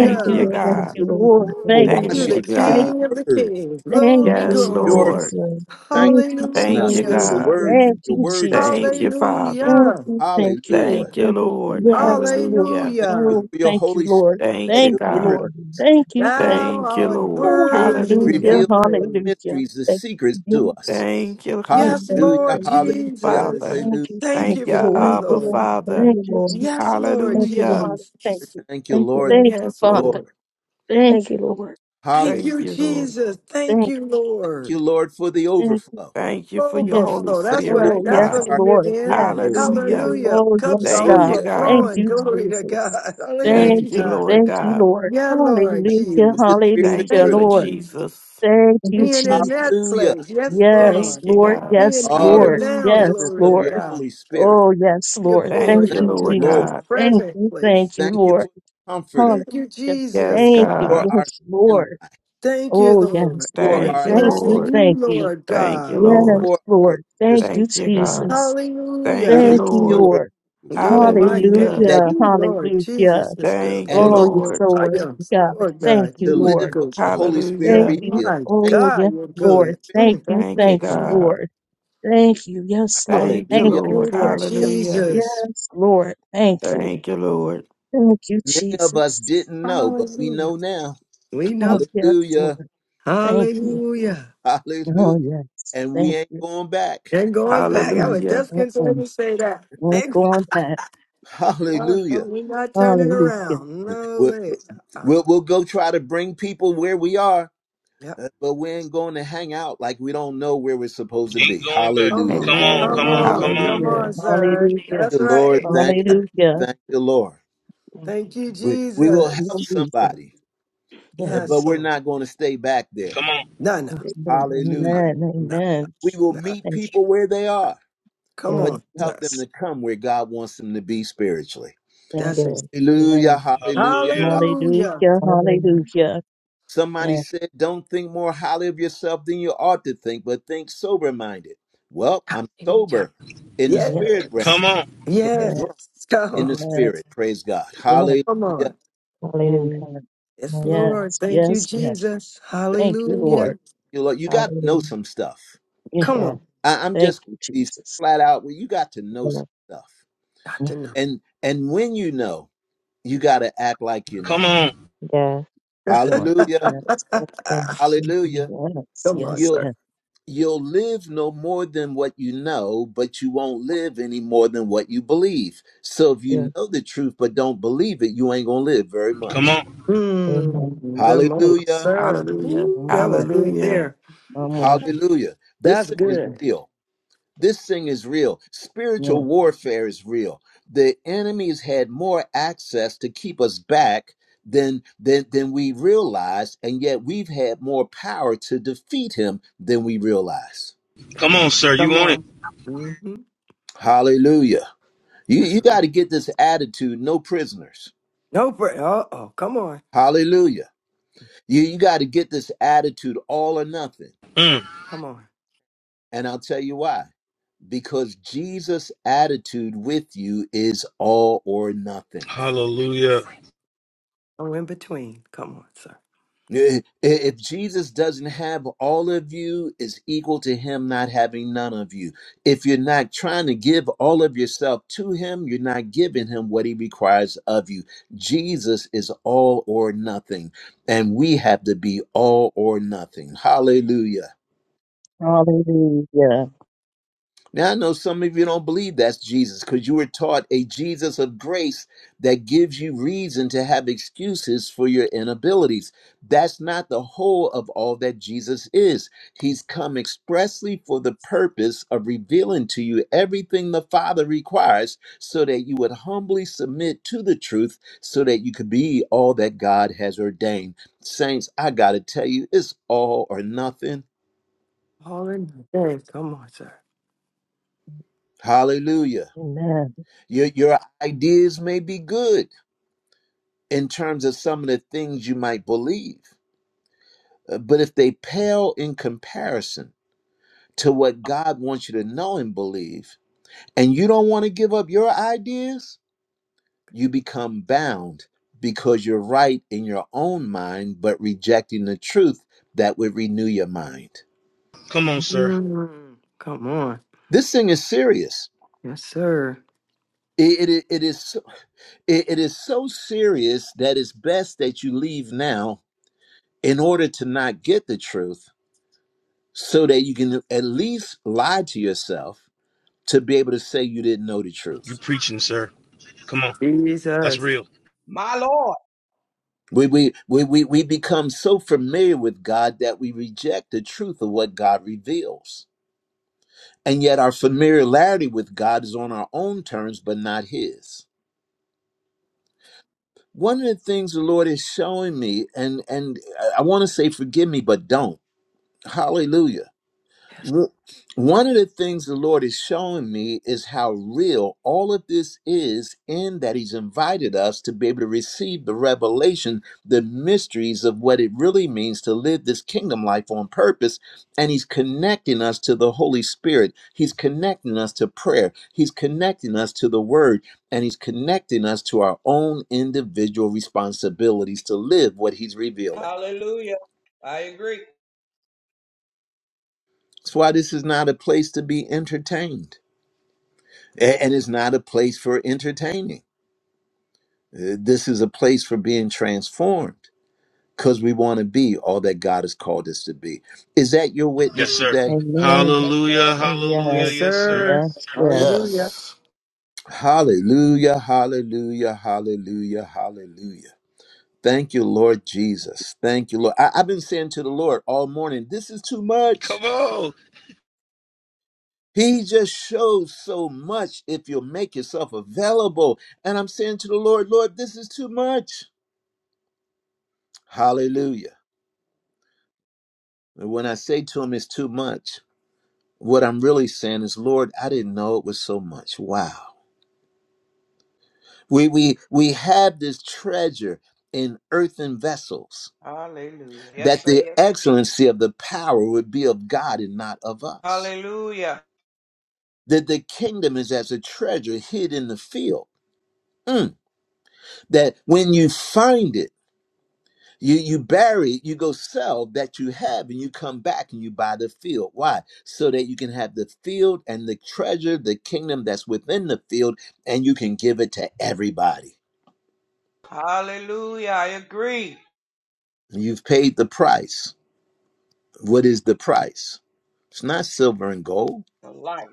S9: Thank you,
S3: you,
S5: you,
S9: Lord.
S5: thank
S9: Thank
S3: God.
S9: you,
S5: you,
S9: Lord. Thank
S5: Lord.
S9: you,
S1: for
S5: Thank
S9: Lord.
S5: you,
S6: You're
S1: washing
S3: Thank
S1: us
S6: the
S3: you,
S5: Lord.
S1: with
S5: Thank
S1: your
S3: God.
S6: King of
S5: you.
S6: the
S1: word,
S6: Kings.
S5: Thank
S9: Thank
S6: Glory,
S5: you,
S3: Yes,
S9: you,
S1: purifying
S6: glory.
S9: Jesus,
S3: Lord.
S5: Jesus.
S9: Lord.
S5: Thank you,
S3: Thank
S1: us
S9: Thank
S3: you,
S1: with
S9: you,
S5: Jesus.
S1: your
S6: Hallelujah.
S3: God.
S1: word, for
S5: Thank
S9: Jesus.
S1: your
S5: you,
S1: word is
S3: Thank
S5: Jesus.
S1: truth.
S3: you, Father.
S5: Thank
S6: Hallelujah.
S5: you, thank you,
S1: Hallelujah.
S5: Lord.
S3: Thank you,
S9: Thank you,
S3: Lord.
S9: Jesus.
S5: Yes, Lord.
S3: Hallelujah.
S1: Thank you
S6: Hallelujah.
S5: Oh,
S1: for your
S5: thank you,
S1: Holy Spirit
S5: Lord.
S3: Thank
S1: that
S3: you,
S5: Thank you,
S9: Thank
S1: delivers
S3: God.
S9: you,
S5: Lord.
S9: Lord.
S1: us,
S5: Thank you. Thank
S1: from
S6: Thou
S5: you.
S3: Thank you,
S1: us,
S6: art
S3: Lord.
S6: worthy to
S5: Hallelujah.
S6: be
S3: Hallelujah.
S1: reveals the
S6: praised.
S5: Hallelujah.
S1: mysteries, the
S9: Thank
S1: secrets to
S5: Yes.
S1: us.
S3: Thank you,
S5: Thank
S9: you,
S6: Yes,
S5: you.
S9: Lord,
S5: Jesus.
S1: Hallelujah,
S9: for
S6: Lord
S9: you,
S1: hallelujah,
S9: Lord.
S6: Jesus.
S3: Father.
S5: Thank
S1: hallelujah.
S5: you.
S6: Thank
S5: Thank
S3: Thank
S6: you
S3: you,
S5: you,
S6: for
S5: Lord.
S6: it,
S9: Thank you,
S3: Abba,
S6: Lord.
S3: Father.
S5: Thank you,
S9: Lord.
S6: Yes,
S5: Jesus.
S6: Lord
S9: Thank you,
S3: Hallelujah.
S9: Lord.
S5: Father, thank
S6: Jesus.
S5: you.
S1: Thank you,
S9: Thank you,
S1: Lord, thank you,
S9: Lord.
S5: Thank you,
S3: Yes,
S1: Lord.
S5: Father.
S3: Lord.
S9: Thank you, Lord. Thank
S5: Thank
S9: you,
S5: you,
S9: Lord.
S5: Lord.
S1: Hallelujah.
S6: Thank
S3: Thank
S6: you,
S3: you, Lord.
S6: Jesus. Thank
S5: Thank you.
S6: you,
S1: Thank you,
S6: Lord.
S1: Lord, for the
S5: Thank you.
S1: overflow.
S3: Thank you for
S9: Thank
S3: your
S5: Yes.
S9: you.
S3: Holy
S6: Overflow.
S1: Thank
S6: That's
S1: you,
S3: Spirit,
S6: right.
S5: Oh,
S1: Lord,
S6: That's
S5: yes,
S1: that
S6: what
S3: God.
S6: we
S1: our
S6: live
S5: Lord.
S6: in.
S1: cups run
S5: Yes.
S1: over.
S9: Thank you,
S3: Hallelujah.
S9: Lord.
S6: Hallelujah.
S5: Oh,
S6: Cups
S5: yes,
S6: are
S3: Thank you,
S5: God.
S1: Hallelujah.
S3: God.
S5: Thank
S9: Thank
S6: overflowing.
S9: you,
S5: you,
S9: Lord.
S6: Glory to God.
S5: Jesus.
S1: Mm,
S3: Thank
S5: Thank
S3: you,
S5: you.
S6: Hallelujah.
S3: Lord
S5: Thank you,
S3: God.
S5: Lord.
S6: Yeah, Lord
S1: thank you
S5: Hallelujah.
S1: for
S6: Jesus.
S1: the spirit of
S3: Thank
S5: Hallelujah,
S3: you
S1: truth.
S3: for
S6: Thank
S5: Lord.
S6: you.
S3: Jesus.
S5: Thank
S9: Thank
S5: you,
S9: you,
S6: Being in
S9: Jesus.
S6: that
S5: Jesus.
S1: Hallelujah.
S6: place. Yes,
S5: Yes,
S6: Lord.
S3: Thank you,
S5: Lord.
S3: God.
S5: Yes,
S6: Being
S1: all
S6: here
S1: the
S5: Lord.
S6: now.
S3: Hallelujah.
S5: Yes,
S1: preciousness
S6: Glory
S1: of
S6: to
S1: your
S5: Lord.
S6: God.
S1: Holy Spirit.
S5: Oh, yes,
S6: Your
S5: Lord.
S6: for
S5: Thank
S3: Thank you,
S1: Thank
S5: you,
S6: Lord
S1: you,
S3: Lord
S1: Lord.
S5: Jesus.
S6: God.
S3: God.
S5: Thank
S6: Present
S5: you.
S6: place.
S5: Thank you,
S1: Thank you for
S5: Lord.
S1: the comforter,
S6: Thank you,
S5: Hallelujah.
S3: Yes,
S6: Jesus.
S5: Thank you.
S1: for
S3: God.
S1: our
S5: Yes, Lord.
S1: standby,
S6: Thank you,
S5: Oh,
S6: Lord.
S5: yes,
S1: for
S6: We
S5: Lord.
S6: are
S3: Thank
S1: our
S3: you,
S5: Thank you.
S6: blessing
S3: Lord.
S1: advocate,
S6: you,
S5: Thank you.
S6: Lord
S3: Thank you,
S6: God.
S5: Yes,
S3: Lord.
S1: for our
S5: Lord. Thank
S1: intercessor,
S5: you,
S3: Thank you, God.
S5: Jesus.
S1: the
S3: Thank you,
S6: Hallelujah.
S5: Thank you,
S3: Lord.
S1: revealer of
S5: Lord.
S1: truth
S6: Oh, my
S3: Hallelujah.
S6: goodness.
S1: that
S5: Hallelujah.
S6: You,
S1: delivers
S6: Lord
S5: Hallelujah.
S6: Jesus, is good.
S3: Thank
S1: and
S3: you,
S5: Oh, you're
S3: Lord.
S1: empowers
S5: so
S1: us
S6: I
S5: worthy,
S6: am,
S5: God.
S6: Lord
S5: Thank
S6: God.
S5: you,
S1: to
S6: You, you're
S1: live
S5: Lord.
S1: what
S6: good.
S1: the Holy Spirit
S5: Thank
S3: Hallelujah.
S5: you.
S1: reveals.
S6: My
S1: Thank you,
S5: Oh,
S6: God,
S5: yes,
S6: you're
S1: Holy.
S5: Lord.
S6: good.
S5: Thank
S6: Mm,
S5: you.
S3: Thank
S6: mm,
S3: you,
S5: Thank
S6: mm.
S5: you,
S3: God.
S5: Lord. Thank you. Yes, Lord.
S1: Hallelujah.
S3: Thank you,
S5: Thank you
S3: Lord.
S6: Thank
S5: for
S6: you,
S5: it.
S1: hallelujah.
S3: Hallelujah.
S6: Jesus.
S5: Yes, Lord. Thank you.
S3: Thank you, Lord.
S5: Thank you,
S1: Many of us
S5: Jesus.
S1: didn't know, but we
S6: Hallelujah.
S1: know now.
S6: We
S5: Oh,
S6: know.
S5: yes, Lord.
S1: Hallelujah.
S5: Thank you.
S6: Hallelujah.
S1: Hallelujah.
S5: Oh, yes.
S1: And we
S5: Thank
S1: ain't
S5: you.
S1: going back.
S6: And going back, I
S5: Mm,
S6: would
S3: Hallelujah.
S6: just
S5: mm,
S6: continue
S5: mm.
S6: to say that.
S5: Won't go on that.
S6: No,
S1: Hallelujah.
S6: we're not turning
S5: Hallelujah.
S6: around. No
S1: We'll,
S6: way. Uh,
S1: we'll, we'll go try to bring people where we are,
S6: yep.
S1: uh, but we ain't going to hang out like we don't know where we're supposed to
S2: Ain't
S1: be.
S2: going back.
S6: Come
S1: Hallelujah.
S6: on.
S2: Come on,
S6: Come
S2: come
S3: Amen.
S2: on, come
S6: on.
S2: on,
S6: Come
S5: Hallelujah.
S6: on,
S3: Hallelujah.
S9: Thank
S6: sir.
S5: Hallelujah.
S6: That's
S1: Thank you, Lord.
S6: right.
S9: you.
S1: Thank you.
S9: Jesus.
S5: Hallelujah.
S1: Thank you, Lord.
S9: Thank
S6: Thank
S9: you.
S6: you,
S1: We, we
S5: Thank
S1: will
S5: you,
S1: help
S6: Jesus.
S5: Jesus.
S1: somebody, uh,
S9: Thank you,
S6: Yes,
S1: but
S5: Yes.
S1: we're
S6: Lord.
S1: not going to stay back there.
S2: come on.
S6: No, no,
S5: Yes, Lord.
S9: Jesus.
S6: no,
S1: Hallelujah.
S5: Amen.
S6: no,
S5: Amen.
S1: We will
S6: no.
S1: meet
S5: Thank
S1: people where they are,
S6: Come
S1: but
S9: Yes,
S6: on,
S5: you.
S1: help
S6: sir.
S1: them
S5: Yes.
S1: to come where God wants them to be spiritually.
S5: Yes.
S6: That's it.
S9: yes.
S1: Hallelujah.
S5: Amen.
S1: Hallelujah.
S2: Hallelujah.
S6: Hallelujah.
S5: Hallelujah.
S9: Hallelujah.
S5: Hallelujah.
S1: Somebody
S5: Yes.
S1: said, Don't think more highly of yourself than you ought to think, but think sober minded. Well, I'm
S6: Hallelujah.
S1: sober in the
S6: Yes.
S5: Yes.
S9: Yes,
S1: spirit realm,
S2: Come on,
S1: but
S9: yes.
S5: Yes.
S6: Yes.
S1: drunk
S6: Come
S1: in the
S6: on.
S5: Amen.
S1: spirit. Praise God.
S5: Yes.
S1: Hallelujah.
S6: Come on.
S5: And
S9: Hallelujah.
S5: God,
S6: Yes,
S9: Hallelujah.
S5: yes,
S6: Lord. Thank you,
S5: yes, yes.
S6: Jesus.
S1: Thank
S5: Thank
S1: you,
S5: you,
S1: Lord. Thank
S5: Lord.
S6: Hallelujah.
S1: you, Lord. You got to know
S9: Hallelujah.
S1: some stuff.
S5: Yeah,
S6: Come
S9: Yes,
S6: on.
S1: I- I'm
S5: thank
S1: just going
S5: you,
S1: to be
S5: Jesus.
S1: flat out. Well, you got to know
S9: yes,
S1: some stuff.
S6: Got
S5: Yeah,
S6: to know.
S1: And and when you know, you got to act like you know.
S2: come on,
S9: yes.
S5: Lord.
S1: Hallelujah.
S5: Yes, Lord.
S9: Thank you. Thank
S1: Hallelujah.
S5: Yes,
S6: Come on,
S5: yes,
S1: You.
S6: sir.
S5: yes.
S1: You'll live no more than what you know, but you won't live any more than what you believe. So if you
S9: you.
S1: know the truth but don't believe it, you ain't going to live very
S2: come
S1: much.
S2: on,
S9: Amen.
S6: Mm,
S5: Oh,
S6: them old
S1: Hallelujah.
S6: sir.
S3: Hallelujah.
S6: Ooh,
S5: Come
S6: that was good
S3: Hallelujah.
S6: there.
S5: on, come on.
S1: Hallelujah. This
S6: That's
S1: thing is
S5: Amen.
S6: good.
S1: real. This thing is real. Spiritual
S5: Yes.
S1: warfare is real. The enemies had more access to keep us back than than than we realize, and yet we've had more power to defeat him than we realize.
S2: come
S6: Come
S2: on, sir. You
S6: come
S2: want it?
S6: on. Mm-hmm.
S1: Hallelujah. You you
S6: That's right.
S1: got to get this attitude, no prisoners.
S6: No, bra- uh oh, come on.
S1: Hallelujah. You you got to get this attitude all or nothing.
S2: Mm.
S6: Come on.
S1: And I'll tell you why. Because Jesus' attitude with you is all or nothing.
S6: That's
S2: Yeah.
S6: that's it. Oh, in between. Come on, sir.
S1: Eh, eh, If Jesus doesn't have all of you, it's equal to him not having none of you. If you're not trying to give all of yourself to him, you're not giving him what he requires of you. Jesus is all or nothing, and we have to be all or nothing. Hallelujah.
S5: Hallelujah.
S1: Now I know some of you don't believe that's Jesus because you were taught a Jesus of grace that gives you reason to have excuses for your inabilities. That's not the whole of all that Jesus is. He's come expressly for the purpose of revealing to you everything the Father requires so that you would humbly submit to the truth so that you could be all that God has ordained. Saints, I got to tell you, it's all or nothing.
S6: All in between. Come on, sir.
S1: Hallelujah.
S5: Amen.
S1: Your, your ideas may be good in terms of some of the things you might believe, uh, but if they pale in comparison to what God wants you to know and believe, and you don't want to give up your ideas, you become bound because you're right in your own mind, but rejecting the truth that would renew your mind.
S2: Come on, sir.
S6: Mm, come on.
S1: This thing is serious.
S6: Yes, sir.
S1: It, it, it is so- it it is so serious that it's best that you leave now in order to not get the truth so that you can at least lie to yourself to be able to say you didn't know the
S2: You
S1: truth.
S2: preaching, sir. Come on. That's
S6: Jesus.
S2: real.
S10: My Lord.
S1: We, we, we, we, we become so familiar with God that we reject the truth of what God reveals. And yet our familiarity with God is on our own terms, but not His. One of the things the Lord is showing me, and, and I want to say, forgive me, but don't. Hallelujah
S6: Yes,
S1: Wo- One of the things the Lord is showing me is how real all of this is, in that He's invited us to be able to receive the revelation, the mysteries of what it really means to live this kingdom life on purpose. And He's connecting us to the Holy Spirit, He's connecting us to prayer, He's connecting us to the Word, and He's connecting us to our own individual responsibilities to live what He's revealing.
S10: Hallelujah. I agree.
S1: That's why this is not a place to be entertained. A- And it's not a place for entertaining. Uh, This is a place for being transformed because we want to be all that God has called us to be. Is that your witness
S2: Yes, sir.
S1: today?
S5: Amen.
S10: Yes, sir.
S2: Hallelujah.
S5: Oh,
S2: Hallelujah.
S6: yes
S5: yes.
S2: Yes, sir.
S6: sir.
S5: Yes, yes.
S6: Hallelujah.
S8: Yes.
S1: Hallelujah, hallelujah, hallelujah, hallelujah. Thank you, Lord Jesus. Thank you, Lord. I, I've been saying to the Lord all morning, this is too much.
S2: Come on.
S1: He just shows so much if you'll make yourself available. And I'm saying to the Lord, Lord, this is too much. Hallelujah. And when I say to him, it's too much, What I'm really saying is, Lord, I didn't know it was so much. Wow. We we we have this treasure in earthen vessels,
S10: Hallelujah. Yes,
S1: that
S10: sir.
S1: the
S10: Yes.
S1: excellency of the power would be of God and not of us.
S10: Hallelujah.
S1: That the kingdom is as a treasure hid in the field. Mm. That when you find it. You you bury, it, you go sell that you have, and you come back and you buy the field. Why? So that you can have the field and the treasure, the kingdom that's within the field, and you can give it to everybody.
S10: Hallelujah. I agree.
S1: You've paid the price. What is the price? It's not silver and gold.
S10: The life.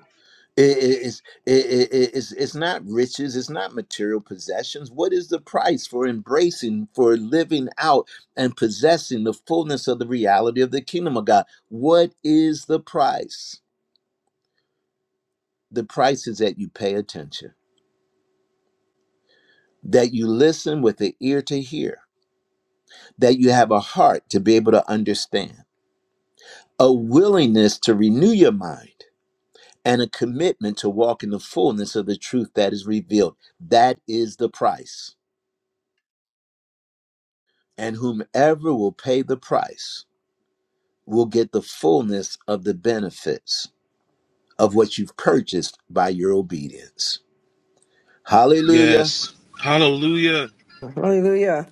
S1: It- it- it's it- it- it- it's it's not riches it's not material possessions what is the price for embracing for living out and possessing the fullness of the reality of the kingdom of god what is the price the price is that you pay attention that you listen with the ear to hear that you have a heart to be able to understand a willingness to renew your mind and a commitment to walk in the fullness of the truth that is revealed that is the price and whomever will pay the price will get the fullness of the benefits of what you've purchased by your obedience. Hallelujah.
S2: Yes. Hallelujah.
S6: Hallelujah.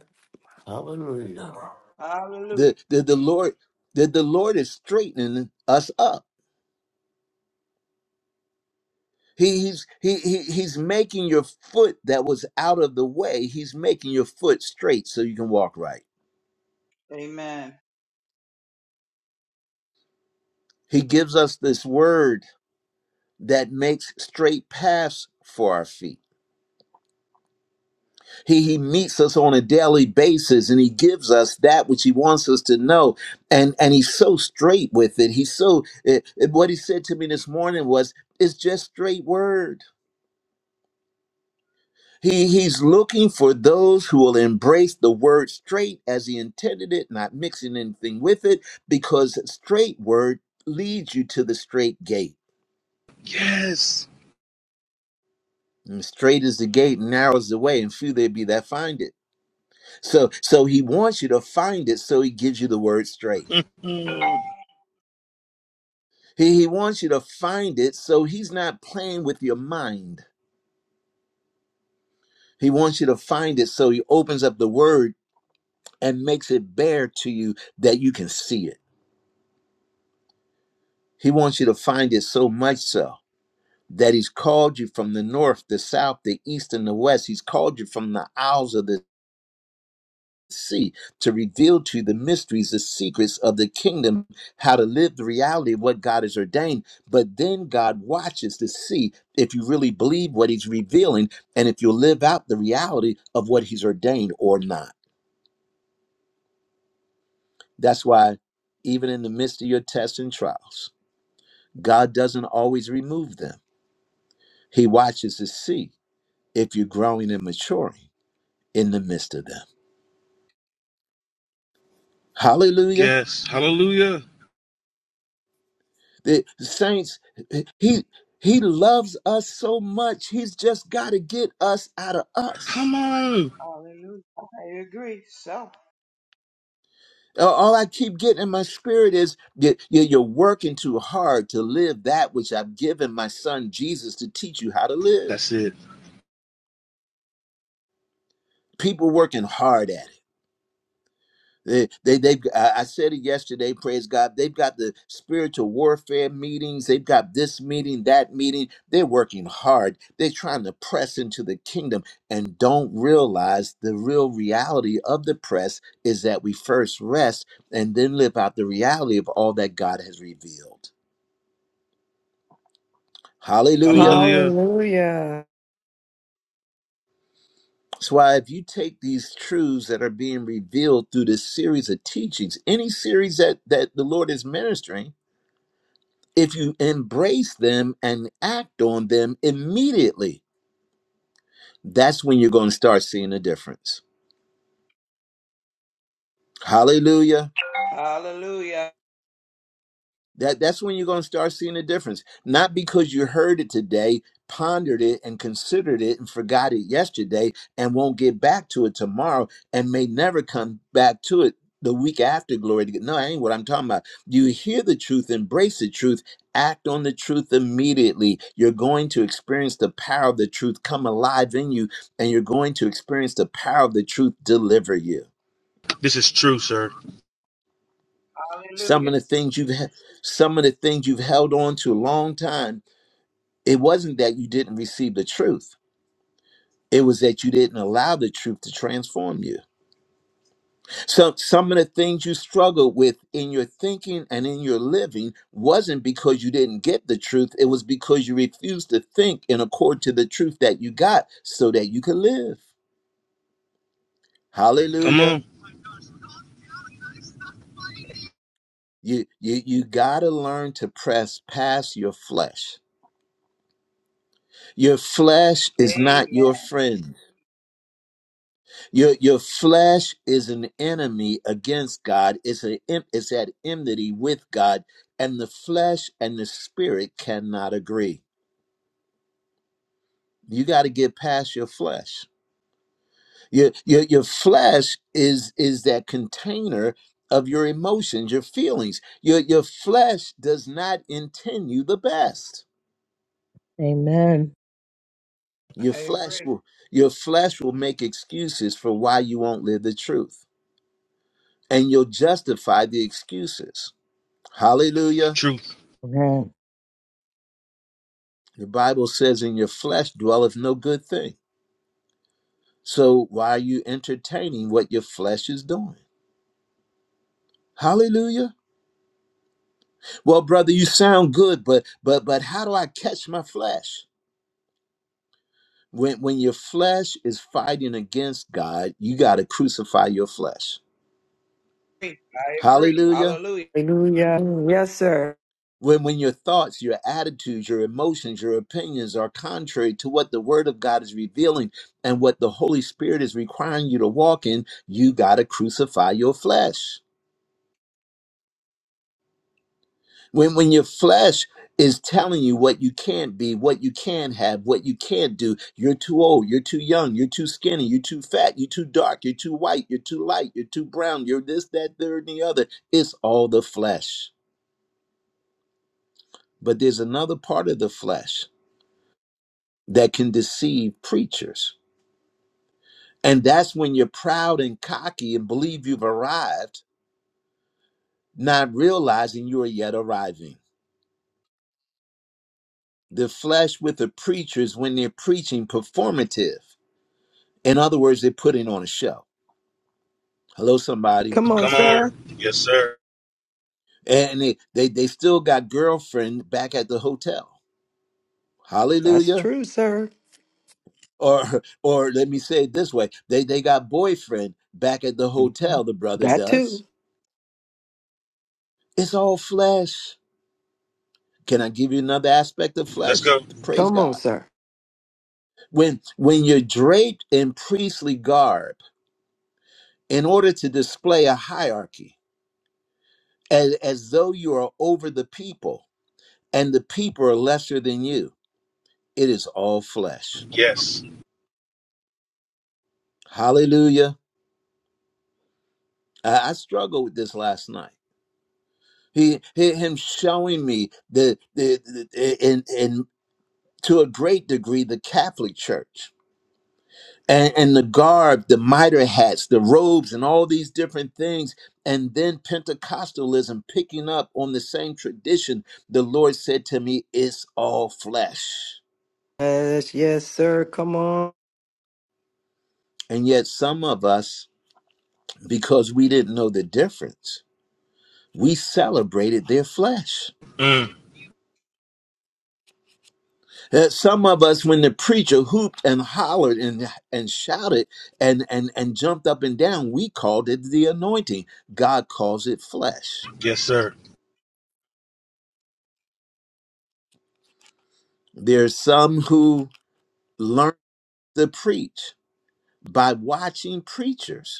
S8: Hallelujah.
S10: Hallelujah.
S1: The, the, the Lord the, the Lord is straightening us up. He, he's he, he he's making your foot that was out of the way. He's making your foot straight so you can walk right.
S10: Amen.
S1: He gives us this word that makes straight paths for our feet. He, he meets us on a daily basis and he gives us that which he wants us to know. And and he's so straight with it. He's so eh, eh, what he said to me this morning was it's just straight word. He he's looking for those who will embrace the word straight as he intended it, not mixing anything with it, because straight word leads you to the straight gate.
S2: Yes.
S1: And straight is the gate, and narrow is the way, and few there be that find it. So so he wants you to find it, so he gives you the word straight. He, he wants you to find it so he's not playing with your mind. He wants you to find it so he opens up the word and makes it bare to you that you can see it. He wants you to find it so much so that he's called you from the north, the south, the east, and the west. He's called you from the isles of the see to reveal to you the mysteries, the secrets of the kingdom, how to live the reality of what God has ordained. But then God watches to see if you really believe what He's revealing and if you live out the reality of what He's ordained or not. That's why, even in the midst of your tests and trials, God doesn't always remove them. He watches to see if you're growing and maturing in the midst of them. Hallelujah.
S2: Yeah.
S1: The saints, he he loves us so much. He's just got to get us out of us.
S2: Come on.
S10: Hallelujah. I agree. So.
S1: Uh, All I keep getting in my spirit is you- you- you're working too hard to live that which I've given my son Jesus to teach you how to live.
S2: That's it.
S1: People working hard at it They, they, they've. I I said it yesterday. Praise God. They've got the spiritual warfare meetings. They've got this meeting, that meeting. They're working hard. They're trying to press into the kingdom, and don't realize the real reality of the press is that we first rest and then live out the reality of all that God has revealed. Hallelujah.
S2: Hallelujah.
S6: Hallelujah.
S1: That's why if you take these truths that are being revealed through this series of teachings, any series that that the Lord is ministering if you embrace them and act on them immediately, that's when you're going to start seeing a difference. Hallelujah.
S10: Hallelujah.
S1: That that's when you're going to start seeing a difference. Not because you heard it today, pondered it and considered it and forgot it yesterday and won't get back to it tomorrow and may never come back to it the week after glory to God. no, I ain't what I'm talking about. You hear the truth, embrace the truth, act on the truth immediately. You're going to experience the power of the truth come alive in you, and you're going to experience the power of the truth deliver you.
S2: This is true, sir.
S1: Some of
S10: Hallelujah.
S1: the things you've he- some of the things you've held on to a long time It wasn't that you didn't receive the truth. It was that you didn't allow the truth to transform you. So some of the things you struggled with in your thinking and in your living wasn't because you didn't get the truth. It was because you refused to think in accord to the truth that you got so that you could live.
S2: Come
S1: Hallelujah.
S2: on.
S1: You you you gotta learn to press past your flesh. Your flesh is not your
S10: Amen.
S1: friend. Your your flesh is an enemy against God. It's a it's at enmity with God, and the flesh and the spirit cannot agree. You got to get past your flesh. Your, your your flesh is is that container of your emotions, your feelings. Your your flesh does not intend you the best.
S5: Amen.
S1: Your
S10: I
S1: flesh
S10: agree.
S1: will your flesh will make excuses for why you won't live the truth, and you'll justify the excuses. Hallelujah.
S2: Truth.
S5: Amen.
S1: The Bible says, In your flesh dwelleth no good thing. So why are you entertaining what your flesh is doing? Hallelujah. Well, brother, you sound good, but but but how do I catch my flesh? When when your flesh is fighting against God, you got to crucify your flesh.
S10: I agree.
S1: Hallelujah.
S10: Hallelujah.
S6: Hallelujah. Mm, Yes, sir.
S1: When when your thoughts, your attitudes, your emotions, your opinions are contrary to what the word of God is revealing and what the Holy Spirit is requiring you to walk in, you got to crucify your flesh. When when your flesh is telling you what you can't be, what you can have, what you can't do, you're too old, you're too young, you're too skinny, you're too fat, you're too dark, you're too white, you're too light, you're too brown, you're this, that, third, and the other. It's all the flesh. But there's another part of the flesh that can deceive preachers. And that's when you're proud and cocky and believe you've arrived, not realizing you are yet arriving. The flesh with the preachers when they're preaching performative. In other words, they're putting on a show. Hello, somebody.
S6: Come on,
S2: Come on.
S6: sir.
S2: Yes, sir.
S1: And they, they, they still got girlfriend back at the hotel.
S6: That's
S1: Hallelujah.
S6: true, sir.
S1: Or or let me say it this way. They they got boyfriend back at the hotel,
S6: Mhm.
S1: the brother
S6: That
S1: does.
S6: too.
S1: It's all flesh. Can I give you another aspect of
S2: Let's
S1: flesh?
S2: go.
S1: Praise
S6: Come on,
S1: God.
S6: sir.
S1: When when you're draped in priestly garb in order to display a hierarchy, as, as though you are over the people and the people are lesser than you it is all flesh.
S2: Yes.
S1: Hallelujah. I, I struggled with this last night. He, he- him showing me the, the, the in, in to a great degree the Catholic Church and, and the garb, the mitre hats, the robes, and all these different things, and then Pentecostalism picking up on the same tradition. The Lord said to me, "It's all flesh,"
S6: Yes, yes, sir. Come on.
S1: and yet some of us, because we didn't know the difference, we celebrated their flesh.
S2: Mm.
S1: Uh, some of us, when the preacher hooped and hollered and, and shouted and, and, and jumped up and down, we called it the anointing. God calls it flesh.
S2: Yes, sir.
S1: There's some who learn to preach by watching preachers.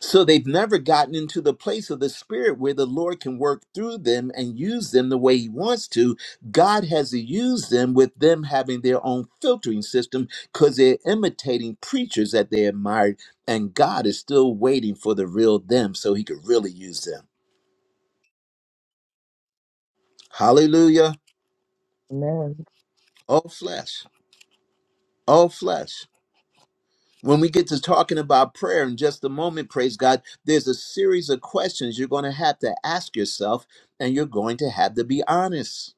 S1: So they've never gotten into the place of the spirit where the Lord can work through them and use them the way he wants to. God has to use them with them having their own filtering system because they're imitating preachers that they admired, and God is still waiting for the real them so he could really use them. Hallelujah.
S5: Amen.
S1: All flesh. All flesh. When we get to talking about prayer in just a moment, praise God, there's a series of questions you're going to have to ask yourself, and you're going to have to be honest.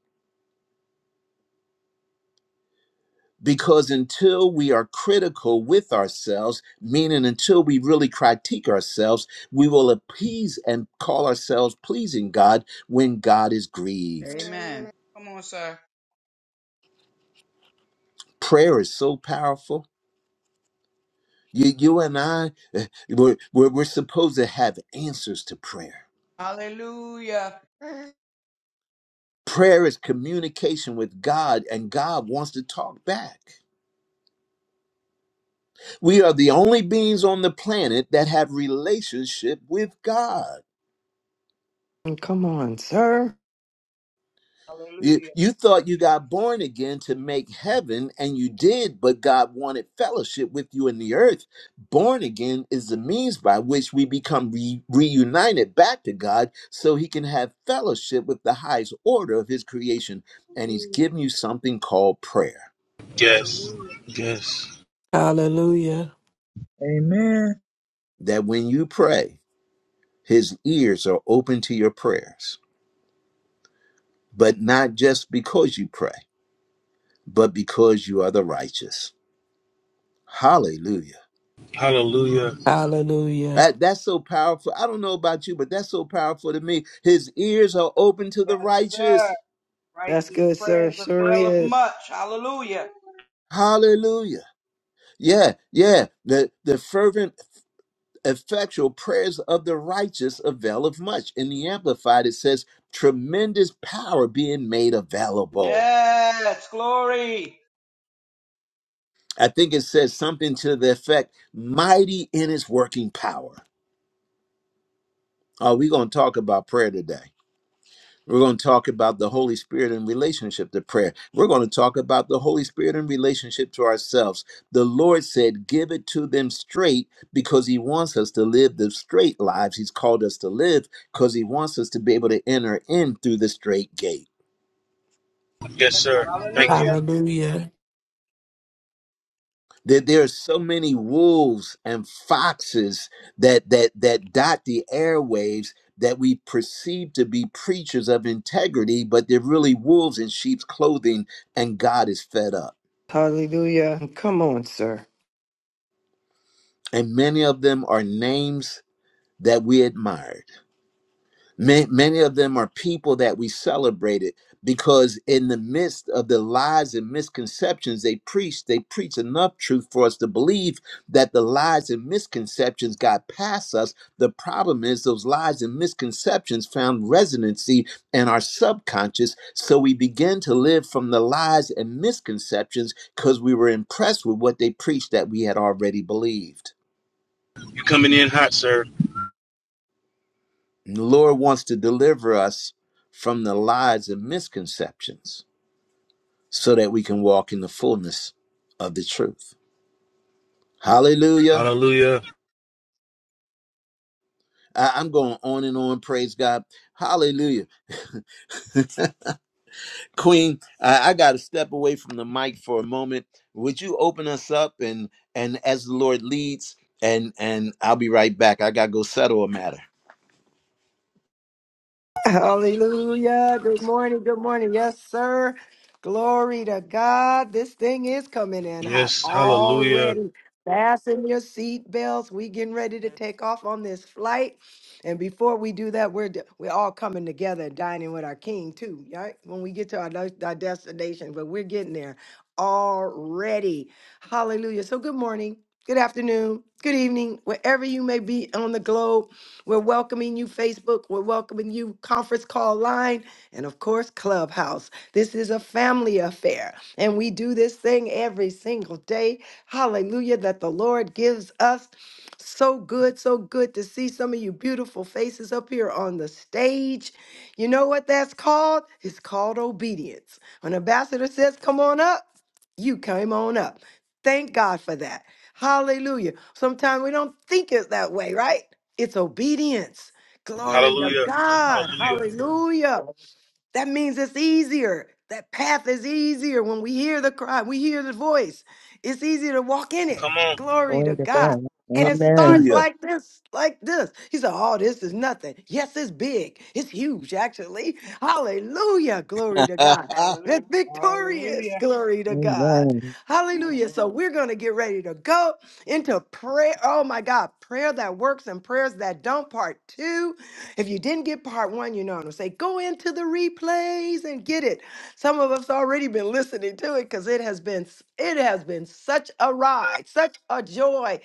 S1: Because until we are critical with ourselves, meaning until we really critique ourselves, we will appease and call ourselves pleasing God when God is grieved.
S10: Amen. Come on, sir.
S1: Prayer is so powerful. You, you and I, eh, we're, we're, we're supposed to have answers to prayer.
S10: Hallelujah. Hallelujah.
S1: Prayer is communication with God, and God wants to talk back. We are the only beings on the planet that have relationship with God.
S6: Come on, sir.
S1: You, you thought you got born again to make heaven, and you did, but God wanted fellowship with you in the earth. Born again is the means by which we become re- reunited back to God so He can have fellowship with the highest order of His creation. And He's
S10: Hallelujah.
S1: given you something called prayer
S2: Yes.
S10: Hallelujah.
S2: Yes.
S3: Hallelujah.
S11: Amen.
S1: that when you pray, His ears are open to your prayers, but not just because you pray, but because you are the righteous. Hallelujah.
S2: Hallelujah.
S3: Hallelujah.
S1: That, that's so powerful. I don't know about you, but that's so powerful to me. His ears are open to
S10: Yes,
S1: the
S10: sir.
S1: righteous.
S6: That's
S10: Righteous
S6: good, sir.
S10: prayers
S6: Sure
S10: avail of
S6: is.
S10: much. Hallelujah.
S1: Hallelujah. Yeah, yeah. The the fervent, effectual prayers of the righteous avail of much. In the Amplified, it says tremendous power being made available.
S10: Yes, glory.
S1: I think it says something to the effect mighty in its working power. Are we going to talk about prayer today? We're going to talk about the Holy Spirit in relationship to prayer. We're going to talk about the Holy Spirit in relationship to ourselves. The Lord said, Give it to them straight because He wants us to live the straight lives He's called us to live because He wants us to be able to enter in through the straight gate.
S2: Yes, sir. Thank you.
S10: Hallelujah.
S3: Hallelujah.
S1: There, there are so many wolves and foxes that, that, that dot the airwaves that we perceive to be preachers of integrity, but they're really wolves in sheep's clothing, and God is fed up.
S6: Hallelujah. Come on, sir.
S1: and many of them are names that we admired. Ma- Many of them are people that we celebrated because, in the midst of the lies and misconceptions they preached, they preached enough truth for us to believe that the lies and misconceptions got past us. The problem is, those lies and misconceptions found resonancy in our subconscious. So we begin to live from the lies and misconceptions because we were impressed with what they preached that we had already believed.
S2: You coming in hot, sir.
S1: the Lord wants to deliver us from the lies and misconceptions so that we can walk in the fullness of the truth. Hallelujah.
S2: Hallelujah.
S1: I- I'm going on and on. Praise God. Hallelujah. Queen, I, I got to step away from the mic for a moment. Would you open us up and and as the Lord leads and and I'll be right back. I got to go settle a matter.
S6: Hallelujah. Good morning. Good morning. Yes, sir. Glory to God. This thing is coming in hot
S2: Yes. Hallelujah.
S6: already. Fasten your seat belts. We getting ready to take off on this flight. And before we do that, we're d- we're all coming together and dining with our king too, right? When we get to our, des- our destination, but we're getting there already. Hallelujah. So good morning. Good afternoon. Good evening. Wherever you may be on the globe. We're welcoming you, Facebook. We're welcoming you, Conference Call Line, and of course, Clubhouse. This is a family affair, and we do this thing every single day. Hallelujah, that the Lord gives us. So good, so good to see some of you beautiful faces up here on the stage. You know what that's called? It's called obedience. When ambassador says, Come on up, you came on up. Thank God for that. Hallelujah. Sometimes we don't think it that way, right? It's obedience. Glory to
S2: Hallelujah.
S6: God.
S2: Hallelujah.
S6: Hallelujah. That means it's easier. That path is easier when we hear the cry, we hear the voice. It's easier to walk in it.
S2: Come on.
S6: Glory to
S5: Glory to
S6: God.
S5: God.
S6: And it
S5: Amen.
S6: starts
S1: Hallelujah.
S6: like this, like this. He said, Oh, this is nothing. Yes, it's big. It's huge, actually. Hallelujah. Glory to God.
S10: Hallelujah.
S6: It's victorious.
S10: Hallelujah.
S6: Glory to God.
S5: Amen.
S6: Hallelujah. So we're going to get ready to go into prayer. Oh, my God. Prayer that works and prayers that don't, part two. If you didn't get part one, you know, it'll say go into the replays and get it. Some of us already been listening to it because it has been s- it has been such a ride, such a joy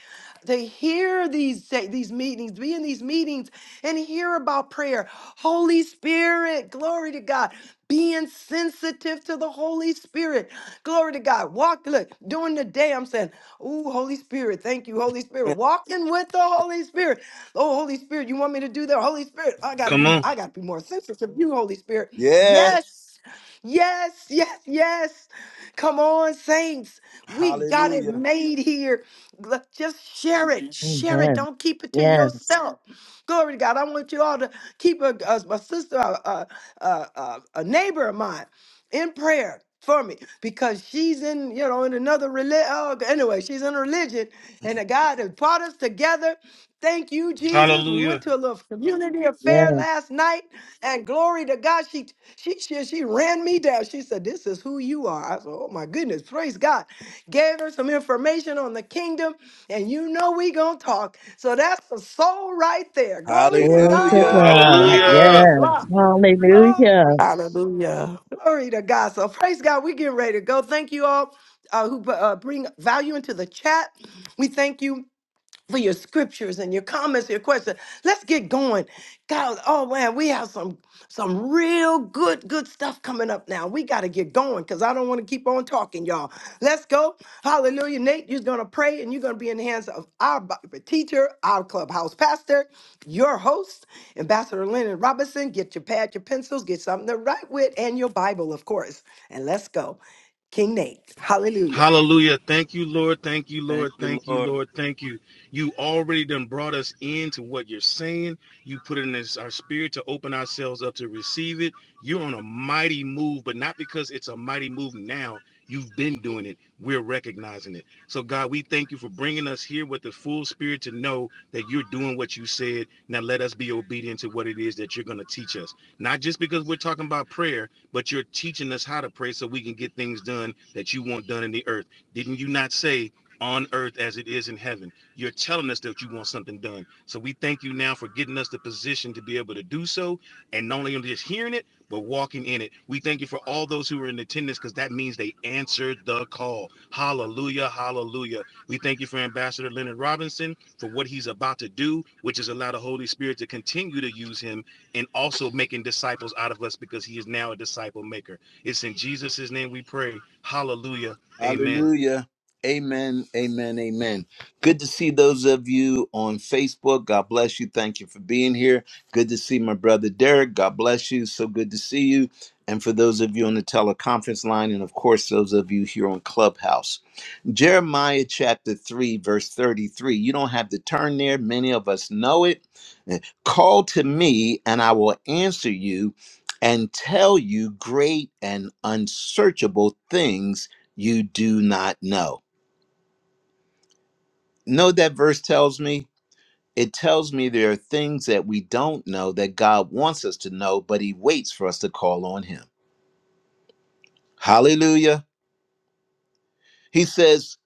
S6: to hear these say, these meetings, be in these meetings, and hear about prayer. Holy Spirit, glory to God. Being sensitive to the Holy Spirit. Glory to God. Walk, look, during the day, I'm saying, Ooh, Holy Spirit, thank you, Holy Spirit. Walking with the Holy Spirit. Oh, Holy Spirit, you want me to do that? Holy Spirit, I gotta be
S2: Come
S6: more,
S2: on.
S6: I gotta be more sensitive. You, Holy Spirit.
S1: yeah.
S6: Yes, yes, yes, yes. Come on, saints. We got it
S1: Hallelujah.
S6: made here. Let- Just share it. Share it.
S5: Amen.
S6: Don't keep it to
S5: Yes,
S6: yourself. Glory to God. I want you all to keep a, a, a sister, a, a, a, a neighbor of mine in prayer for me because she's in, you know, in another religion. Oh, anyway, she's in a religion and the God has brought us together. Thank you, Jesus. We
S2: Hallelujah.
S6: went to a little community
S5: yes.
S6: affair last night, and glory to God, she she she, she ran me down. She said, "This is who you are." I said, "Oh my goodness, praise God." Gave her some information on the kingdom, and you know we gonna talk. So that's the soul right there. Glory to
S5: Glory to
S1: Hallelujah.
S6: God, right
S5: God.
S10: Hallelujah.
S6: here on
S2: Hallelujah.
S6: the
S5: Yes.
S6: block.
S5: Hallelujah.
S6: Glory,
S3: Hallelujah.
S6: glory to God. So praise God. We getting ready to go. Thank you all uh, who uh, bring value into the chat. We thank you for your scriptures and your comments, your questions. Let's get going. God, oh man, we have some some real good, good stuff coming up now. We got to get going because I don't want to keep on talking, y'all. Let's go. Hallelujah. Nate, you're gonna pray and you're gonna be in the hands of our Bible teacher, our clubhouse pastor, your host, Ambassador Leonard Robinson. Get your pad, your pencils, get something to write with, and your Bible, of course. And let's go. King Nate. Hallelujah.
S2: Hallelujah. Thank you, Lord. Thank you,
S1: Thank
S2: Lord.
S1: you,
S2: Thank you,
S1: Lord.
S2: Lord. Thank you. You already done brought us into what you're saying. You put it in this- our spirit to open ourselves up to receive it. You're on a mighty move, but not because it's a mighty move now. You've been doing it. We're recognizing it. So, God, we thank you for bringing us here with the full spirit to know that you're doing what you said. Now, let us be obedient to what it is that you're going to teach us. Not just because we're talking about prayer, but you're teaching us how to pray so we can get things done that you want done in the earth. Didn't you not say on earth as it is in heaven? You're telling us that you want something done. So we thank you now for getting us the position to be able to do so. And not only just hearing it, but walking in it. We thank you for all those who are in attendance because that means they answered the call. Hallelujah. Hallelujah. We thank you for Ambassador Leonard Robinson for what he's about to do, which is allow the Holy Spirit to continue to use him and also making disciples out of us because he is now a disciple maker. It's in Jesus' name we pray. Hallelujah. Amen.
S1: Hallelujah. Amen. Amen. Amen. Good to see those of you on Facebook. God bless you. Thank you for being here. Good to see my brother Derek. God bless you. So good to see you. And for those of you on the teleconference line, and of course, those of you here on Clubhouse. Jeremiah chapter 3, verse 33. You don't have to turn there. Many of us know it. Eh, Call to me, and I will answer you and tell you great and unsearchable things you do not know. Know what that verse tells me? It tells me there are things that we don't know that God wants us to know, but He waits for us to call on Him. Hallelujah. He says,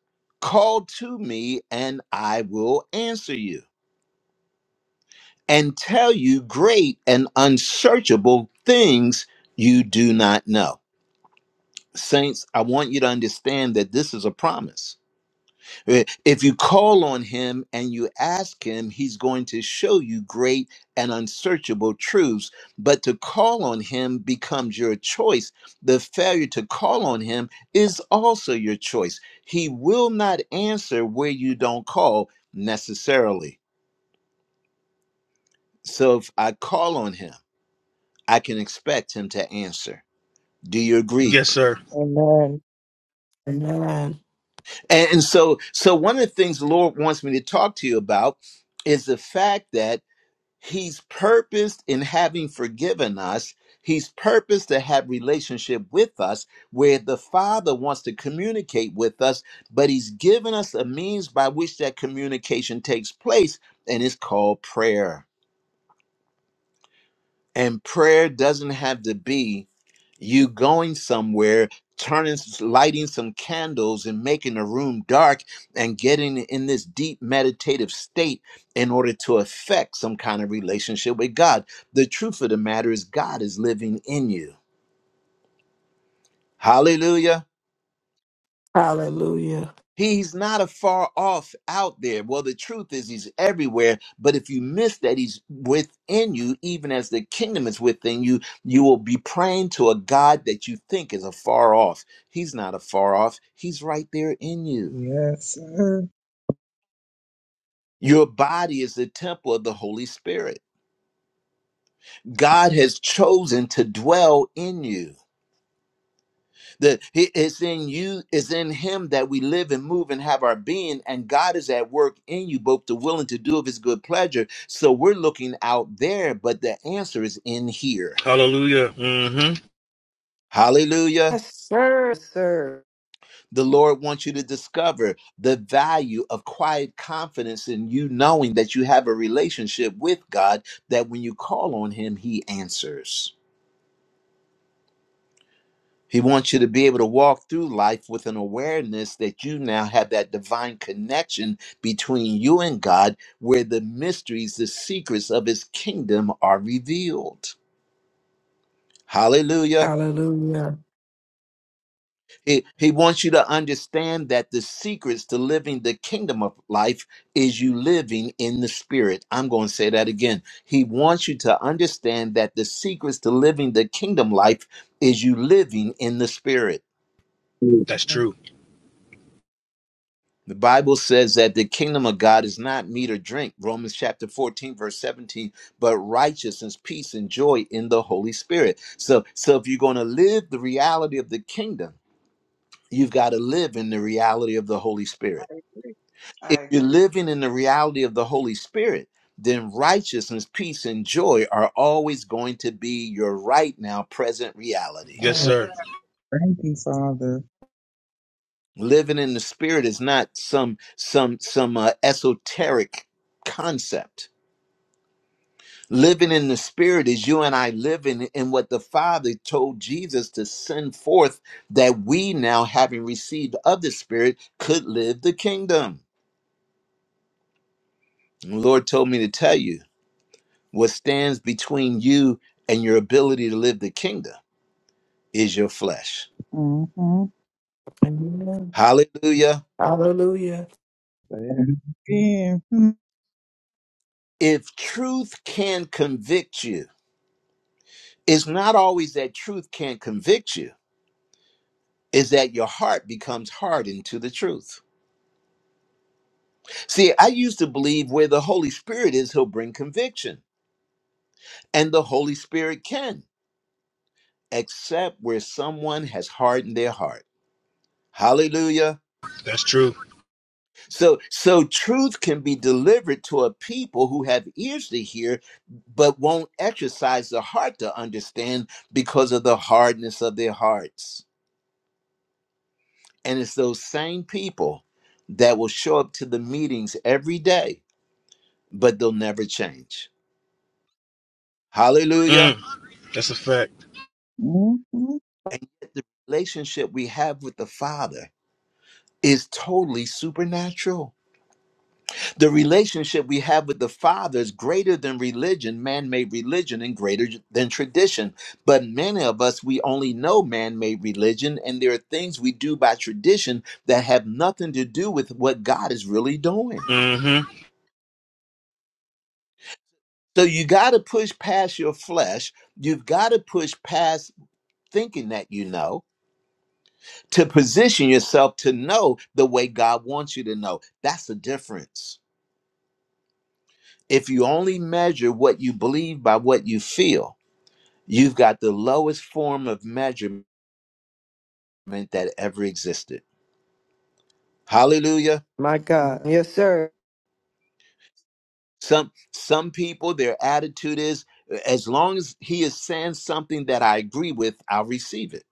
S1: Call to me, and I will answer you. and tell you great and unsearchable things you do not know. Saints, I want you to understand that this is a promise. Eh, If you call on him and you ask him, he's going to show you great and unsearchable truths. But to call on him becomes your choice. The failure to call on him is also your choice. He will not answer where you don't call necessarily. So if I call on him, I can expect him to answer. Do you agree?
S2: Yes, sir.
S5: Amen.
S3: Amen.
S1: And, and so, so one of the things the Lord wants me to talk to you about is the fact that He's purposed in having forgiven us. He's purposed to have relationship with us, where the Father wants to communicate with us, but He's given us a means by which that communication takes place, and it's called prayer. And prayer doesn't have to be you going somewhere turning lighting some candles and making the room dark and getting in this deep meditative state in order to affect some kind of relationship with god the truth of the matter is god is living in you hallelujah
S3: Hallelujah.
S1: He's not a far off out there. Well, the truth is, he's everywhere. But if you miss that he's within you, even as the kingdom is within you, you will be praying to a God that you think is afar off. He's not afar off, he's right there in you.
S11: Yes, sir.
S1: Your body is the temple of the Holy Spirit. God has chosen to dwell in you. That he- it's in you, it's in him that we live and move and have our being, and God is at work in you, both the willing to do of his good pleasure. So we're looking out there, but the answer is in here.
S2: Hallelujah. Mm-hmm.
S1: Hallelujah.
S6: Yes, sir, sir.
S1: The Lord wants you to discover the value of quiet confidence in you knowing that you have a relationship with God, that when you call on him, he answers. He wants you to be able to walk through life with an awareness that you now have that divine connection between you and God, where the mysteries, the secrets of his kingdom are revealed. Hallelujah.
S3: Hallelujah.
S1: He, he wants you to understand that the secrets to living the kingdom of life is you living in the spirit. I'm going to say that again. He wants you to understand that the secrets to living the kingdom life is you living in the spirit.
S2: That's true.
S1: The Bible says that the kingdom of God is not meat or drink, Romans chapter 14, verse 17, but righteousness, peace, and joy in the Holy Spirit. So, so if you're going to live the reality of the kingdom, you've got to live in the reality of the Holy
S10: I
S1: Spirit.
S10: agree. I
S1: If you're
S10: agree.
S1: living in the reality of the Holy Spirit, then righteousness, peace, and joy are always going to be your right now present reality.
S2: Yes,
S10: Yes,
S11: Father,
S2: sir.
S10: sir.
S11: thank you, Father.
S1: Living in the spirit is not some some some uh, esoteric concept Living in the Spirit is you and I living in what the Father told Jesus to send forth, that we now, having received of the Spirit, could live the kingdom. And the Lord told me to tell you what stands between you and your ability to live the kingdom is your flesh.
S11: Mm-hmm.
S3: Amen.
S1: Hallelujah.
S3: Hallelujah.
S11: Again.
S1: If truth can convict you, it's not always that truth can't convict you, it's that your heart becomes hardened to the truth. See, I used to believe where the Holy Spirit is, he'll bring conviction. And the Holy Spirit can, except where someone has hardened their heart. Hallelujah.
S2: That's true.
S1: So so truth can be delivered to a people who have ears to hear but won't exercise the heart to understand because of the hardness of their hearts. And it's those same people that will show up to the meetings every day but they'll never change. Hallelujah.
S2: Mm. That's a fact.
S11: Mm-hmm.
S1: relationship we have with the Father is totally supernatural. The relationship we have with the Father is greater than religion, man made religion, and greater than tradition. But many of us, we only know man made religion, and there are things we do by tradition that have nothing to do with what God is really doing.
S2: Mm-hmm.
S1: So you got to push past your flesh. You've got to push past thinking that you know to position yourself to know the way God wants you to know. That's the difference. if you only measure what you believe by what you feel, you've got the lowest form of measurement that ever existed. Hallelujah.
S6: My God. Yes, sir.
S1: Some some people their attitude is as long as he is saying something that I agree with, I'll receive it.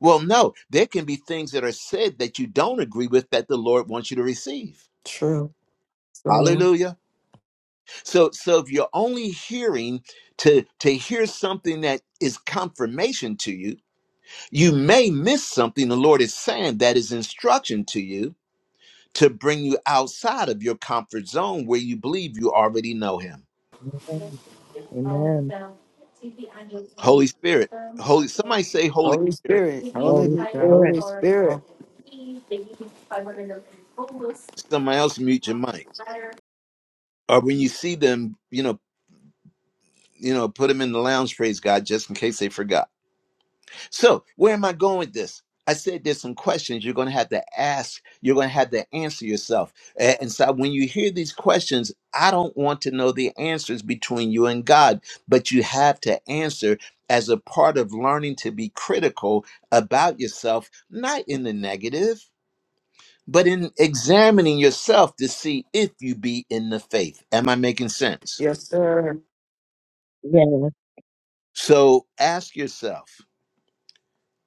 S1: Well, no, there can be things that are said that you don't agree with that the Lord wants you to receive.
S3: True. True.
S1: Hallelujah. So so if you're only hearing to to hear something that is confirmation to you, You may miss something the Lord is saying that is instruction to you to bring you outside of your comfort zone where you believe you already know Him.
S5: Amen. Amen.
S1: Holy Spirit, Holy. Somebody say Holy
S6: Holy
S1: Spirit.
S6: Spirit. Holy
S5: Holy
S6: the
S5: Spirit.
S6: Holy Spirit.
S1: Somebody else mute your mic. Or when you see them, you know, you know, put them in the lounge. Praise God, just in case they forgot. So, where am I going with this? I said there's some questions you're going to have to ask. You're going to have to answer yourself. A- And so, when you hear these questions, I don't want to know the answers between you and God, but you have to answer as a part of learning to be critical about yourself, not in the negative, but in examining yourself to see if you be in the faith. Am I making sense?
S6: Yes, sir.
S5: Yes.
S1: So, ask yourself,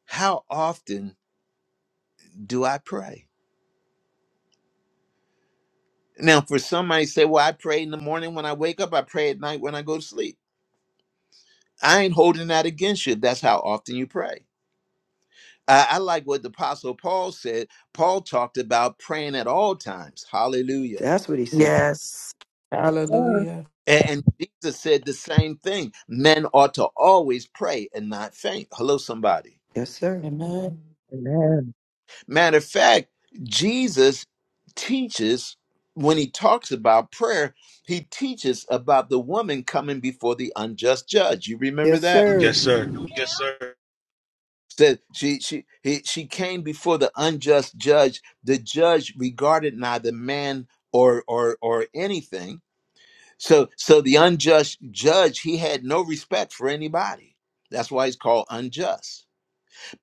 S1: how often do I pray? Now, for some might say, well, I pray in the morning when I wake up, I pray at night when I go to sleep. I ain't holding that against you. That's how often you pray. I, I like what the Apostle Paul said. Paul talked about praying at all times. Hallelujah.
S6: That's what he said.
S3: Yes.
S11: Sir.
S3: Hallelujah.
S1: A- And, Jesus said the same thing. Men ought to always pray and not faint. Hello, somebody.
S6: Yes, sir.
S3: Amen.
S5: Amen.
S1: Matter of fact, Jesus teaches when he talks about prayer, he teaches about the woman coming before the unjust judge. You remember
S6: Yes,
S1: that?
S2: Yes,
S6: sir.
S2: sir. Yes, sir.
S1: said she she he, she came before the unjust judge the judge regarded neither man or or or anything so so the unjust judge he had no respect for anybody that's why he's called unjust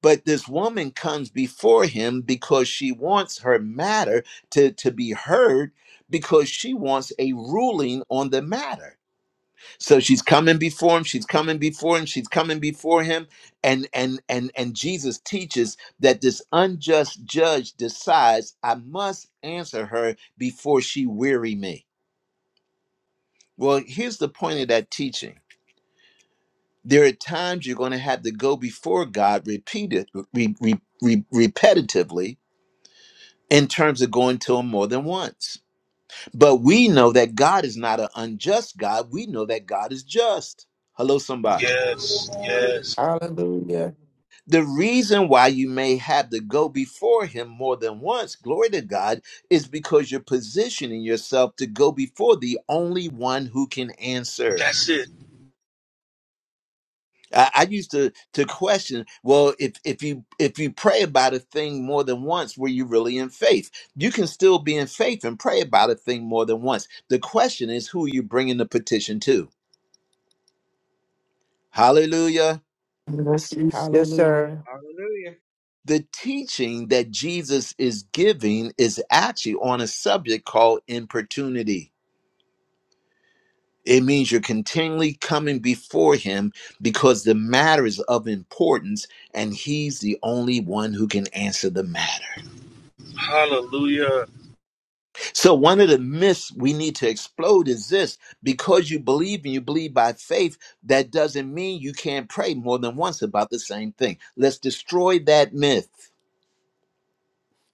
S1: but this woman comes before him because she wants her matter to to be heard because she wants a ruling on the matter so she's coming before him, she's coming before him, she's coming before him and and and and Jesus teaches that this unjust judge decides I must answer her before she weary me. Well, here's the point of that teaching. There are times you're going to have to go before God repeated re, re, re- repetitively in terms of going to him more than once. But we know that God is not an unjust God. We know that God is just. Hello somebody
S2: Yes. Yes.
S3: Hallelujah.
S1: The reason why you may have to go before him more than once, glory to God, is because you're positioning yourself to go before the only one who can answer.
S2: That's it.
S1: I, I used to to question, well, if if you if you pray about a thing more than once, were you really in faith? You can still be in faith and pray about a thing more than once. The question is, who are you bringing the petition to? Hallelujah.
S6: Yes, yes, sir.
S3: Hallelujah.
S10: Hallelujah.
S1: the teaching that Jesus is giving is actually on a subject called importunity. It means you're continually coming before him because the matter is of importance and he's the only one who can answer the matter.
S2: Hallelujah.
S1: So, one of the myths we need to explode is this because you believe and you believe by faith, that doesn't mean you can't pray more than once about the same thing. Let's destroy that myth.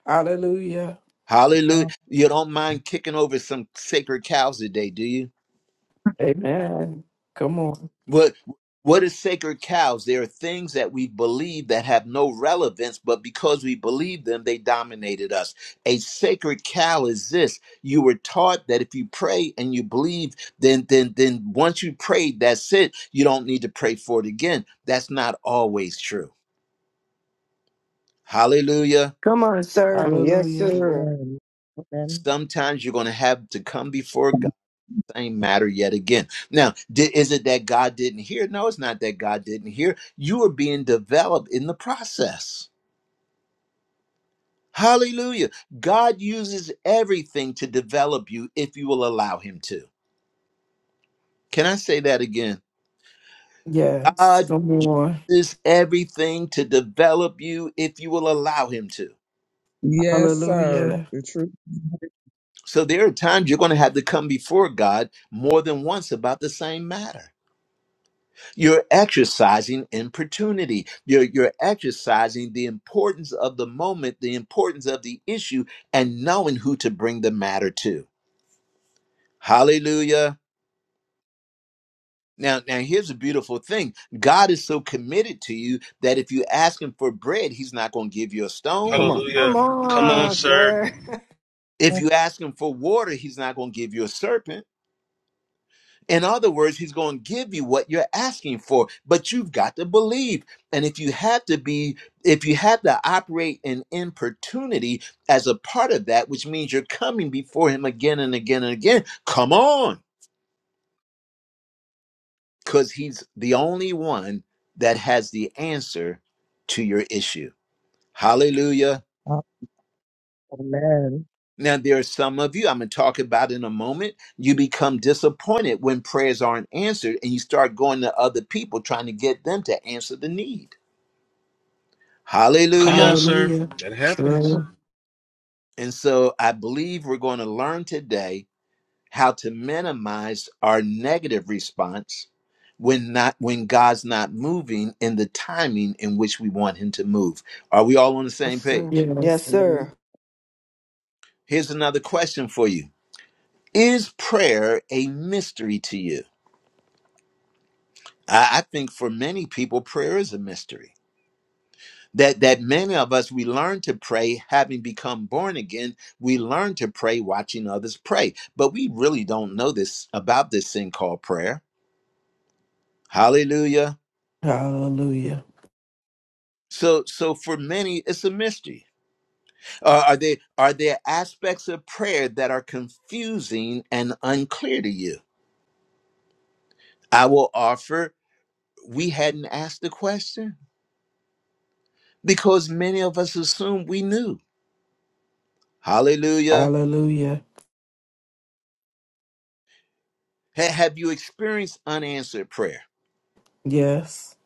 S3: Hallelujah.
S1: Hallelujah.
S11: Uh,
S1: You don't mind kicking over some sacred cows today, do you?
S3: Amen. Come on.
S1: What what is sacred cows? There are things that we believe that have no relevance, but because we believe them, they dominated us. A sacred cow is this. You were taught that if you pray and you believe, then then then once you prayed, that's it. You don't need to pray for it again. That's not always true. Hallelujah.
S6: Come on, sir. Yes,
S3: Hallelujah.
S6: sir.
S5: Amen. Amen.
S1: Sometimes you're going to have to come before God same matter yet again. Now, di- is it that God didn't hear? No, it's not that God didn't hear. You are being developed in the process. Hallelujah. God uses everything to develop you if you will allow Him to. Can I say that again?
S3: Yes.
S1: God
S3: Come on.
S1: uses everything to develop you if you will allow Him to.
S11: Yes, sir.
S3: Hallelujah.
S11: The truth.
S1: So there are times you're going to have to come before God more than once about the same matter. You're exercising importunity. You're, you're exercising the importance of the moment, the importance of the issue, and knowing who to bring the matter to. Hallelujah. Now, now here's a beautiful thing. God is so committed to you that if you ask him for bread, he's not going to give you a
S6: Come
S1: stone.
S6: on.
S2: Hallelujah.
S6: Come
S2: Come on,
S6: on,
S2: sir.
S6: sir.
S1: If you ask him for water, he's not going to give you a serpent In other words, he's going to give you what you're asking for, but you've got to believe. And if you have to be, if you have to operate in importunity as a part of that, which means you're coming before him again and again and again, come on, because he's the only one that has the answer to your issue. Hallelujah.
S11: Uh,
S5: Amen.
S1: Now, there are some of you I'm going to talk about in a moment. You become disappointed when prayers aren't answered and you start going to other people trying to get them to answer the need.
S2: Come on,
S1: Hallelujah.
S2: sir.
S3: Hallelujah.
S2: That happens.
S3: True.
S1: And so I believe we're going to learn today how to minimize our negative response when not when God's not moving in the timing in which we want him to move. Are we all on the
S6: Yes,
S1: same
S6: sir.
S1: page?
S6: Yes,
S3: Yes.
S5: Amen.
S6: sir.
S1: Here's another question for you. Is prayer a mystery to you? I, I think for many people prayer is a mystery. that that many of us we learn to pray having become born again we learn to pray watching others pray but we really don't know this about this thing called prayer hallelujah
S3: Hallelujah.
S1: so so for many it's a mystery Uh, are there are there aspects of prayer that are confusing and unclear to you i will offer we hadn't asked the question because many of us assumed we knew hallelujah
S3: Hallelujah.
S1: Ha- have you experienced unanswered prayer
S3: Yes.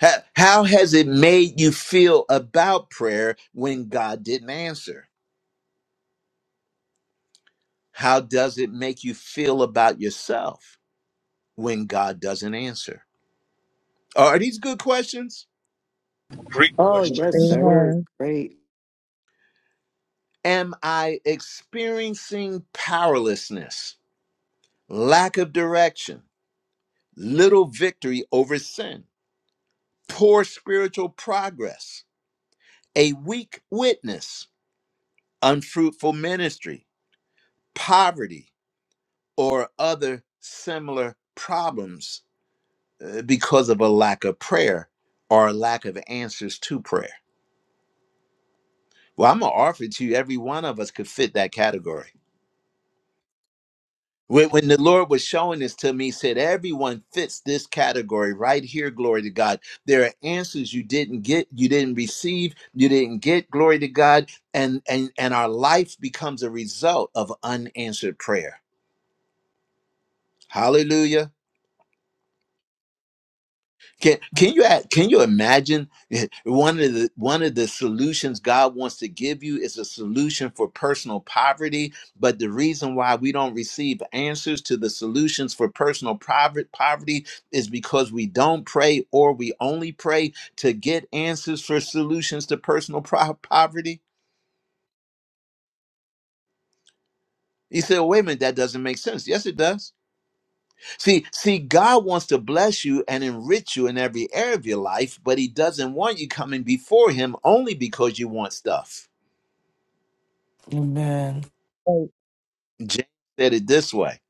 S1: How, how has it made you feel about prayer when God didn't answer? How does it make you feel about yourself when God doesn't answer? Are these good questions?
S2: Great
S6: Oh,
S5: Yes, they
S2: questions.
S6: sir.
S5: are.
S6: great.
S1: Am I experiencing powerlessness, lack of direction, little victory over sin, poor spiritual progress, a weak witness, unfruitful ministry, poverty, or other similar problems uh, because of a lack of prayer or a lack of answers to prayer. Well, I'm gonna offer it to you. Every one of us could fit that category. When, when the Lord was showing this to me, he said, Everyone fits this category right here, glory to God. There are answers you didn't get, you didn't receive, you didn't get, glory to God, and and and our life becomes a result of unanswered prayer. Hallelujah. Can can you act- can you imagine one of the one of the solutions God wants to give you is a solution for personal poverty, but the reason why we don't receive answers to the solutions for personal private poverty is because we don't pray or we only pray to get answers for solutions to personal pro- poverty. You say, well, "Wait a minute, that doesn't make sense." Yes, it does. See, see, God wants to bless you and enrich you in every area of your life, but He doesn't want you coming before Him only because you want stuff.
S3: Amen.
S1: James said it this way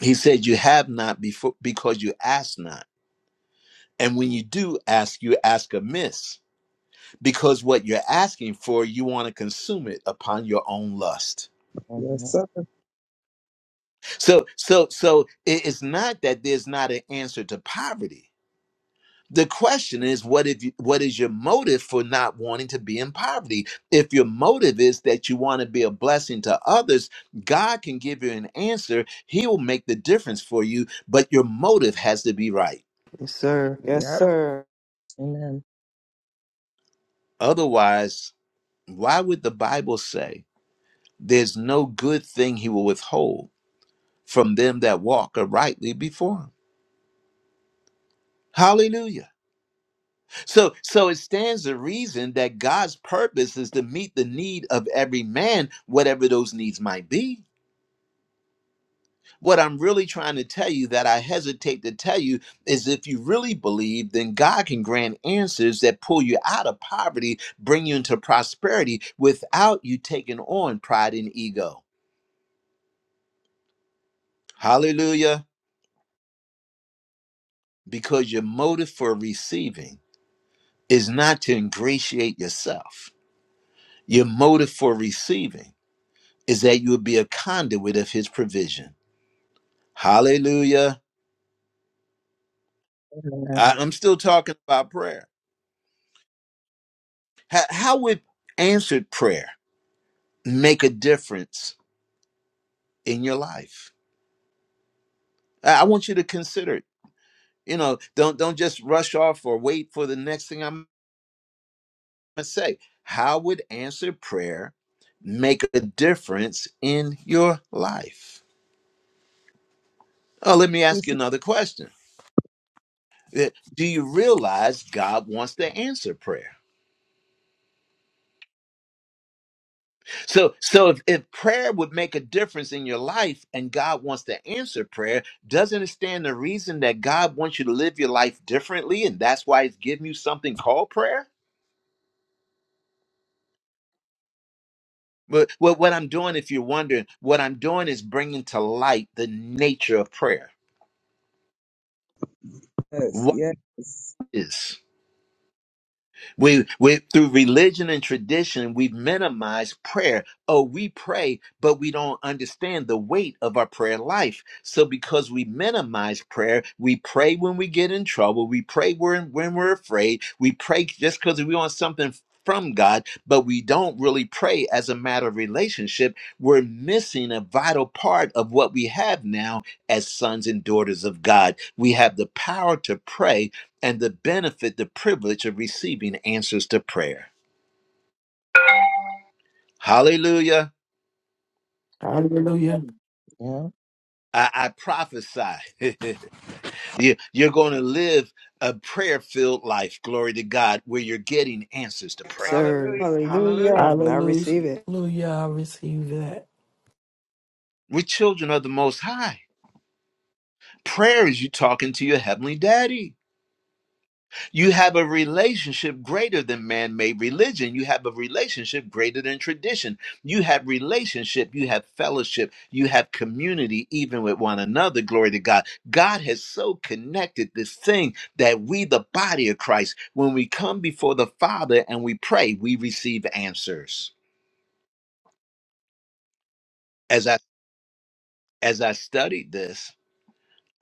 S1: He said, You have not before, because you ask not. And when you do ask, you ask amiss, because what you're asking for, you want to consume it upon your own lust.
S11: Yes,
S5: Uh-huh.
S11: sir.
S1: So, so, so it- it's not that there's not an answer to poverty The question is, what if you, what is your motive for not wanting to be in poverty? If your motive is that you want to be a blessing to others, God can give you an answer. He will make the difference for you, but your motive has to be right.
S6: Yes, sir. Yes,
S11: Yep.
S6: sir.
S5: Amen.
S1: Otherwise, why would the Bible say there's no good thing he will withhold from them that walk uprightly before him? Hallelujah. So so it stands to reason that God's purpose is to meet the need of every man, whatever those needs might be. What I'm really trying to tell you that I hesitate to tell you is if you really believe, then God can grant answers that pull you out of poverty, bring you into prosperity without you taking on pride and ego. Hallelujah. Because your motive for receiving is not to ingratiate yourself. Your motive for receiving is that you would be a conduit of his provision. Hallelujah. I,
S5: Amen.
S1: am still talking about prayer. How, how would answered prayer make a difference in your life? I, I want you to consider it. You know, don't don't just rush off or wait for the next thing I'm gonna say. How would answered prayer make a difference in your life? Oh, let me ask you
S11: Yes,
S1: another question. Uh, Do you realize God wants to answer prayer? So, so if, if prayer would make a difference in your life and God wants to answer prayer, doesn't it stand the reason that God wants you to live your life differently and that's why he's giving you something called prayer? But what, what I'm doing, if you're wondering, what I'm doing is bringing to light the nature of prayer.
S11: yes.
S1: What
S11: yes.
S1: is? We, we through religion and tradition, we minimize prayer. Oh, we pray, but we don't understand the weight of our prayer life. So because we minimize prayer, we pray when we get in trouble. We pray when, when we're afraid. We pray just because we want something from God, but we don't really pray as a matter of relationship. We're missing a vital part of what we have now as sons and daughters of God. We have the power to pray and the benefit, the privilege of receiving answers to prayer. Hallelujah.
S3: Hallelujah.
S5: Amen. Yeah.
S1: I, I prophesy you, you're going to live a prayer filled life, glory to God, where you're getting answers to
S6: Yes,
S1: prayer.
S6: Sir.
S10: Hallelujah. Hallelujah.
S6: Hallelujah. I receive it.
S3: Hallelujah. I receive that.
S1: We're children of the Most High. Prayer is you talking to your Heavenly Daddy. You have a relationship greater than man made religion. You have a relationship greater than tradition. You have relationship. You have fellowship. You have community, even with one another. Glory to God. God has so connected this thing that we, the body of Christ, when we come before the Father and we pray, we receive answers. As I as I studied this,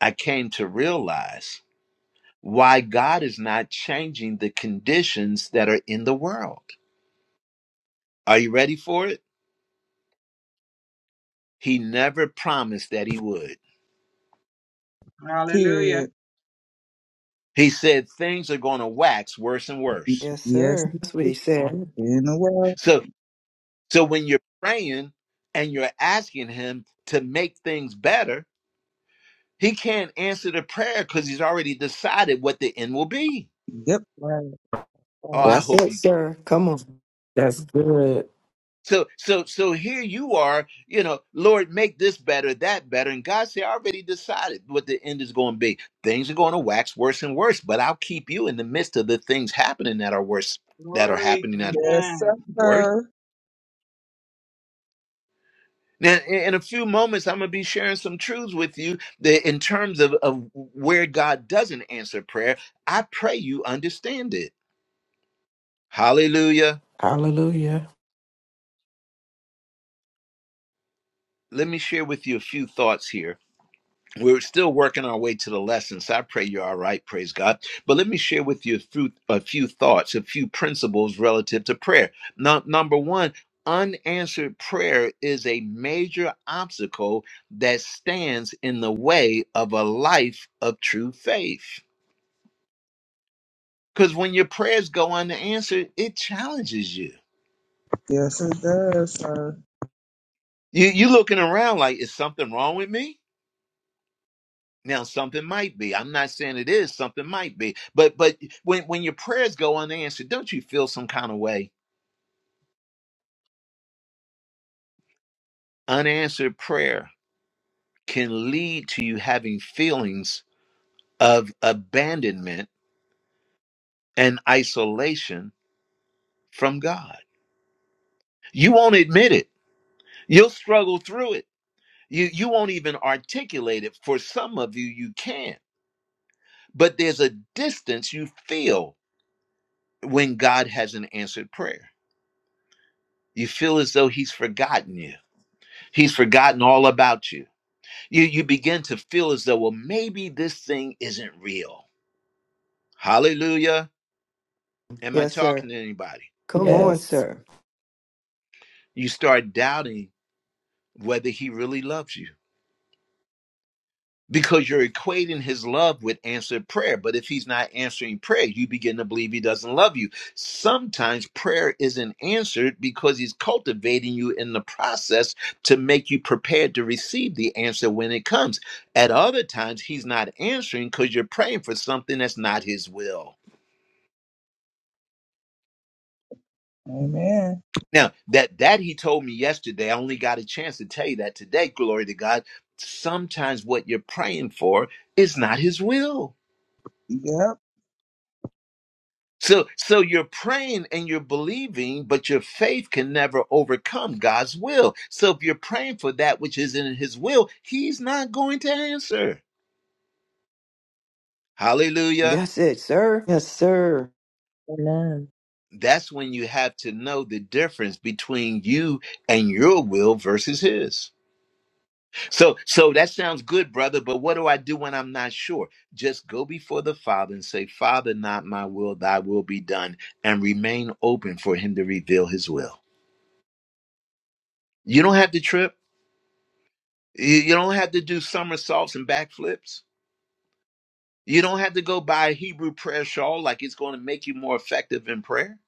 S1: I came to realize why God is not changing the conditions that are in the world. Are you ready for it? He never promised that he would.
S10: Hallelujah.
S11: Period.
S1: He said things are going to wax worse and worse.
S6: Yes,
S11: Yes,
S6: sir. That's what he said.
S11: in the world.
S1: So so when you're praying and you're asking him to make things better, he can't answer the prayer cuz he's already decided what the end will be.
S11: Yep.
S5: Right.
S1: Oh,
S5: Right.
S1: I
S6: That's
S1: hope
S6: it,
S1: you get.
S6: sir. Come on.
S3: That's good.
S1: So so so here you are, you know, Lord, make this better, that better. And God said, I already decided what the end is going to be. Things are going to wax worse and worse, but I'll keep you in the midst of the things happening that are worse that are
S10: Glory.
S1: happening that are
S10: Amen.
S11: Yes,
S1: worse
S11: sir.
S1: Now, in in a few moments, I'm going to be sharing some truths with you that in terms of, of where God doesn't answer prayer. I pray you understand it. Hallelujah.
S3: Hallelujah.
S1: Let me share with you a few thoughts here. We're still working our way to the lesson, so I pray you're all right. Praise God. But let me share with you a few, a few thoughts, a few principles relative to prayer. Now, number one, unanswered prayer is a major obstacle that stands in the way of a life of true faith. Because when your prayers go unanswered, it challenges you.
S11: Yes, it does, sir.
S1: You you looking around like, is something wrong with me? Now something might be. I'm not saying it is, something might be. But but when, when your prayers go unanswered, don't you feel some kind of way? Unanswered prayer can lead to you having feelings of abandonment and isolation from God. You won't admit it. You'll struggle through it. You you won't even articulate it. For some of you, you can But there's a distance you feel when God hasn't answered prayer. You feel as though he's forgotten you. He's forgotten all about you. You you begin to feel as though, well, maybe this thing isn't real. Hallelujah. Am I
S6: Yes, sir.
S1: talking to anybody?
S6: Come on,
S3: Yes.
S6: sir.
S1: You start doubting whether he really loves you. because you're equating his love with answered prayer. But if he's not answering prayer, you begin to believe he doesn't love you. Sometimes prayer isn't answered because he's cultivating you in the process to make you prepared to receive the answer when it comes. At other times, he's not answering because you're praying for something that's not his will.
S11: Amen.
S1: Now, that that he told me yesterday, I only got a chance to tell you that today, glory to God. Sometimes what you're praying for is not his will.
S11: Yep.
S1: So so you're praying and you're believing, but your faith can never overcome God's will. So if you're praying for that which is in his will, he's not going to answer. Hallelujah.
S6: That's it, sir. Yes, sir.
S5: Amen.
S1: That's when you have to know the difference between you and your will versus his. So so that sounds good, brother, but what do I do when I'm not sure? Just go before the Father and say, "Father, not my will, thy will be done," and remain open for him to reveal his will. You don't have to trip. You, you don't have to do somersaults and backflips. You don't have to go buy a Hebrew prayer shawl like it's going to make you more effective in prayer.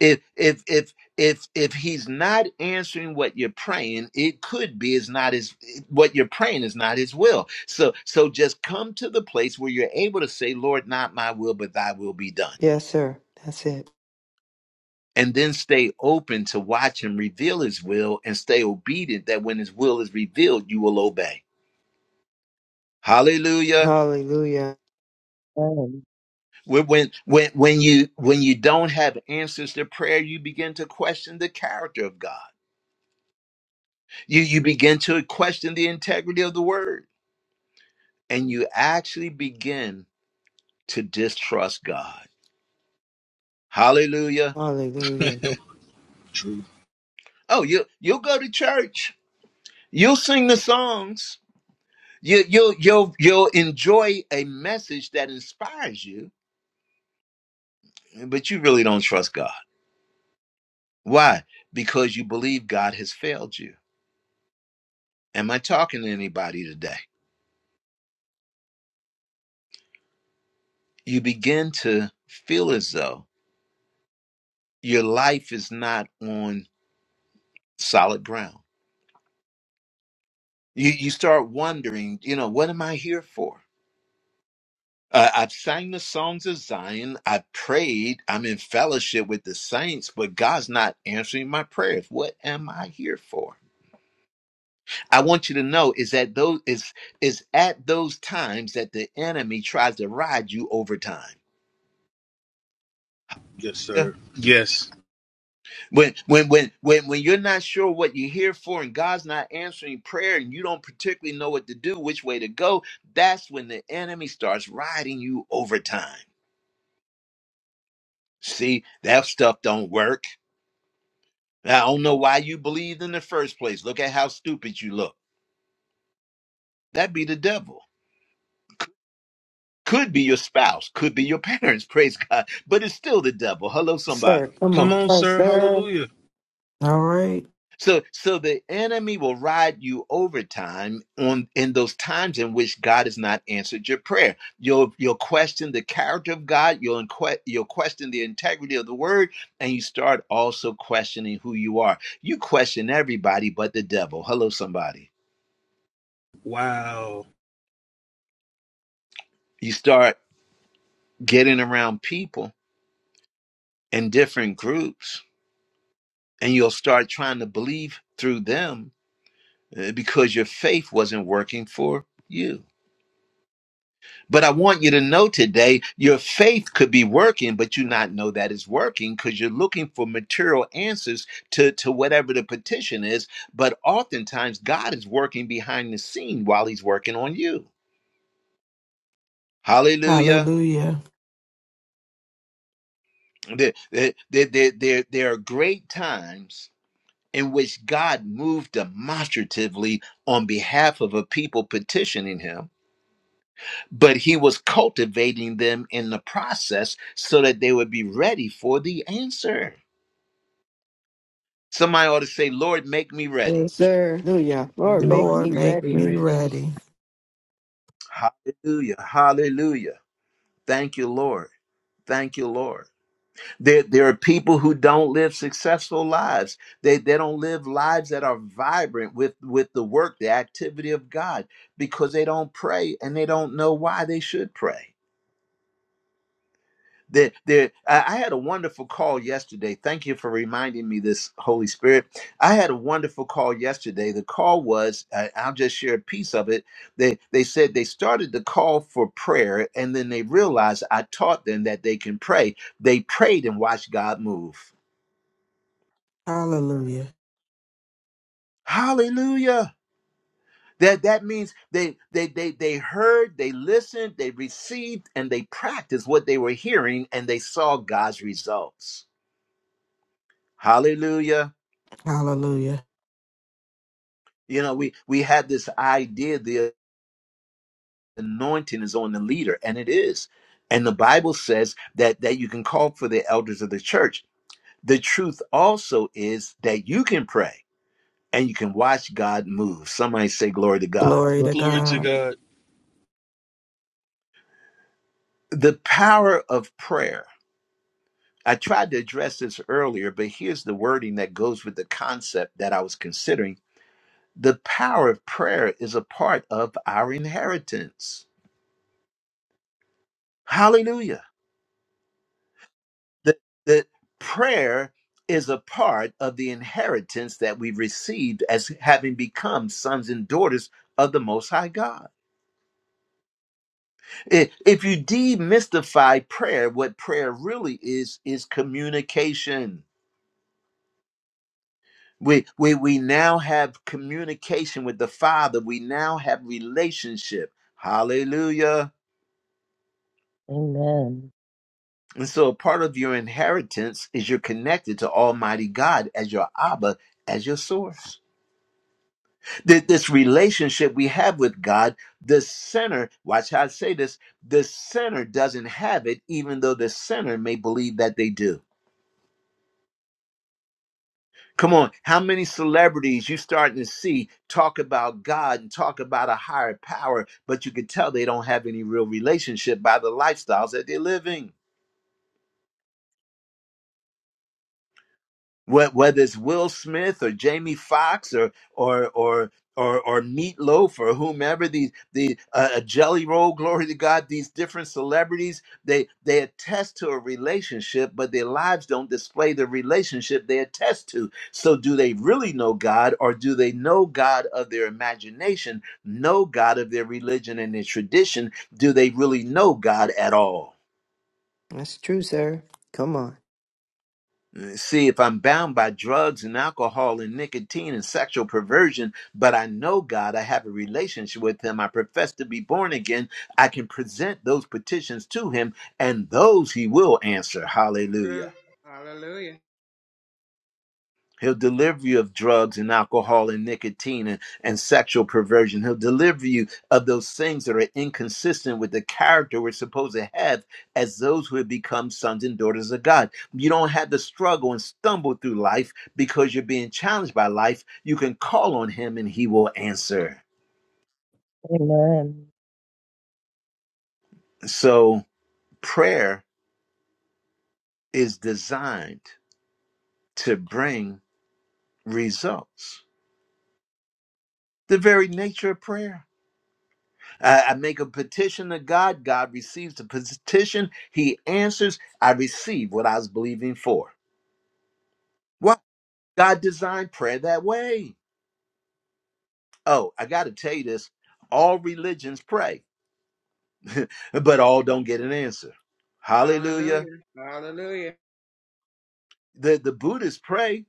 S1: If if if if if he's not answering what you're praying, it could be is not his what you're praying is not his will. So so just come to the place where you're able to say, Lord, not my will, but thy will be done.
S6: Yes, sir. That's it.
S1: And then stay open to watch him reveal his will and stay obedient that when his will is revealed, you will obey. Hallelujah.
S6: Hallelujah.
S5: Amen.
S1: When when when when you when you don't have answers to prayer, you begin to question the character of God. You you begin to question the integrity of the word, and you actually begin to distrust God. Hallelujah!
S6: Hallelujah.
S2: True.
S1: Oh, you you'll go to church, you'll sing the songs, you you'll you'll you'll enjoy a message that inspires you, but you really don't trust God. Why? Because you believe God has failed you. Am I talking to anybody today? you begin to feel as though your life is not on solid ground. You, you start wondering, you know, what am I here for? Uh, I've sang the songs of Zion. I prayed. I'm in fellowship with the saints, but God's not answering my prayers. What am I here for? I want you to know is that those is is at those times that the enemy tries to ride you over time.
S2: Yes, sir. Yes.
S1: When when when when when you're not sure what you're here for and God's not answering prayer and you don't particularly know what to do, which way to go, that's when the enemy starts riding you over time. See, that stuff don't work. I don't know why you believed in the first place. Look at how stupid you look. That'd be the devil. Could be your spouse, could be your parents, praise God, but it's still the devil. Hello,
S6: Yes, sir.
S1: somebody.
S6: Come
S2: Come
S6: on.
S2: on,
S6: Yes,
S2: sir.
S6: sir.
S2: Hallelujah.
S3: All right.
S1: So so the enemy will ride you over time on in those times in which God has not answered your prayer. You'll you'll question the character of God, you'll inque- you'll question the integrity of the word, and you start also questioning who you are. You question everybody but the devil. Hello, somebody.
S2: Wow.
S1: You start getting around people in different groups, and you'll start trying to believe through them uh, because your faith wasn't working for you. But I want you to know today your faith could be working, but you not know that it's working because you're looking for material answers to, to whatever the petition is. But oftentimes God is working behind the scene while he's working on you. Hallelujah.
S3: Hallelujah.
S1: There, there, there, there, there are great times in which God moved demonstratively on behalf of a people petitioning him, but he was cultivating them in the process so that they would be ready for the answer. Somebody ought to say, Lord, make me ready.
S6: Yes, sir. Hallelujah. Lord, make
S12: Lord,
S3: Lord,
S6: me
S12: make
S3: make
S12: me
S6: ready.
S3: me
S12: ready.
S3: ready.
S1: Hallelujah. Hallelujah. Thank you, Lord. Thank you, Lord. There, there are people who don't live successful lives. They, they don't live lives that are vibrant with, with the work, the activity of God, because they don't pray and they don't know why they should pray. There, there. I I had a wonderful call yesterday. Thank you for reminding me this, Holy Spirit. I had a wonderful call yesterday. The call was, uh, I'll just share a piece of it. They, they said they started the call for prayer, and then they realized I taught them that they can pray. They prayed and watched God move.
S3: Hallelujah.
S1: Hallelujah. That that means they they they they heard, they listened, they received, and they practiced what they were hearing, and they saw God's results. Hallelujah.
S3: Hallelujah.
S1: You know, we we had this idea the anointing is on the leader, and it is. And the Bible says that that you can call for the elders of the church. The truth also is that you can pray and you can watch God move. Somebody say glory to God.
S3: Glory to
S2: Glory to
S3: God.
S2: God.
S1: The power of prayer. I tried to address this earlier, but here's the wording that goes with the concept that I was considering. The power of prayer is a part of our inheritance. Hallelujah that that prayer is a part of the inheritance that we received as having become sons and daughters of the most high god I- if you demystify prayer what prayer really is is communication we, we we now have communication with the father we now have relationship hallelujah
S5: Amen.
S1: and so a part of your inheritance is you're connected to almighty god as your abba as your source That this relationship we have with God, the sinner, watch how I say this, the sinner doesn't have it, even though the sinner may believe that they do. Come on, how many celebrities you starting to see talk about God and talk about a higher power, but you can tell they don't have any real relationship by the lifestyles that they're living. Wh- whether it's Will Smith or Jamie Foxx or or or or or Meatloaf or whomever these the uh, uh, Jelly Roll, glory to God, these different celebrities they they attest to a relationship, but their lives don't display the relationship they attest to. So, do they really know God, or do they know God of their imagination, know God of their religion and their tradition? Do they really know God at all?
S6: That's true, sir. Come on.
S1: See, if I'm bound by drugs and alcohol and nicotine and sexual perversion, but I know God, I have a relationship with Him, I profess to be born again, I can present those petitions to Him, and those He will answer. Hallelujah.
S10: True. Hallelujah.
S1: He'll deliver you of drugs and alcohol and nicotine and, and sexual perversion. He'll deliver you of those things that are inconsistent with the character we're supposed to have as those who have become sons and daughters of God. You don't have to struggle and stumble through life because you're being challenged by life. You can call on Him and He will answer.
S5: Amen.
S1: So, prayer is designed to bring results. The very nature of prayer. I, I make a petition to God. God receives the petition. He answers. I receive what I was believing for. What? God designed prayer that way. Oh, I got to tell you this. All religions pray, but all don't get an answer. Hallelujah.
S10: Hallelujah. Hallelujah.
S1: The, the Buddhists pray.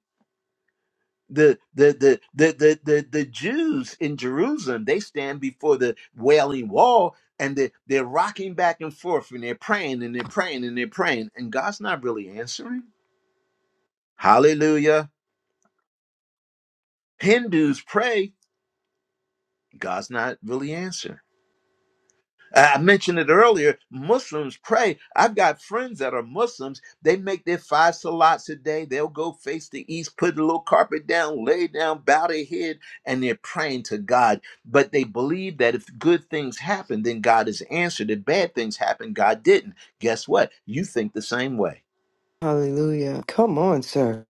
S1: The the, the the the the the Jews in Jerusalem they stand before the wailing wall and they they're rocking back and forth and they're praying and they're praying and they're praying and God's not really answering. Hallelujah. Hindus pray, God's not really answering. I I mentioned it earlier. Muslims pray. I've got friends that are Muslims. They make their five salats a day. They'll go face the east, put a little carpet down, lay down, bow their head, and they're praying to God. But they believe that if good things happen, then God is answered. If bad things happen, God didn't. Guess what? You think the same way.
S6: Hallelujah. Come on, sir.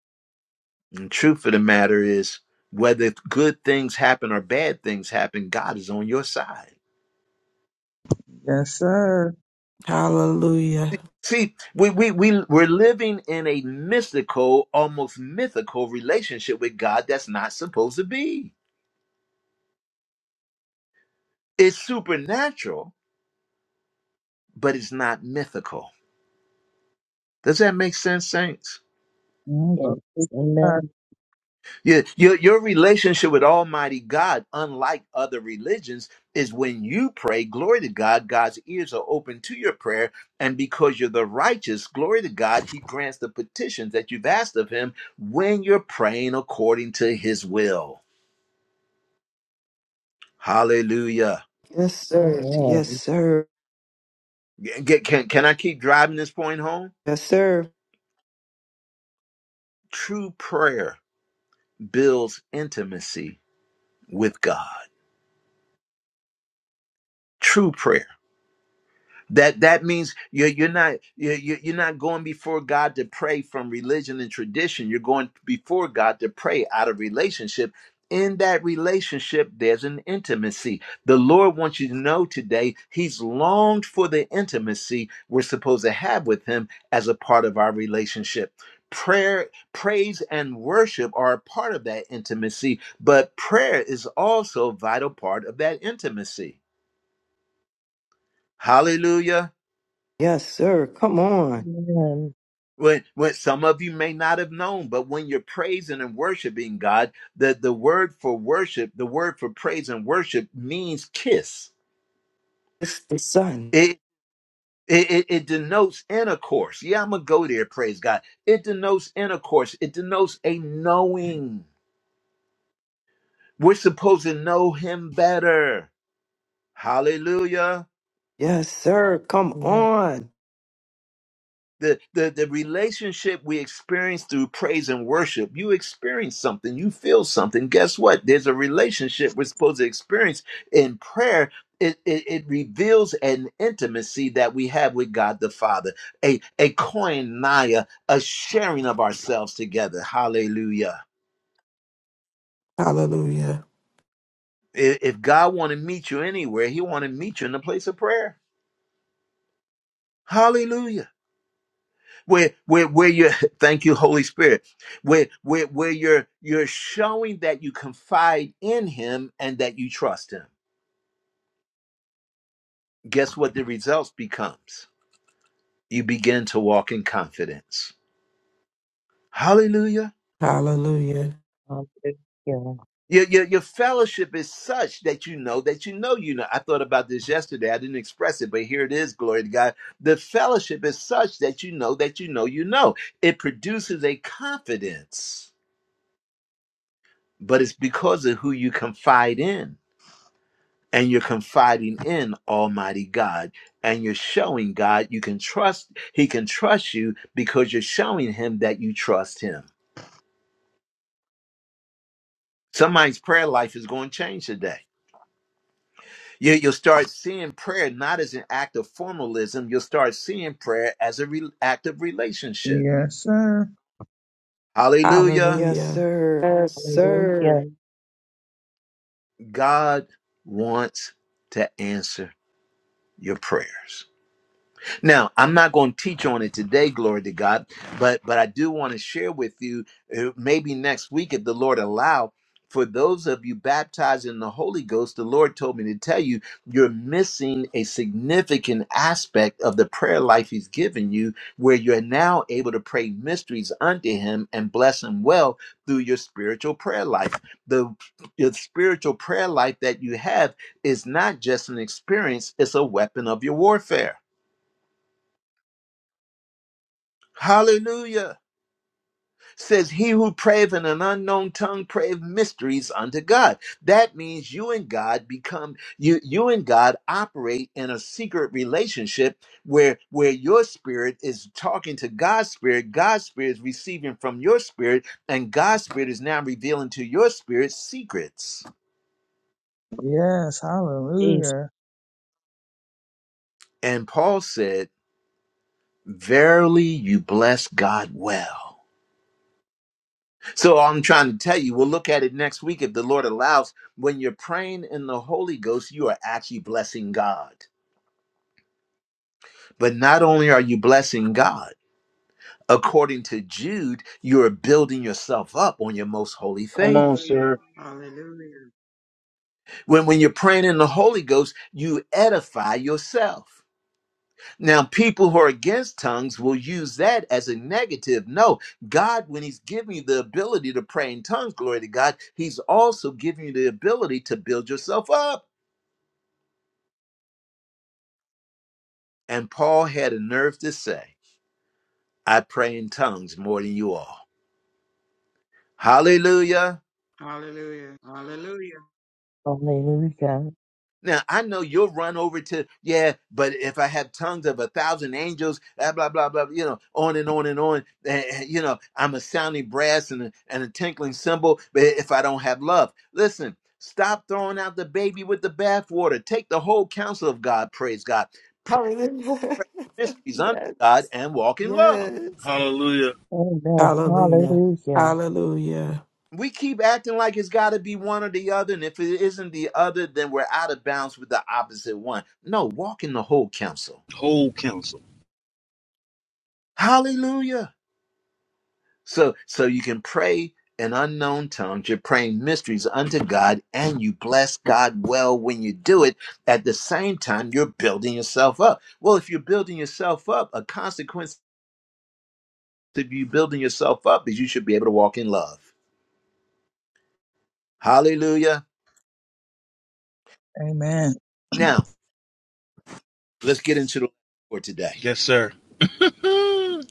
S1: And truth of the matter is, whether good things happen or bad things happen, God is on your side.
S11: Yes, sir.
S3: Hallelujah.
S1: See, we, we, we, we're living in a mystical, almost mythical relationship with God that's not supposed to be. It's supernatural, but it's not mythical. Does that make sense, saints?
S11: Mm,
S5: Yes.
S11: glory to God.
S5: Amen.
S1: Your, your, your relationship with Almighty God, unlike other religions, is when you pray, glory to God, God's ears are open to your prayer. And because you're the righteous, glory to God, He grants the petitions that you've asked of Him when you're praying according to His will. Hallelujah.
S6: Yes, sir. Yes,
S5: Amen.
S6: sir.
S1: Get- can, can I keep driving this point home?
S6: Yes, sir.
S1: True prayer builds intimacy with God. True prayer. That that means you're you're not you're you're you're not going before God to pray from religion and tradition. You're going before God to pray out of relationship. In that relationship, there's an intimacy. The Lord wants you to know today He's longed for the intimacy we're supposed to have with Him as a part of our relationship. Prayer, praise, and worship are a part of that intimacy, but prayer is also a vital part of that intimacy. Hallelujah.
S6: Yes, sir. Come on.
S5: Amen.
S1: When, when some of you may not have known, but when you're praising and worshiping God, the, the word for worship, the word for praise and worship means kiss.
S6: It's the sun.
S1: It, it, it it denotes intercourse. Yeah, I'm going to go there, praise God. It denotes intercourse, it denotes a knowing. We're supposed to know Him better. Hallelujah.
S6: Yes, sir. Come
S5: Amen.
S6: on.
S1: the, the the relationship we experience through praise and worship you experience something you feel something guess what there's a relationship we're supposed to experience in prayer it, it, it reveals an intimacy that we have with god the father a a koinonia a sharing of ourselves together hallelujah
S3: Hallelujah.
S1: I- if god want to meet you anywhere he want to meet you in the place of prayer hallelujah where where where you're thank you holy spirit where where where you're you're showing that you confide in him and that you trust him guess what the results becomes you begin to walk in confidence hallelujah
S3: Hallelujah.
S5: Hallelujah.
S1: your, your, your fellowship is such that you know that you know you know i thought about this yesterday i didn't express it but here it is glory to god the fellowship is such that you know that you know you know it produces a confidence but it's because of who you confide in and you're confiding in almighty god and you're showing god you can trust he can trust you because you're showing him that you trust him somebody's prayer life is going to change today you, you'll start seeing prayer not as an act of formalism you'll start seeing prayer as an re- act of relationship
S11: Yes, sir.
S1: hallelujah
S6: Yes,
S3: Hallelujah.
S6: sir. Yes,
S5: Hallelujah.
S6: sir.
S1: god wants to answer your prayers Now, I'm not going to teach on it today, glory to God, but but I do want to share with you uh, maybe next week if the Lord allow for those of you baptized in the Holy Ghost, the Lord told me to tell you you're missing a significant aspect of the prayer life he's given you where you're now able to pray mysteries unto him and bless him well through your spiritual prayer life. The your spiritual prayer life that you have is not just an experience, it's a weapon of your warfare. Hallelujah. Says he who prayeth in an unknown tongue prayeth mysteries unto God. That means you and God become you you and God operate in a secret relationship where where your spirit is talking to God's spirit, God's spirit is receiving from your spirit, and God's spirit is now revealing to your spirit secrets.
S11: Yes,
S5: Peace.
S11: hallelujah.
S1: And Paul said, Verily you bless God well. So all I'm trying to tell you, we'll look at it next week if the Lord allows. When you're praying in the Holy Ghost, you are actually blessing God. But not only are you blessing God, according to Jude, you are building yourself up on your most holy
S2: Come
S1: faith.
S2: on,
S10: Hallelujah.
S2: sir.
S10: Hallelujah.
S1: When when you're praying in the Holy Ghost, you edify yourself. Now, people who are against tongues will use that as a negative. No, God, when He's giving you the ability to pray in tongues, glory to God, He's also giving you the ability to build yourself up. And Paul had a nerve to say, I pray in tongues more than you all. Hallelujah.
S10: Hallelujah. Hallelujah.
S5: Hallelujah.
S1: Now, I know you'll run over to, yeah, but if I have tongues of a thousand angels, blah, blah, blah, blah, you know, on and on and on. eh, eh, you know, I'm a sounding brass and a, and a tinkling cymbal, but if I don't have love. Listen, stop throwing out the baby with the bathwater. Take the whole counsel of God, praise God. Pray,
S6: Hallelujah.
S1: pray mysteries unto
S6: yes.
S1: God and walk in love.
S6: Yes.
S2: Hallelujah.
S5: Amen.
S3: Hallelujah.
S5: Hallelujah.
S3: Hallelujah.
S1: we keep acting like it's got to be one or the other and if it isn't the other then we're out of bounds with the opposite one no walk in the whole counsel
S2: Whole counsel.
S1: hallelujah so so you can pray in unknown tongues you're praying mysteries unto god and you bless god well when you do it at the same time you're building yourself up well if you're building yourself up a consequence of you building yourself up is you should be able to walk in love hallelujah
S11: Amen.
S1: now let's get into the for today
S2: Yes, sir.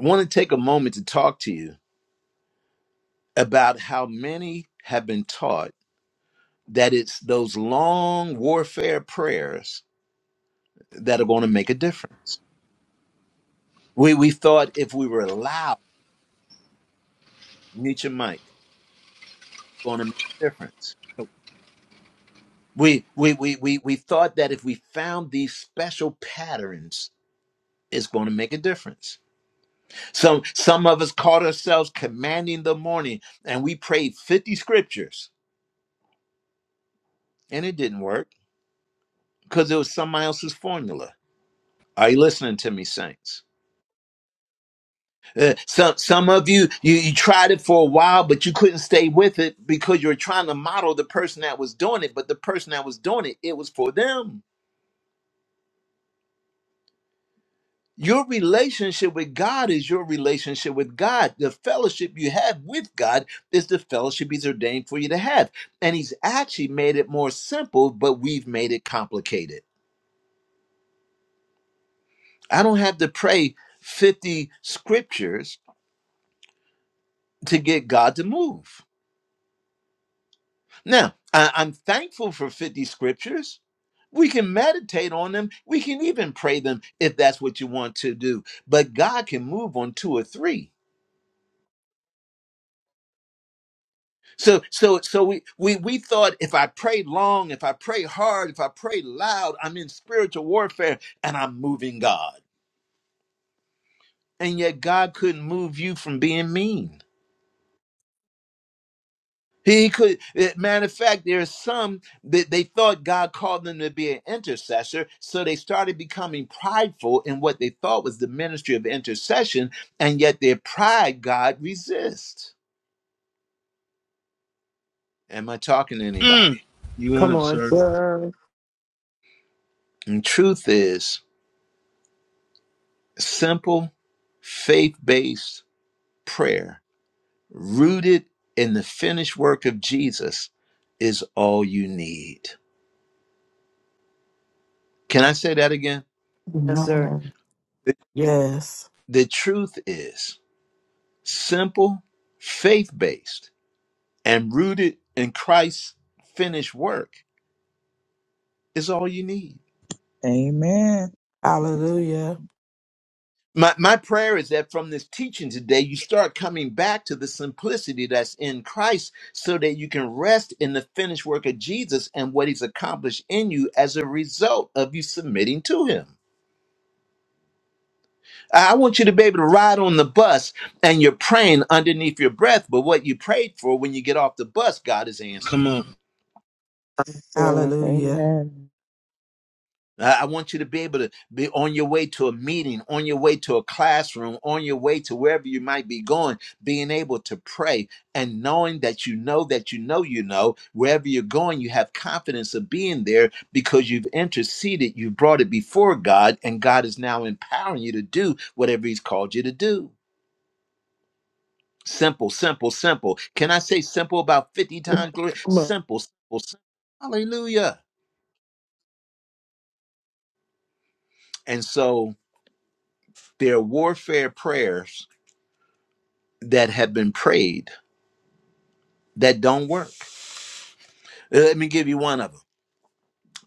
S1: I want to take a moment to talk to you about how many have been taught that it's those long warfare prayers that are going to make a difference. We we thought if we were allowed, mute your mic, going to make a difference. We we we we we thought that if we found these special patterns, it's going to make a difference. Some some of us caught ourselves commanding the morning, and we prayed fifty scriptures, and it didn't work because it was somebody else's formula Are you listening to me, saints? Uh, some some of you, you you tried it for a while, but you couldn't stay with it because you were trying to model the person that was doing it. But the person that was doing it, it was for them. Your relationship with God is your relationship with God. The fellowship you have with God is the fellowship He's ordained for you to have. And He's actually made it more simple, but we've made it complicated. I don't have to pray 50 scriptures to get God to move. Now, I- I'm thankful for 50 scriptures. We can meditate on them. We can even pray them if that's what you want to do. But God can move on two or three. So so so we we we thought if I pray long, if I pray hard, if I pray loud, I'm in spiritual warfare and I'm moving God. And yet God couldn't move you from being mean. He could, eh, matter of fact, there are some that they thought God called them to be an intercessor, so they started becoming prideful in what they thought was the ministry of intercession, and yet their pride God resists. Am I talking to
S2: Mm.
S1: anybody?
S2: You
S6: Come,
S2: on it, sir.
S6: sir.
S1: And truth is simple, faith based prayer rooted in the finished work of Jesus is all you need. Can I say that again?
S6: Yes, sir.
S3: Amen.
S1: The
S3: Yes.
S1: the truth is. Simple, faith based, and rooted in Christ's finished work is all you need.
S11: Amen.
S3: Hallelujah.
S1: My, my prayer is that from this teaching today, you start coming back to the simplicity that's in Christ so that you can rest in the finished work of Jesus and what he's accomplished in you as a result of you submitting to him. I I want you to be able to ride on the bus and you're praying underneath your breath, but what you prayed for when you get off the bus, God is
S2: Come
S1: answering.
S2: on.
S6: Yes, sir.
S3: Hallelujah.
S5: Amen.
S1: I I want you to be able to be on your way to a meeting, on your way to a classroom, on your way to wherever you might be going, being able to pray and knowing that you know that you know you know, wherever you're going, you have confidence of being there because you've interceded, you've brought it before God, and God is now empowering you to do whatever He's called you to do. Simple, simple, simple. Can I say simple about 50 times? Glory? Simple, simple, simple. Hallelujah. And so there are warfare prayers that have been prayed that don't work. Uh, Let me give you one of them.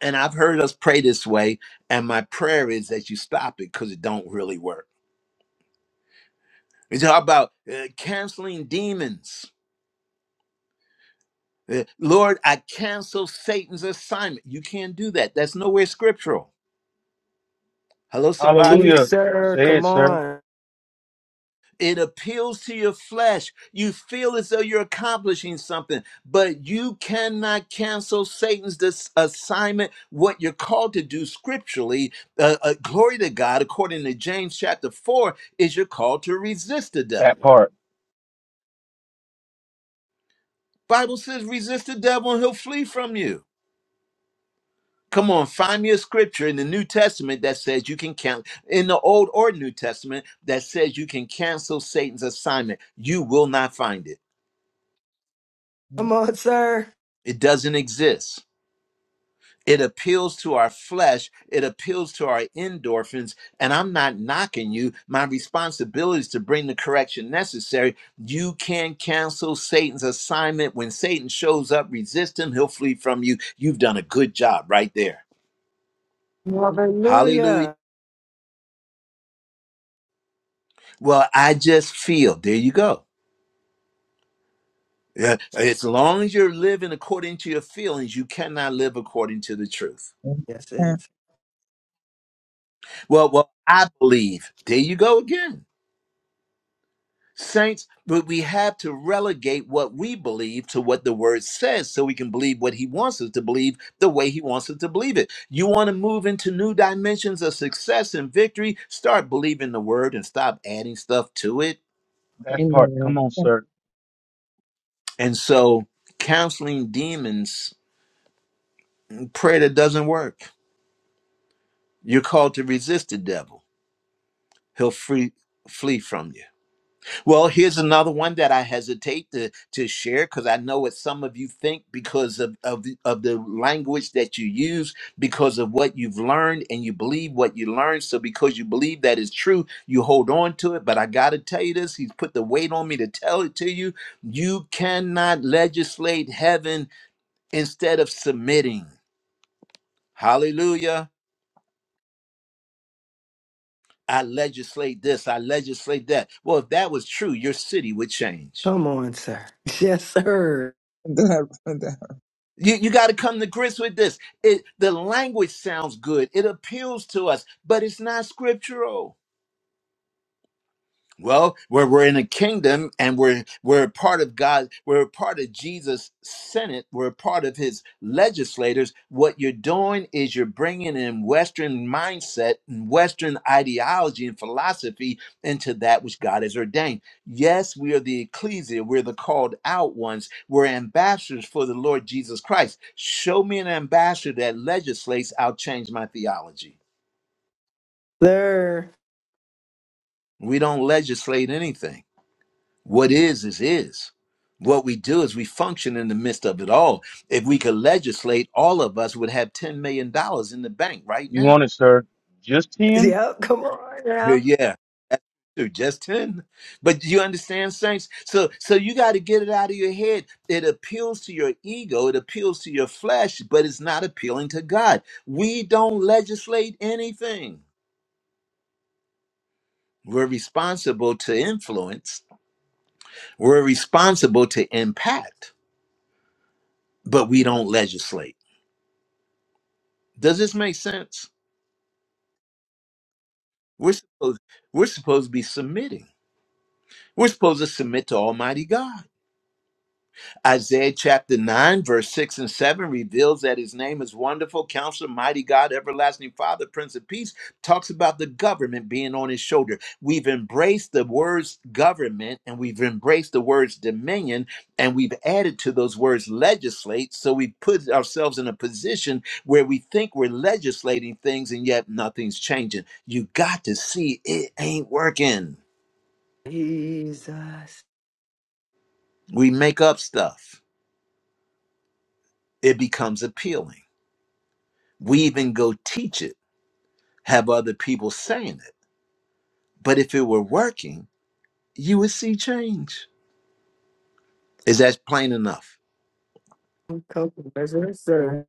S1: And I've heard us pray this way, and my prayer is that you stop it because it don't really work. It's all about uh, canceling demons. Uh, Lord, I cancel Satan's assignment. You can't do that. That's nowhere scriptural. Hello, somebody.
S6: Teach,
S2: Hallelujah.
S6: sir.
S2: Say it,
S6: Come
S2: sir.
S6: on.
S1: It appeals to your flesh. You feel as though you're accomplishing something, but you cannot cancel Satan's dis- assignment, what you're called to do scripturally. Uh, uh, glory to God, according to James chapter 4, is you're called to resist the
S2: That
S1: devil.
S2: part.
S1: Bible says resist the devil and he'll flee from you. Come on, find me a scripture in the New Testament that says you can count in the Old or New Testament that says you can cancel Satan's assignment. You will not find it.
S6: Come on, sir.
S1: It doesn't exist. It appeals to our flesh. It appeals to our endorphins. And I'm not knocking you. My responsibility is to bring the correction necessary. You can cancel Satan's assignment. When Satan shows up, resist him. He'll flee from you. You've done a good job right there. Hallelujah.
S6: Hallelujah.
S1: Well, I just feel. There you go. Yeah, As long as you're living according to your feelings, you cannot live according to the truth.
S6: Yes,
S11: Amen.
S6: it's.
S1: Well, well, I believe. There you go again. Saints, but we have to relegate what we believe to what the word says so we can believe what he wants us to believe the way he wants us to believe it. You want to move into new dimensions of success and victory, start believing the word and stop adding stuff to it.
S2: Part. Come
S5: Amen.
S11: You
S2: on,
S11: can't
S2: sir.
S1: And so, counseling demons, prayer that doesn't work. You're called to resist the devil, he'll free, flee from you. Well, here's another one that I hesitate to to share because I know what some of you think because of of the, of the language that you use, because of what you've learned, and you believe what you learned. So because you believe that is true, you hold on to it. But I got to tell you this: He's put the weight on me to tell it to you. You cannot legislate heaven instead of submitting. Hallelujah! I legislate this. I legislate that. Well, if that was true, your city would change.
S6: Come on, sir. Yes, sir.
S11: put that- put that-
S1: You, you got to come to grips with this. It, the language sounds good, it appeals to us, but it's not scriptural. Well, we're, we're in a kingdom and we're we're a part of God, we're a part of Jesus' Senate, we're a part of his legislators. What you're doing is you're bringing in Western mindset and Western ideology and philosophy into that which God has ordained. Yes, we are the ecclesia, we're the called out ones, we're ambassadors for the Lord Jesus Christ. Show me an ambassador that legislates, I'll change my theology.
S6: Sir.
S1: We don't legislate anything What is, is, is. What we do is we function in the midst of it all. If we could legislate, all of us would have $10 million dollars in the bank right
S2: You
S1: now.
S2: want it, sir. Just 10?
S6: Yep, come on
S1: Uh,
S6: now.
S1: Yeah, dude, just 10. But you understand, Saints? So so you got to get it out of your head. It appeals to your ego, it appeals to your flesh, but it's not appealing to God. We don't legislate anything. We're responsible to influence, we're responsible to impact, but we don't legislate. Does this make sense? We're supposed, we're supposed to be submitting. We're supposed to submit to Almighty God. Isaiah chapter 9, verse 6 and 7 reveals that his name is Wonderful Counselor, Mighty God, Everlasting Father, Prince of Peace. Talks about the government being on his shoulder. We've embraced the words government and we've embraced the words dominion and we've added to those words legislate. So we put ourselves in a position where we think we're legislating things and yet nothing's changing. You got to see it ain't working.
S6: Jesus.
S1: We make up stuff, it becomes appealing. We even go teach it, have other people saying it. But if it were working, you would see change. Is that plain enough?
S6: Come on, sir.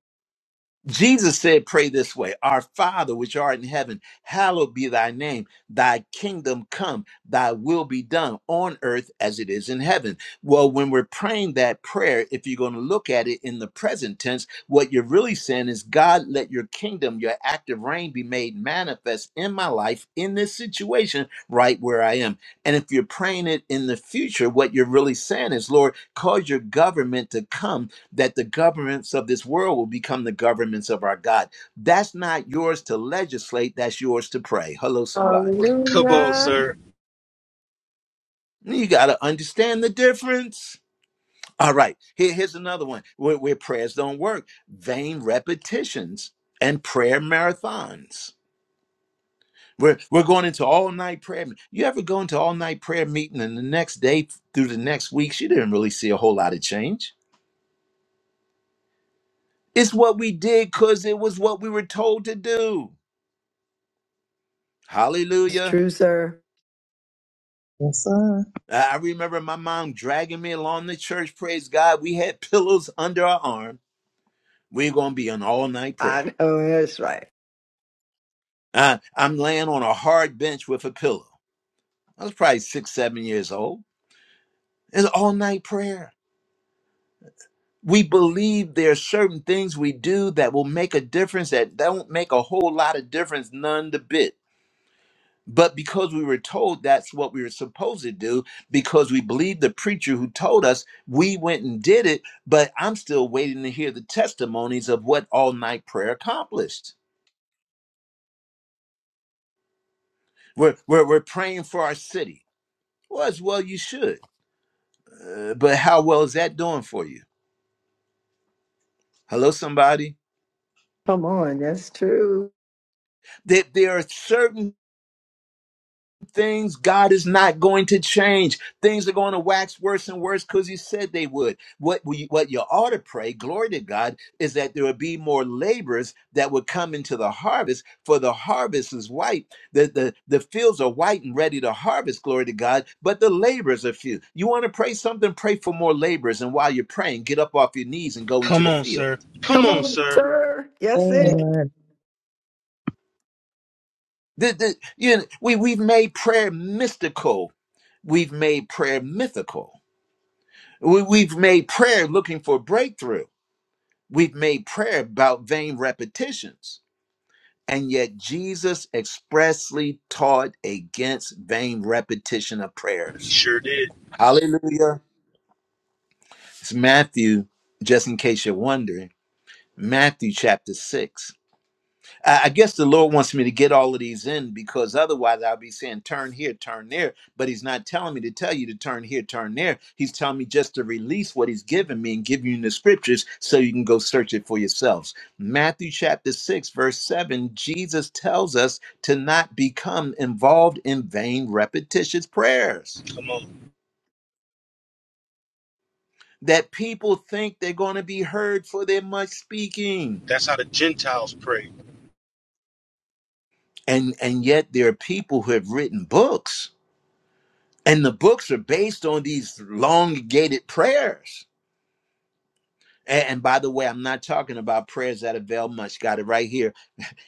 S1: Jesus said, Pray this way Our Father, which art in heaven, hallowed be thy name. Thy kingdom come, thy will be done on earth as it is in heaven. Well, when we're praying that prayer, if you're going to look at it in the present tense, what you're really saying is, God, let your kingdom, your active reign be made manifest in my life, in this situation, right where I am. And if you're praying it in the future, what you're really saying is, Lord, cause your government to come that the governments of this world will become the governments of our God. That's not yours to legislate, that's yours to pray. Hello, somebody.
S2: Come on,
S6: Hallelujah.
S2: sir.
S1: You got to understand the difference. All right, here- here's another one where, where prayers don't work vain repetitions and prayer marathons. We're, we're going into all night prayer. me- You ever go into all night prayer meeting and the next day through the next weeks, you didn't really see a whole lot of change? It's what we did because it was what we were told to do.
S6: It's
S1: Hallelujah.
S6: true, sir.
S11: Yes, sir.
S1: I remember my mom dragging me along the church. Praise God. We had pillows under our arm. We're going to be on all night prayer.
S6: I know that's right.
S1: Uh, I'm laying on a hard bench with a pillow. I was probably six, seven years old. It's all night prayer. We believe there are certain things we do that will make a difference that don't make a whole lot of difference, none the bit But because we were told that's what we were supposed to do, because we believed the preacher who told us, we went and did it. But I'm still waiting to hear the testimonies of what all night prayer accomplished. We're, we're, we're praying for our city. Well, as well you should. Uh, but how well is that doing for you? Hello, somebody?
S6: Come on. That's true.
S1: That there there are certain things God is not going to change. Things are going to wax worse and worse because He said they would. What we, what you ought to pray, glory to God, is that there would be more laborers that would come into the harvest, for the harvest is white. The, the, the fields are white and ready to harvest, glory to God, but the laborers are few. You want to pray something, pray for more laborers. And while you're praying, get up off your knees and go into
S2: Come
S1: the
S2: on,
S1: field.
S2: sir. Come
S6: Come
S2: on,
S6: on,
S2: sir.
S6: sir. Yes, it.
S5: Amen.
S1: The, the, you know, we, we've made prayer mystical. We've made prayer mythical. We, we've made prayer looking for breakthrough. We've made prayer about vain repetitions. And yet Jesus expressly taught against vain repetition of
S2: He
S1: prayers.
S2: sure did.
S1: Hallelujah. It's Matthew, just in case you're wondering, Matthew chapter 6. I I guess the Lord wants me to get all of these in because otherwise I'll be saying turn here, turn there. But He's not telling me to tell you to turn here, turn there. He's telling me just to release what He's given me and give you the scriptures so you can go search it for yourselves. Matthew chapter 6, verse 7, Jesus tells us to not become involved in vain, repetitious prayers
S2: Come on.
S1: that people think they're going to be heard for their much speaking.
S2: That's how the Gentiles pray.
S1: And, and yet there are people who have written books And the books are based on these elongated prayers. A- And by the way, I'm not talking about prayers that avail much. Got it right here.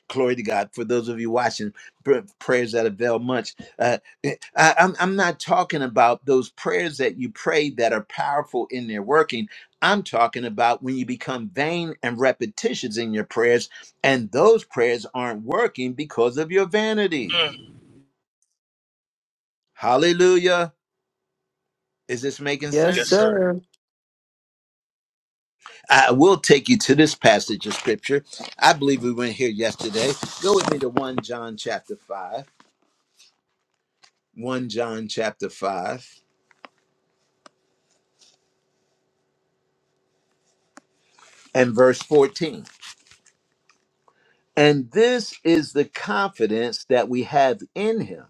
S1: Glory to God. For those of you watching, pr- prayers that avail much. Uh, eh, I, I'm, I'm not talking about those prayers that you pray that are powerful in their working. I'm talking about when you become vain and repetitious in your prayers, and those prayers aren't working because of your vanity.
S2: Mm.
S1: Hallelujah. Is this making
S6: Yes,
S2: Yes,
S1: sense?
S2: sir.
S6: sir.
S1: I will take you to this passage of scripture. I believe we went here yesterday. Go with me to 1 John chapter 5. 1 John chapter 5 and verse 14. And this is the confidence that we have in him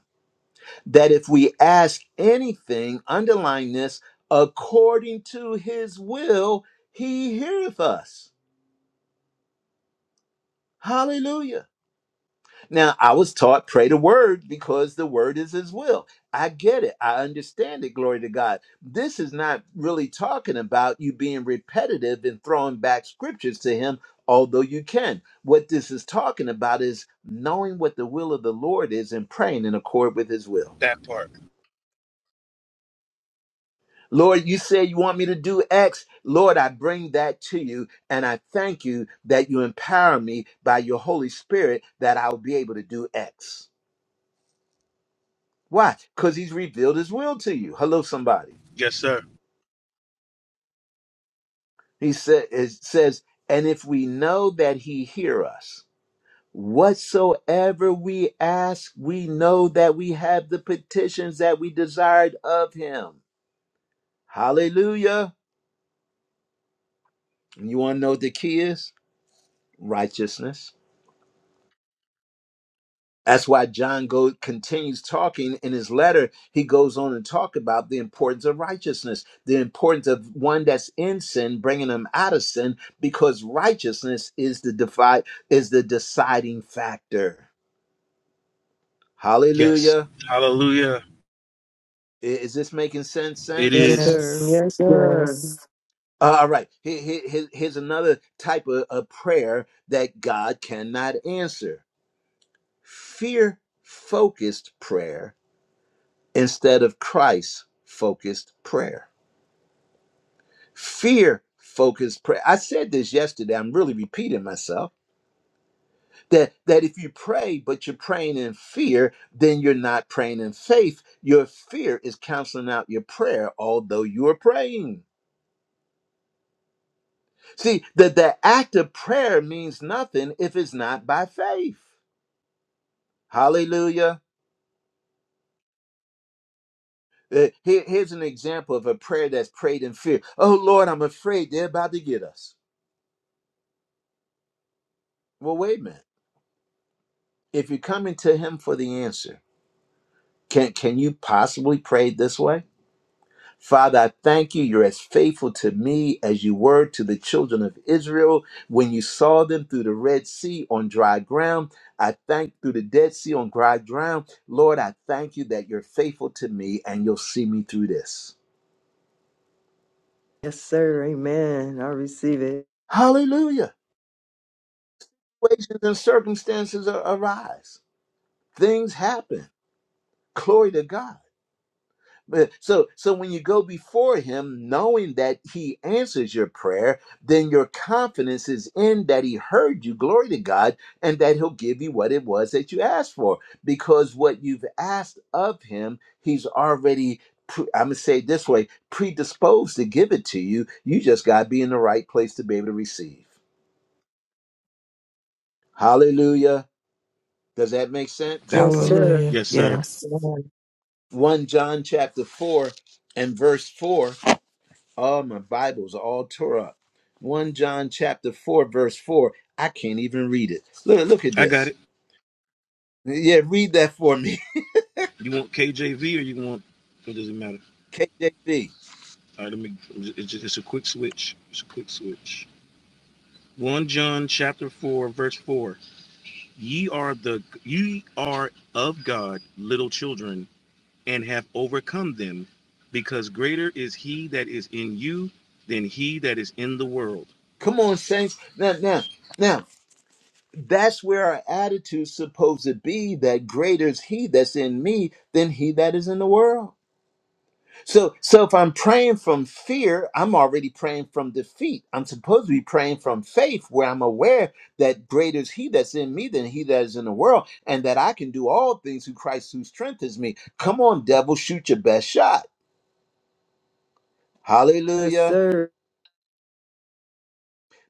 S1: that if we ask anything, underline this, according to his will, he heareth us. Hallelujah. Now, I was taught pray the word because the word is his will. I get it. I understand it. Glory to God. This is not really talking about you being repetitive and throwing back scriptures to him, although you can. What this is talking about is knowing what the will of the Lord is and praying in accord with his will.
S2: That part.
S1: Lord, you say you want me to do X. Lord, I bring that to you, and I thank you that you empower me by your Holy Spirit that I'll be able to do X. Why? Because he's revealed his will to you. Hello, somebody.
S2: Yes, sir.
S1: He said it says, and if we know that he hear us, whatsoever we ask, we know that we have the petitions that we desired of him. Hallelujah. And you want to know what the key is? Righteousness. That's why John go, continues talking in his letter. He goes on and talk about the importance of righteousness, the importance of one that's in sin, bringing them out of sin, because righteousness is the divide, is the deciding factor.
S2: Yes.
S1: Hallelujah!
S2: Hallelujah.
S1: I- Is this making sense,
S2: It
S6: Yes,
S1: saints?
S2: is.
S6: sir.
S3: Yes.
S6: Yes, sir.
S3: Yes.
S1: Uh, all right. Here- here- here- here's another type of, of prayer that God cannot answer: fear-focused prayer instead of Christ-focused prayer. fear focused prayer i said this yesterday i'm really repeating myself that that if you pray but you're praying in fear then you're not praying in faith your fear is canceling out your prayer although you are praying see that the act of prayer means nothing if it's not by faith hallelujah Uh, here- here's an example of a prayer that's prayed in fear oh lord i'm afraid they're about to get us well wait a minute if you're coming to him for the answer Can can you possibly pray it this way? Father, I thank you. You're as faithful to me as you were to the children of Israel when you saw them through the Red Sea on dry ground. I thank through the Dead Sea on dry ground. Lord, I thank you that you're faithful to me and you'll see me through this.
S6: Yes, sir. Amen. I receive it.
S1: Hallelujah. Situations and circumstances a- arise. Things happen. Glory to God. But- So, so when you go before him, knowing that he answers your prayer, then your confidence is in that he heard you, glory to God, and that he'll give you what it was that you asked for. Because what you've asked of him, he's already, pre- I'm going to say it this way, predisposed to give it to you. You just got to be in the right place to be able to receive. Hallelujah. Does that make sense?
S2: That
S6: Yes,
S2: part.
S6: sir.
S3: Hallelujah.
S2: Yes, sir.
S3: Yes.
S5: Amen.
S1: 1 John chapter 4 and verse 4 All my Bibles are all tore up. 1 John chapter 4, verse 4. I can't even read it. Look, look at
S2: I got it.
S1: this. Yeah, read that for me.
S2: You want KJV or you want? It doesn't matter.
S1: KJV.
S2: All right, let me. It's just it's a quick switch. It's a quick switch. One John chapter four verse four. Ye are the ye are of God, little children, and have overcome them, because greater is He that is in you than he that is in the world.
S1: Come on, saints. Now, now, now, that's where our attitude's supposed to be that greater is he that's in me than he that is in the world. So, so if I'm praying from fear, I'm already praying from defeat. I'm supposed to be praying from faith, where I'm aware that greater is He that's in me than He that is in the world, and that I can do all things through Christ who strengthens me. Come on, devil, shoot your best shot.
S6: Yes,
S1: Hallelujah.
S6: sir.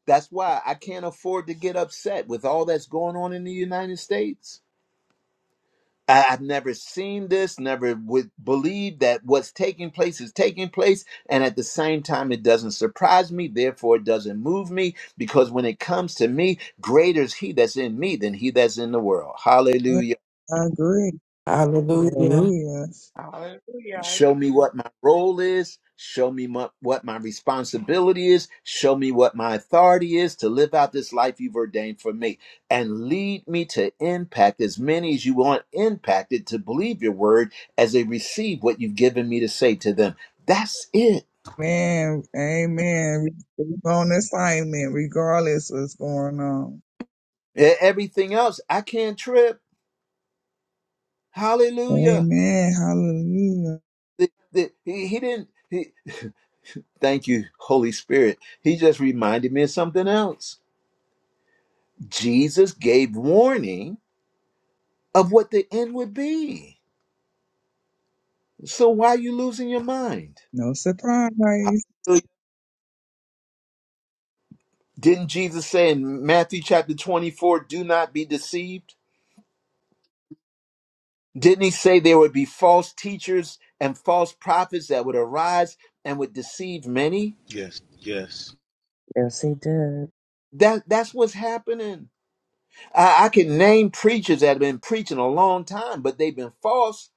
S1: That's why I can't afford to get upset with all that's going on in the United States. I- I've never seen this, never would believe that what's taking place is taking place. And at the same time, it doesn't surprise me. Therefore, it doesn't move me because when it comes to me, greater is he that's in me than he that's in the world.
S11: Amen.
S1: Hallelujah.
S11: I agree.
S5: Amen.
S3: Hallelujah.
S11: Hallelujah.
S10: Hallelujah. I,
S1: Show me what my role is. Show me my, what my responsibility is. Show me what my authority is to live out this life you've ordained for me. And lead me to impact as many as you want impacted to believe your word as they receive what you've given me to say to them. That's it.
S11: Man, amen. We are on assignment regardless what's going on.
S1: E- Everything else, I can't trip. Hallelujah.
S11: Amen. Hallelujah.
S1: The- the- he, he didn't. He, thank you, Holy Spirit. He just reminded me of something else. Jesus gave warning of what the end would be. So why are you losing your mind?
S11: No surprise.
S1: Hallelujah. Didn't Jesus say in Matthew chapter 24, do not be deceived? Didn't he say there would be false teachers and false prophets that would arise and would deceive many?
S2: Yes, yes,
S5: Yes, he did.
S1: That that's what's happening. I, I can name preachers that have been preaching a long time, but they've been false.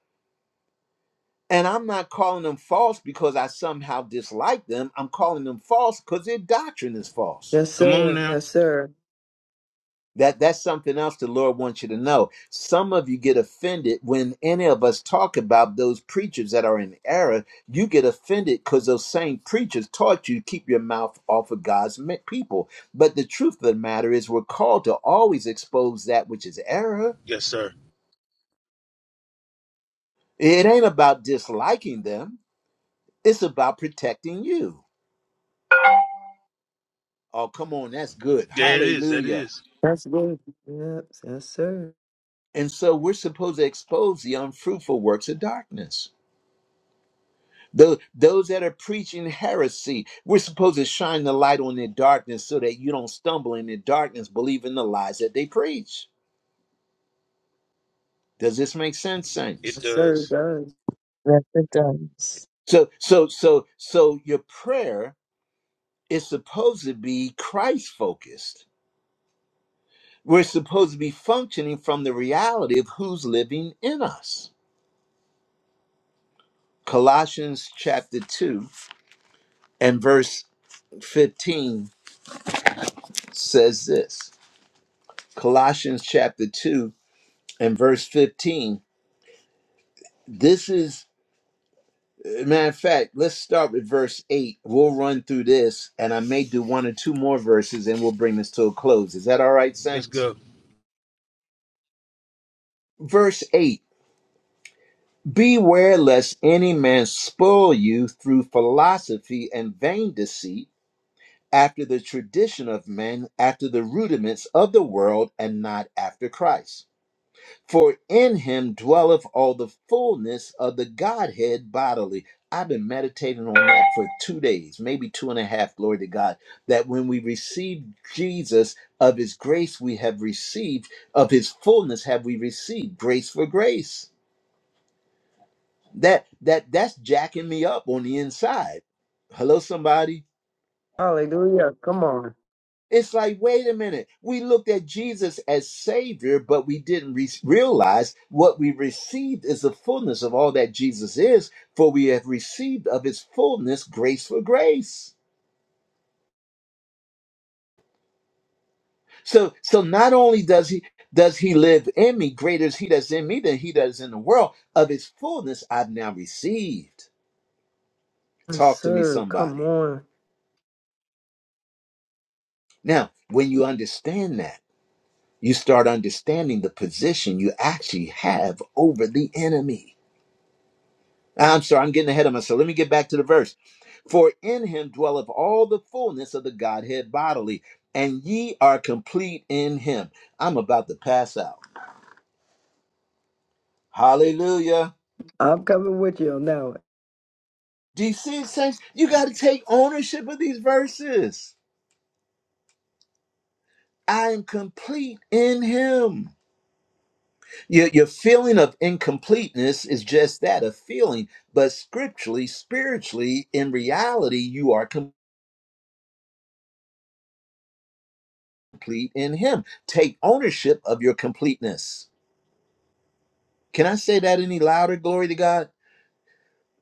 S1: And I'm not calling them false because I somehow dislike them. I'm calling them false because their doctrine is false.
S6: Yes,
S2: Come on
S6: sir.
S2: now.
S6: Yes, sir.
S1: That that's something else the Lord wants you to know. Some of you get offended when any of us talk about those preachers that are in error. You get offended because those same preachers taught you to keep your mouth off of God's me- people. But the truth of the matter is, we're called to always expose that which is error.
S2: yes, sir.
S1: It ain't about disliking them. It's about protecting you. Oh, come on, that's good.
S2: Yeah, it is. That
S1: Hallelujah.
S2: is.
S6: That's good. Yes, yes, sir.
S1: And so we're supposed to expose the unfruitful works of darkness. Those, those that are preaching heresy, we're supposed to shine the light on their darkness so that you don't stumble in their darkness believing the lies that they preach. Does this make sense,
S2: It
S1: saints?
S6: Yes, sir. it
S2: does.
S6: Does.
S5: Yes, it does.
S1: So, so, so, so your prayer is supposed to be Christ focused. We're supposed to be functioning from the reality of who's living in us. Colossians chapter 2 and verse 15 says this Colossians chapter 2 and verse 15 This is, matter of fact, let's start with verse 8. We'll run through this, and I may do one or two more verses, and we'll bring this to a close. Is that all right,
S2: Let's
S1: Saints?
S2: go.
S1: Verse 8 Beware lest any man spoil you through philosophy and vain deceit, after the tradition of men, after the rudiments of the world, and not after Christ. For in him dwelleth all the fullness of the Godhead bodily. I've been meditating on that for two days, maybe two and a half. Glory to God. That when we receive Jesus, of his grace we have received, of his fullness have we received grace for grace. That that that's jacking me up on the inside. Hello, somebody.
S6: Hallelujah. Come on.
S1: It's like, wait a minute. We looked at Jesus as Savior, but we didn't re- realize what we received is the fullness of all that Jesus is, for we have received of his fullness grace for grace. So, so not only does he does he live in me, greater is he that's in me than he that is in the world. Of his fullness I've now received.
S6: Yes,
S1: Talk to me,
S6: sir. Come
S1: somebody.
S6: on.
S1: Now, when you understand that, you start understanding the position you actually have over the enemy I'm sorry, I'm getting ahead of myself. Let me get back to the verse. For in him dwelleth all the fullness of the Godhead bodily, and ye are complete in him. I'm about to pass out. Hallelujah.
S6: I'm coming with you now.
S1: Do you see it, saints? You got to take ownership of these verses. I am complete in him. Your, your feeling of incompleteness is just that a feeling, but scripturally, spiritually, in reality, you are complete in him. Take ownership of your completeness. Can I say that any louder? Glory to God.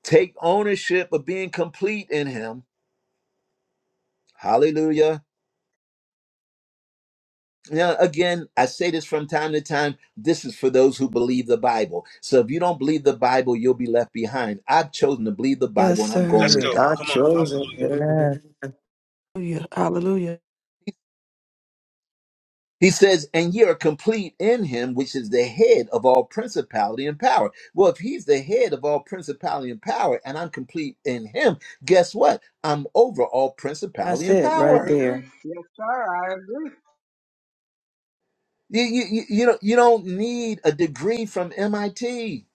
S1: Take ownership of being complete in Him. Hallelujah. Now, again, I say this from time to time. This is for those who believe the Bible. So if you don't believe the Bible, you'll be left behind. I've chosen to believe the
S6: Yes,
S1: Bible and I'm going
S2: Let's
S6: sir.
S1: with
S2: go.
S6: I
S1: God.
S2: Come on.
S6: chose it.
S2: Hallelujah.
S5: Amen.
S6: Amen.
S3: Hallelujah.
S1: He says, and ye are complete in him, which is the head of all principality and power. Well, if he's the head of all principality and power, and I'm complete in him, guess what? I'm over all principality
S6: That's
S1: and
S6: it
S10: I
S6: right
S1: power.
S10: agree.
S6: there.
S10: Yes, sir. I agree.
S1: You you you you don't you don't need a degree from MIT.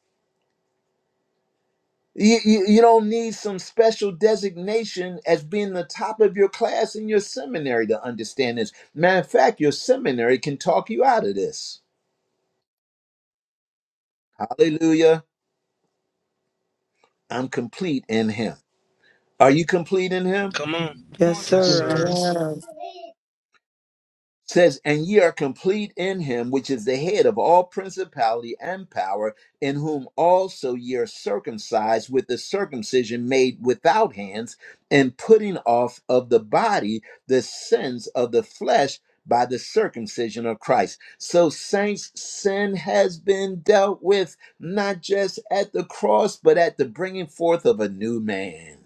S1: You, you you don't need some special designation as being the top of your class in your seminary to understand this. Matter of fact, your seminary can talk you out of this. Hallelujah. I'm complete in him. Are you complete in him?
S2: Come on.
S6: Yes,
S2: Yes,
S10: Motor.
S6: sir.
S3: Hallelujah.
S6: I
S2: sir.
S3: Yes.
S6: am.
S1: says, And ye are complete in him, which is the head of all principality and power, in whom also ye are circumcised with the circumcision made without hands, and putting off of the body the sins of the flesh by the circumcision of Christ. So, saints, sin has been dealt with not just at the cross, but at the bringing forth of a new man.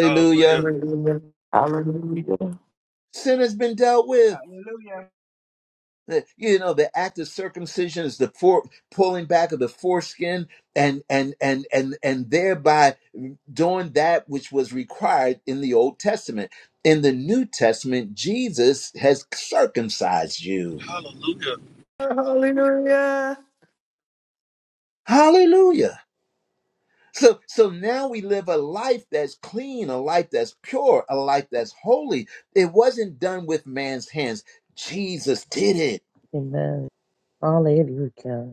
S2: Hallelujah.
S6: Hallelujah.
S3: Hallelujah.
S1: Sin has been dealt with
S10: Hallelujah.
S1: The- you know the act of circumcision is the for, pulling back of the foreskin and and and and and thereby doing that which was required in the old testament in the new testament jesus has circumcised you
S2: Hallelujah.
S6: Hallelujah.
S1: hallelujah so so now we live a life that's clean a life that's pure a life that's holy it wasn't done with man's hands jesus did it
S5: Amen. Hallelujah.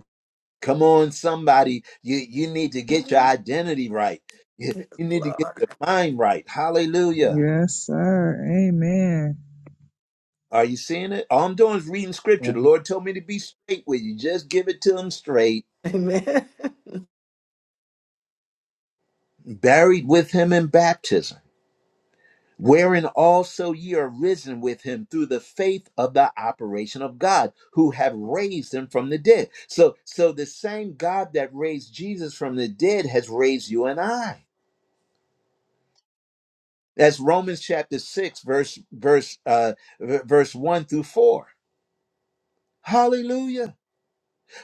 S1: Come on, somebody. You you need to get your identity right. You,
S6: Yes,
S1: you need to get
S6: Lord.
S1: your mind right. Hallelujah.
S11: Yes, sir. Amen.
S1: Are you seeing it? All I'm doing is reading scripture. The Lord told me to be straight with you. Just give it to him straight.
S6: Amen.
S1: Buried with him in baptism, wherein also ye are risen with him through the faith of the operation of God, who have raised him from the dead. So so the same God that raised Jesus from the dead has raised you and I. That's Romans chapter 6 verse verse uh v- verse 1 through 4. Hallelujah.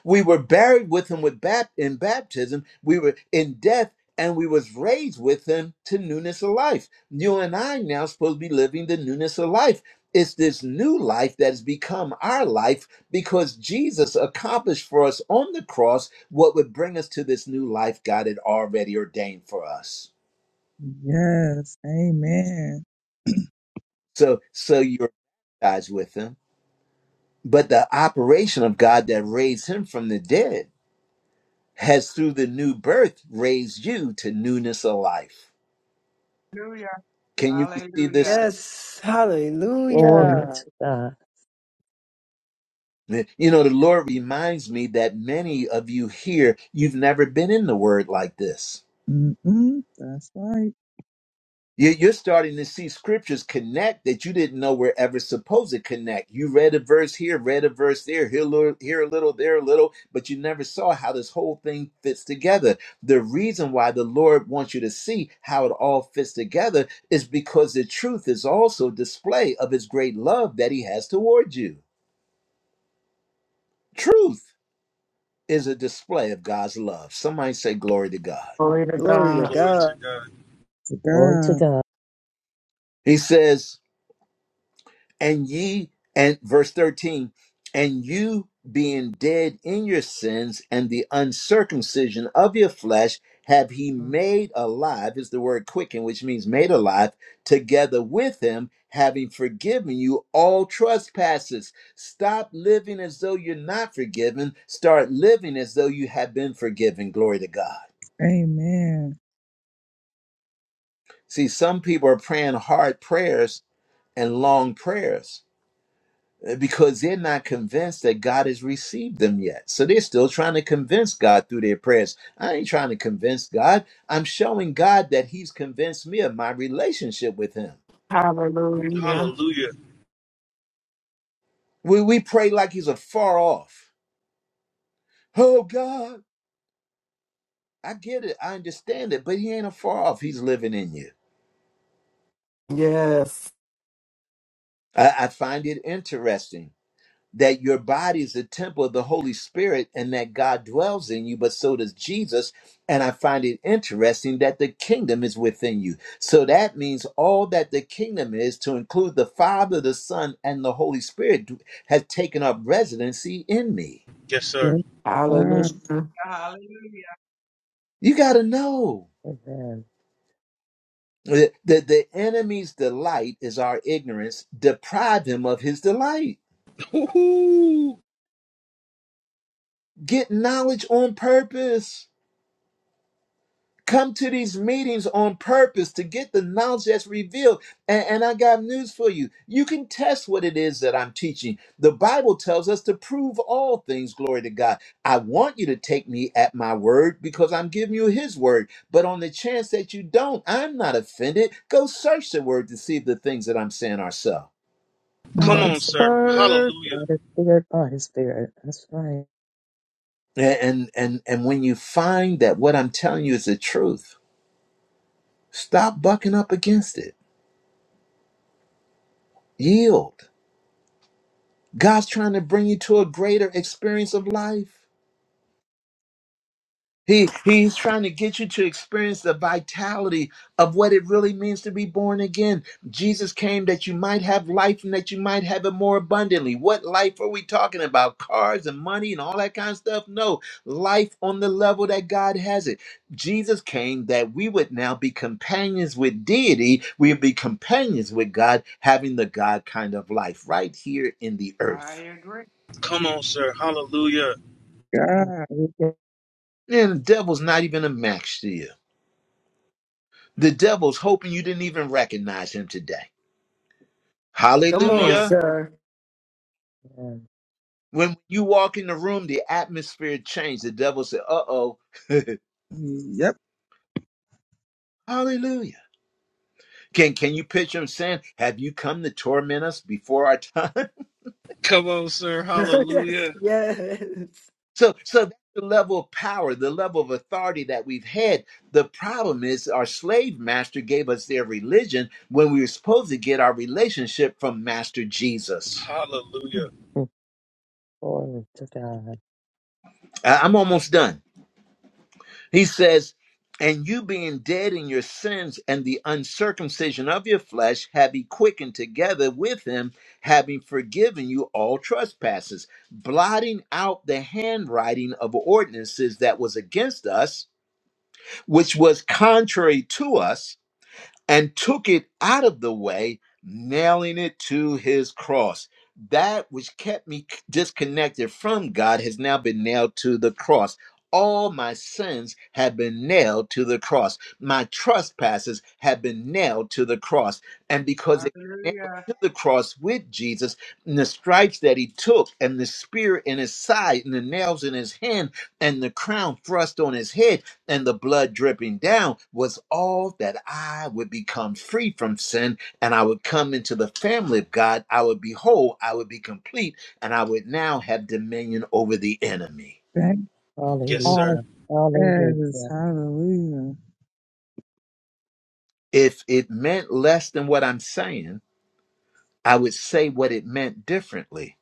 S1: We were buried with him with bap- in baptism. We were in death and we was raised with him to newness of life. You and I now supposed to be living the newness of life. It's this new life that has become our life because Jesus accomplished for us on the cross what would bring us to this new life God had already ordained for us.
S11: Yes. Amen.
S1: So so you're baptized with him But the operation of God that raised him from the dead has, through the new birth, raised you to newness of life.
S10: Hallelujah.
S1: Can you receive this?
S10: Hallelujah.
S6: Yes.
S11: Yeah.
S5: Glory
S6: Hallelujah.
S5: to God.
S1: You know, the Lord reminds me that many of you here, you've never been in the word like this.
S11: Mm-mm. That's right.
S1: You- You're starting to see scriptures connect that you didn't know were ever supposed to connect. You read a verse here, read a verse there, here a little, here a little, there a little, but you never saw how this whole thing fits together. The reason why the Lord wants you to see how it all fits together is because the truth is also a display of His great love that He has towards you. Truth is a display of God's love. Somebody say, Glory to God.
S3: Glory to
S6: Glory to
S3: God.
S2: Glory to
S6: God.
S2: God.
S11: To
S5: Glory to
S11: God.
S5: God.
S1: He says, and ye and verse 13 and you being dead in your sins and the uncircumcision of your flesh have he made alive is the word quicken which means made alive together with him having forgiven you all trespasses stop living as though you're not forgiven start living as though you have been forgiven glory to god
S11: Amen.
S1: see some people are praying hard prayers and long prayers uh, because they're not convinced that God has received them yet. So they're still trying to convince God through their prayers. I ain't trying to convince God. I'm showing God that He's convinced me of my relationship with Him.
S3: Hallelujah.
S2: Hallelujah.
S1: We, we pray like He's afar off. Oh, God, I get it. I understand it, but He ain't afar off. He's living in you.
S3: Yes.
S1: I, I find it interesting that your body is the temple of the Holy Spirit and that God dwells in you, but so does Jesus. And I find it interesting that the kingdom is within you. So that means all that the kingdom is, to include the Father, the Son, and the Holy Spirit, d- has taken up residency in me.
S2: Yes, sir.
S11: Lord God,
S3: Hallelujah.
S10: Hallelujah.
S1: You got to know
S5: Amen.
S1: that the, the enemy's delight is our ignorance. Deprive him of his delight.
S2: Woo-hoo.
S1: Get knowledge on purpose come to these meetings on purpose to get the knowledge that's revealed. And, and I got news for you. You can test what it is that I'm teaching. The Bible tells us to prove all things, glory to God. I want you to take me at my word because I'm giving you his word. But on the chance that you don't, I'm not offended. Go search the word to see if the things that I'm saying are so.
S6: Come
S2: Come
S11: my
S6: on,
S2: on, sir.
S6: sir.
S2: Hallelujah.
S5: God is spirit by his spirit. That's right.
S1: And and and and when you find that what I'm telling you is the truth, stop bucking up against it. Yield God's trying to bring you to a greater experience of life. He, he's trying to get you to experience the vitality of what it really means to be born again. Jesus came that you might have life and that you might have it more abundantly. What life are we talking about? Cars and money and all that kind of stuff? No, life on the level that God has it. Jesus came that we would now be companions with deity. We would be companions with God, having the God kind of life right here in the earth.
S10: I agree.
S2: Come on, sir. Hallelujah.
S11: God,
S5: Hallelujah.
S1: And the devil's not even a match to you. The devil's hoping you didn't even recognize him today.
S6: Come
S2: Come
S6: on,
S2: on.
S1: Hallelujah.
S6: sir.
S5: Amen.
S1: When you walk in the room, the atmosphere changed. The devil said, uh oh,
S11: yep.
S1: hallelujah. Can, can you picture him saying, Have you come to torment us before our time?
S2: Come on, sir.
S6: yes,
S2: Hallelujah.
S6: yes.
S1: So, so that's the level of power, the level of authority that we've had. The problem is, our slave master gave us their religion when we were supposed to get our relationship from Master Jesus.
S2: Hallelujah.
S5: Mm. Glory to God.
S1: I- I'm almost done. He says, And you being dead in your sins and the uncircumcision of your flesh, have he quickened together with him, having forgiven you all trespasses, blotting out the handwriting of ordinances that was against us, which was contrary to us and took it out of the way, nailing it to his cross. That which kept me c- disconnected from God has now been nailed to the cross. All my sins have been nailed to the cross. My trespasses have been nailed to the cross. And because it nailed
S10: Hallelujah.
S1: to the cross with Jesus, and the stripes that he took, and the spear in his side, and the nails in his hand, and the crown thrust on his head and the blood dripping down was all that I would become free from sin and I would come into the family of God. I would be whole, I would be complete, and I would now have dominion over the enemy.
S11: Thank
S2: Yes,
S5: Hallelujah.
S2: sir.
S11: all that is.
S5: Hallelujah.
S11: Hallelujah.
S1: If it meant less than what I'm saying, I would say what it meant differently,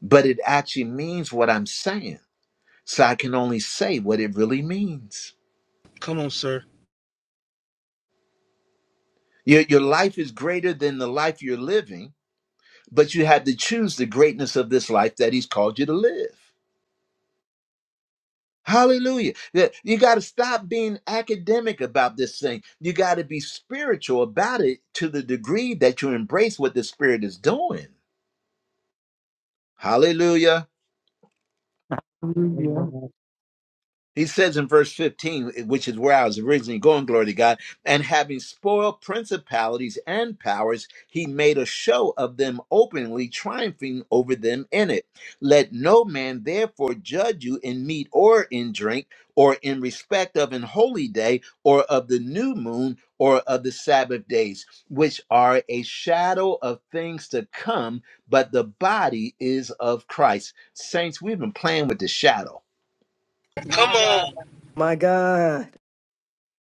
S1: but it actually means what I'm saying. So I can only say what it really means.
S2: Come on, sir.
S1: Your, your life is greater than the life you're living, but you had to choose the greatness of this life that He's called you to live. Hallelujah. That- You got to stop being academic about this thing. You got to be spiritual about it to the degree that you embrace what the Spirit is doing. Hallelujah.
S3: Hallelujah.
S5: Amen.
S1: He says in verse 15, which is where I was originally going, glory to God, and having spoiled principalities and powers, he made a show of them openly, triumphing over them in it. Let no man therefore judge you in meat or in drink, or in respect of an holy day, or of the new moon, or of the Sabbath days, which are a shadow of things to come, but the body is of Christ. Saints, we've been playing with the shadow.
S2: Come
S10: My God.
S2: on.
S6: My God.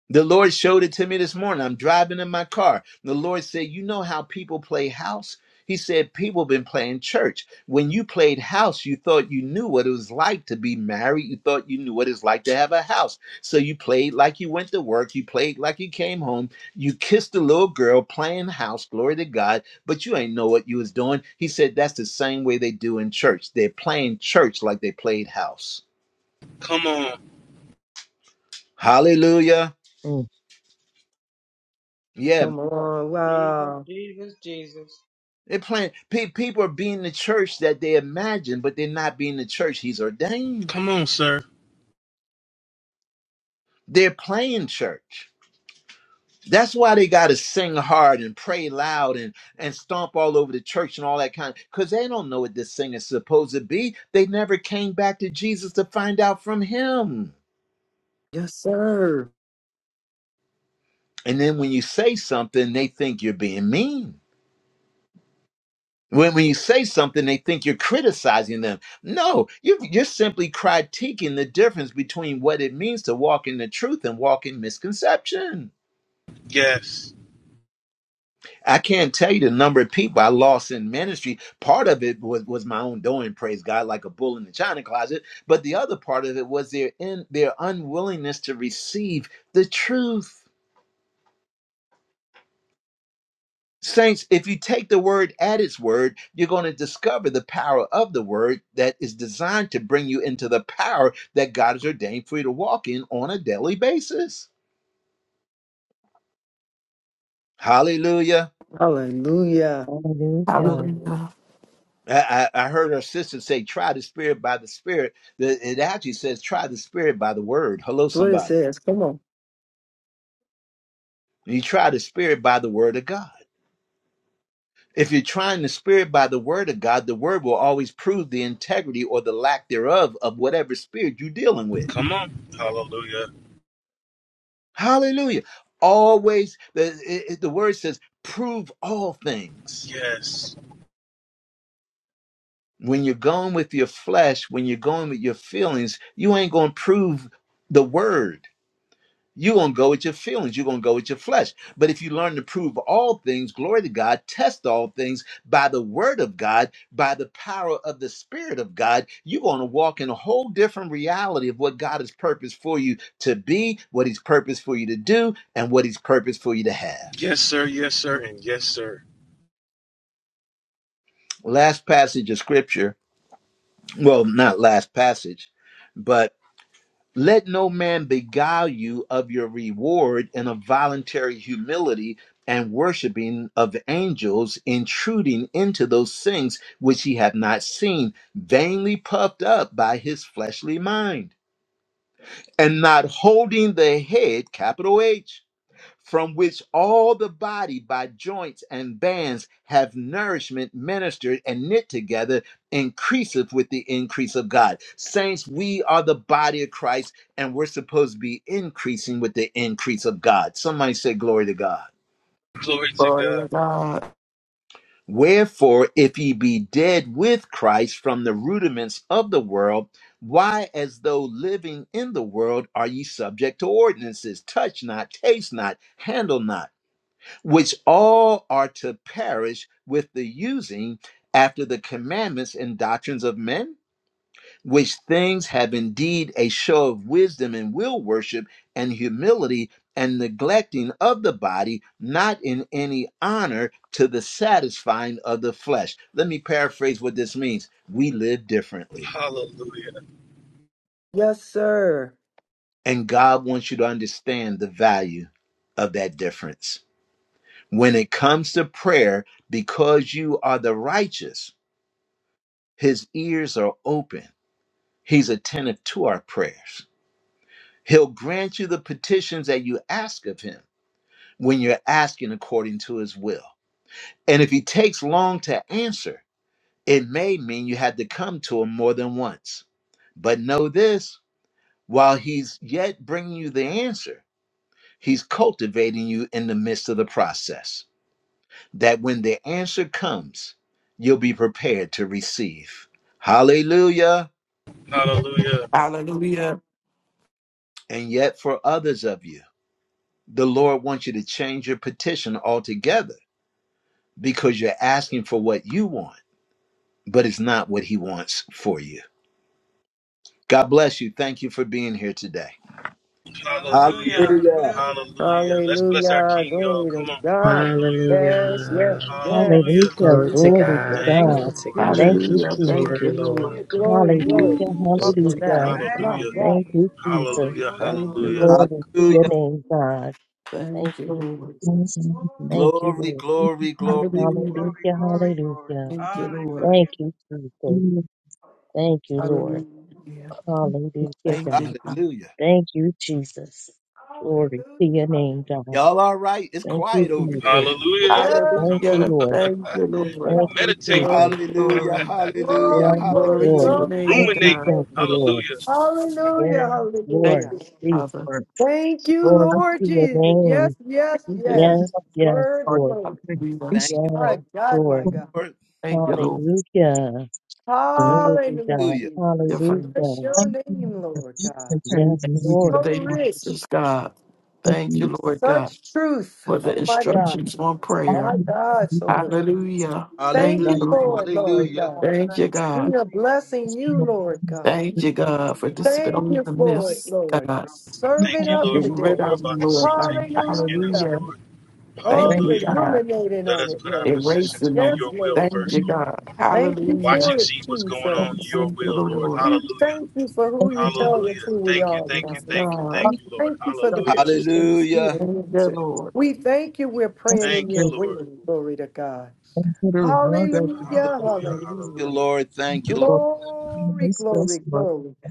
S1: The Lord showed it to me this morning. I'm driving in my car. The Lord said, You know how people play house? He said, People have been playing church. When you played house, you thought you knew what it was like to be married. You thought you knew what it's like to have a house. So you played like you went to work. You played like you came home. You kissed a little girl playing house, glory to God, but you ain't know what you was doing. He said, That's the same way they do in church. They're playing church like they played house.
S2: Come on.
S1: Hallelujah.
S5: Mm.
S1: Yeah,
S6: Come on.
S10: Jesus,
S6: Wow.
S10: Jesus, Jesus.
S1: They're playing. Pe- people are being the church that they imagine, but they're not being the church he's ordained.
S2: Come on, sir.
S1: They're playing church. That's why they got to sing hard and pray loud and, and stomp all over the church and all that kind. of, Because they don't know what this thing is supposed to be. They never came back to Jesus to find out from him.
S6: Yes, sir.
S1: And then when you say something, they think you're being mean. When, when you say something, they think you're criticizing them. No, you, you're simply critiquing the difference between what it means to walk in the truth and walk in misconception.
S2: Yes.
S1: I can't tell you the number of people I lost in ministry. Part of it was, was my own doing, praise God, like a bull in the china closet. But the other part of it was their in, their unwillingness to receive the truth. Saints, if you take the word at its word, you're going to discover the power of the word that is designed to bring you into the power that God has ordained for you to walk in on a daily basis. Hallelujah.
S6: Hallelujah.
S5: Hallelujah.
S3: Hallelujah.
S1: I, I I heard our sister say, try the spirit by the spirit. The- It actually says, try the spirit by the word. Hello,
S6: That's what it
S1: somebody.
S6: says. Come on.
S1: You try the spirit by the word of God. If you're trying the spirit by the word of God, the word will always prove the integrity or the lack thereof of whatever spirit you're dealing with.
S2: Come on. Hallelujah.
S1: Hallelujah. Always, the, it, it- the word says, prove all things.
S2: Yes.
S1: When you're going with your flesh, when you're going with your feelings, you ain't going to prove the word. You're going to go with your feelings. You're going to go with your flesh. But if you learn to prove all things, glory to God, test all things by the word of God, by the power of the spirit of God, you're going to walk in a whole different reality of what God has purposed for you to be, what he's purposed for you to do, and what he's purposed for you to have.
S2: Yes, sir. Yes, sir. And yes, sir.
S1: Last passage of scripture, well, not last passage, but let no man beguile you of your reward in a voluntary humility and worshiping of angels, intruding into those things which he hath not seen, vainly puffed up by his fleshly mind, and not holding the head, capital H from which all the body by joints and bands have nourishment ministered and knit together, increaseth with the increase of God. Saints, we are the body of Christ, and we're supposed to be increasing with the increase of God. Somebody say, Glory to God.
S2: Glory to
S3: Glory to
S2: God.
S3: God.
S1: Wherefore, if ye be dead with Christ from the rudiments of the world, why, as though living in the world, are ye subject to ordinances? Touch not, taste not, handle not which all are to perish with the using after the commandments and doctrines of men, which things have indeed a show of wisdom and will worship and humility and neglecting of the body, not in any honor to the satisfying of the flesh. Let me paraphrase what this means. We live differently,
S2: Hallelujah.
S6: Yes, sir.
S1: and God wants you to understand the value of that difference. When it comes to prayer, because you are the righteous, His ears are open. He's attentive to our prayers. He'll grant you the petitions that you ask of him when you're asking according to his will. And if he takes long to answer, it may mean you had to come to him more than once. But know this while he's yet bringing you the answer, he's cultivating you in the midst of the process. That when the answer comes, you'll be prepared to receive. Hallelujah.
S2: Hallelujah.
S3: Hallelujah.
S1: And yet, for others of you, The Lord wants you to change your petition altogether because you're asking for what you want, but it's not what He wants for you. God bless you. Thank you for being here today. Hall-
S10: Hallelujah.
S2: Hallelujah.
S10: Hallelujah.
S2: Hallelujah. Let's bless our
S6: Hallelujah.
S2: King, y'all.
S6: Glory to
S2: Come on.
S6: God.
S2: Hallelujah.
S6: Yes, yes,
S12: Hallelujah.
S6: yes.
S2: Hallelujah.
S5: Hallelujah.
S12: Glory to
S5: Glory to
S6: Hallelujah.
S12: God.
S2: Thank
S12: Glory
S5: God.
S2: you,
S6: Jesus,
S12: to
S2: Lord
S6: Jesus.
S5: Thank
S12: God.
S5: you,
S2: Jesus,
S3: Hallelujah.
S2: for this
S3: Thank
S12: Thank
S5: Jesus.
S2: word.
S3: you,
S12: you,
S2: This word
S3: Lord.
S12: Lord.
S10: Jesus,
S12: Gl-
S6: Glory,
S10: thank
S3: Thank
S12: Thank
S10: you,
S12: you,
S6: glory.
S12: Lord.
S5: Hallelujah,
S10: Jesus.
S2: Ooh, this is
S6: Fuck
S12: Glory
S6: on
S12: to
S2: good.
S6: that.
S12: God.
S5: hallelujah.
S3: you,
S6: Oh,
S10: Thank
S6: my
S2: Hallelujah.
S10: you,
S3: Father.
S6: God.
S5: Thank you,
S10: Jesus.
S5: Jesus.
S10: Glory,
S2: Hallelujah.
S10: glory,
S3: Thank you,
S10: glory.
S2: Hallelujah.
S5: Glory
S3: Lord.
S5: to your
S1: Hallelujah.
S5: name, God. Thank
S3: Thank you,
S5: you,
S3: Lord.
S11: Thank
S5: Jesus. Thank you,
S1: Glory,
S5: Lord.
S1: glory, glory.
S5: Hallelujah,
S3: Hallelujah.
S10: Glory, glory, glory.
S5: hallelujah.
S3: Thank you, Lord.
S5: Thank
S10: Hallelujah.
S5: you, Jesus.
S11: you
S5: Thank you, Lord.
S3: Hallelujah.
S5: Hallelujah,
S3: Thank you,
S5: God.
S3: God.
S1: Hallelujah.
S5: Thank you, Jesus. Glory to your name, God.
S1: Y'all all right? It's
S5: Thank you,
S1: quiet over there.
S5: Jesus.
S2: Hallelujah.
S6: Yeah.
S5: Thank
S2: Come
S5: you,
S2: on.
S3: Hallelujah.
S5: Lord.
S3: Thank you,
S2: You
S3: Lord.
S5: Thank
S6: Hallelujah.
S5: you,
S2: meditating,
S5: Jesus.
S3: Glory,
S1: Hallelujah,
S3: glory.
S1: hallelujah,
S5: Yes,
S6: Glory, glory,
S3: Glory
S1: hallelujah.
S3: to
S5: Lord.
S3: your
S6: glory,
S5: Thank
S3: name,
S5: you,
S6: glory,
S3: God.
S2: ruminating.
S5: thank
S6: glory.
S5: you, Lord.
S2: Hallelujah.
S6: Hallelujah,
S5: Yes,
S3: Thank
S6: hallelujah.
S5: Lord.
S3: you,
S5: Jesus.
S3: Father.
S11: Lord,
S6: Thank you,
S3: Thank
S5: Glory
S6: Lord
S5: to your
S6: Jesus.
S5: name.
S6: Yes, yes,
S3: you,
S6: yes.
S3: God.
S5: Yes, yes,
S6: Word,
S11: for your
S5: Lord.
S6: word.
S3: Hallelujah.
S1: Thank
S11: communication,
S1: you,
S6: My
S5: Yes,
S6: God,
S5: Lord.
S6: my God.
S1: Lord.
S3: Thank you, Lord.
S5: Hallelujah.
S11: Lord.
S5: Glory be
S6: Hallelujah,
S5: God.
S1: Hallelujah,
S3: Your
S6: Jesus.
S5: Hallelujah.
S3: Father.
S6: Bless your
S11: Thank you
S6: name,
S11: for
S6: Lord
S11: each
S6: God.
S5: Yes,
S11: occasion we can.
S3: For
S5: Lord.
S6: So
S3: the
S11: Lord.
S6: rich,
S3: answers, God.
S11: Thank
S3: Thank
S11: you.
S3: you,
S11: Lord.
S3: Lord God,
S6: such truth.
S3: for the
S6: Oh, my
S11: Thank
S6: God.
S3: instructions on
S6: My
S3: prayer.
S6: God,
S11: you.
S6: so good.
S10: Thank you, Jesus.
S3: Hallelujah.
S6: Thank
S3: Thank
S11: God.
S6: you
S1: hallelujah,
S3: you,
S10: Thank
S6: for
S3: Lord.
S10: you,
S6: it, Lord
S1: hallelujah.
S10: Jesus.
S6: God.
S3: Thank
S10: Bless
S3: you,
S10: your
S3: God.
S11: Thank
S6: We are
S10: holy name.
S6: blessing
S11: you,
S6: you,
S11: Lord.
S6: Lord God.
S3: Thank
S11: Thank
S3: you,
S10: Wonderful
S3: God,
S10: King,
S3: for
S10: wonderful
S6: Thank
S3: dispelling
S6: you
S3: the
S10: King,
S6: for it,
S3: myths,
S10: wonderful King.
S6: Lord, for
S3: God.
S10: No, no, no.
S11: you,
S2: Thank
S6: serving
S2: you,
S11: Lord.
S6: up
S2: Lord,
S3: Get
S2: for
S6: today.
S2: what
S3: rid
S2: we're
S3: of
S2: about
S3: them,
S2: to see
S3: Lord God.
S2: take place in
S6: Hallelujah.
S2: us,
S3: Hallelujah.
S2: Lord.
S3: Thank
S6: Oh,
S11: Thank
S3: you,
S6: we're
S2: Hallelujah.
S3: God.
S6: ruminating
S2: Let
S6: on
S2: us
S6: it,
S2: put our
S6: Lord. God.
S2: position to
S3: Erasing
S2: do
S3: them.
S6: Yes,
S2: your will
S6: Lord.
S3: Thank
S6: God.
S2: first,
S3: you,
S11: you,
S2: Lord.
S3: God.
S6: Thank you
S3: Hallelujah.
S2: Watch
S6: for
S2: and
S6: it,
S2: see what's going
S11: Lord.
S2: on in
S6: Jesus.
S2: your
S3: Thank you,
S2: will, Lord.
S3: Lord.
S6: We
S2: Hallelujah.
S6: thank you for who
S11: Thank
S6: you
S11: you, Lord.
S6: tell us
S2: Hallelujah.
S6: who we
S2: Thank you,
S6: are,
S2: thank you,
S3: Yes,
S6: God.
S2: thank you,
S3: God.
S2: thank
S6: We
S2: you, Lord.
S6: thank you for the
S11: God,
S2: Hallelujah.
S6: petitions you
S1: Hallelujah.
S6: have
S3: Thank you,
S6: answered.
S3: Lord.
S6: We thank you we're
S11: thank
S6: praying
S11: you
S6: in
S2: Thank you,
S6: your
S11: for-
S2: Lord.
S6: will. Glory to God.
S11: thank you for the one that you
S1: Thank
S6: Hallelujah,
S11: have,
S2: Hallelujah,
S11: Lord.
S1: you,
S6: hallelujah.
S2: hallelujah.
S1: Lord. Thank you, Lord.
S11: Thank you,
S6: Glory,
S11: Lord.
S6: glory,
S11: Special,
S6: glory.
S11: Lord.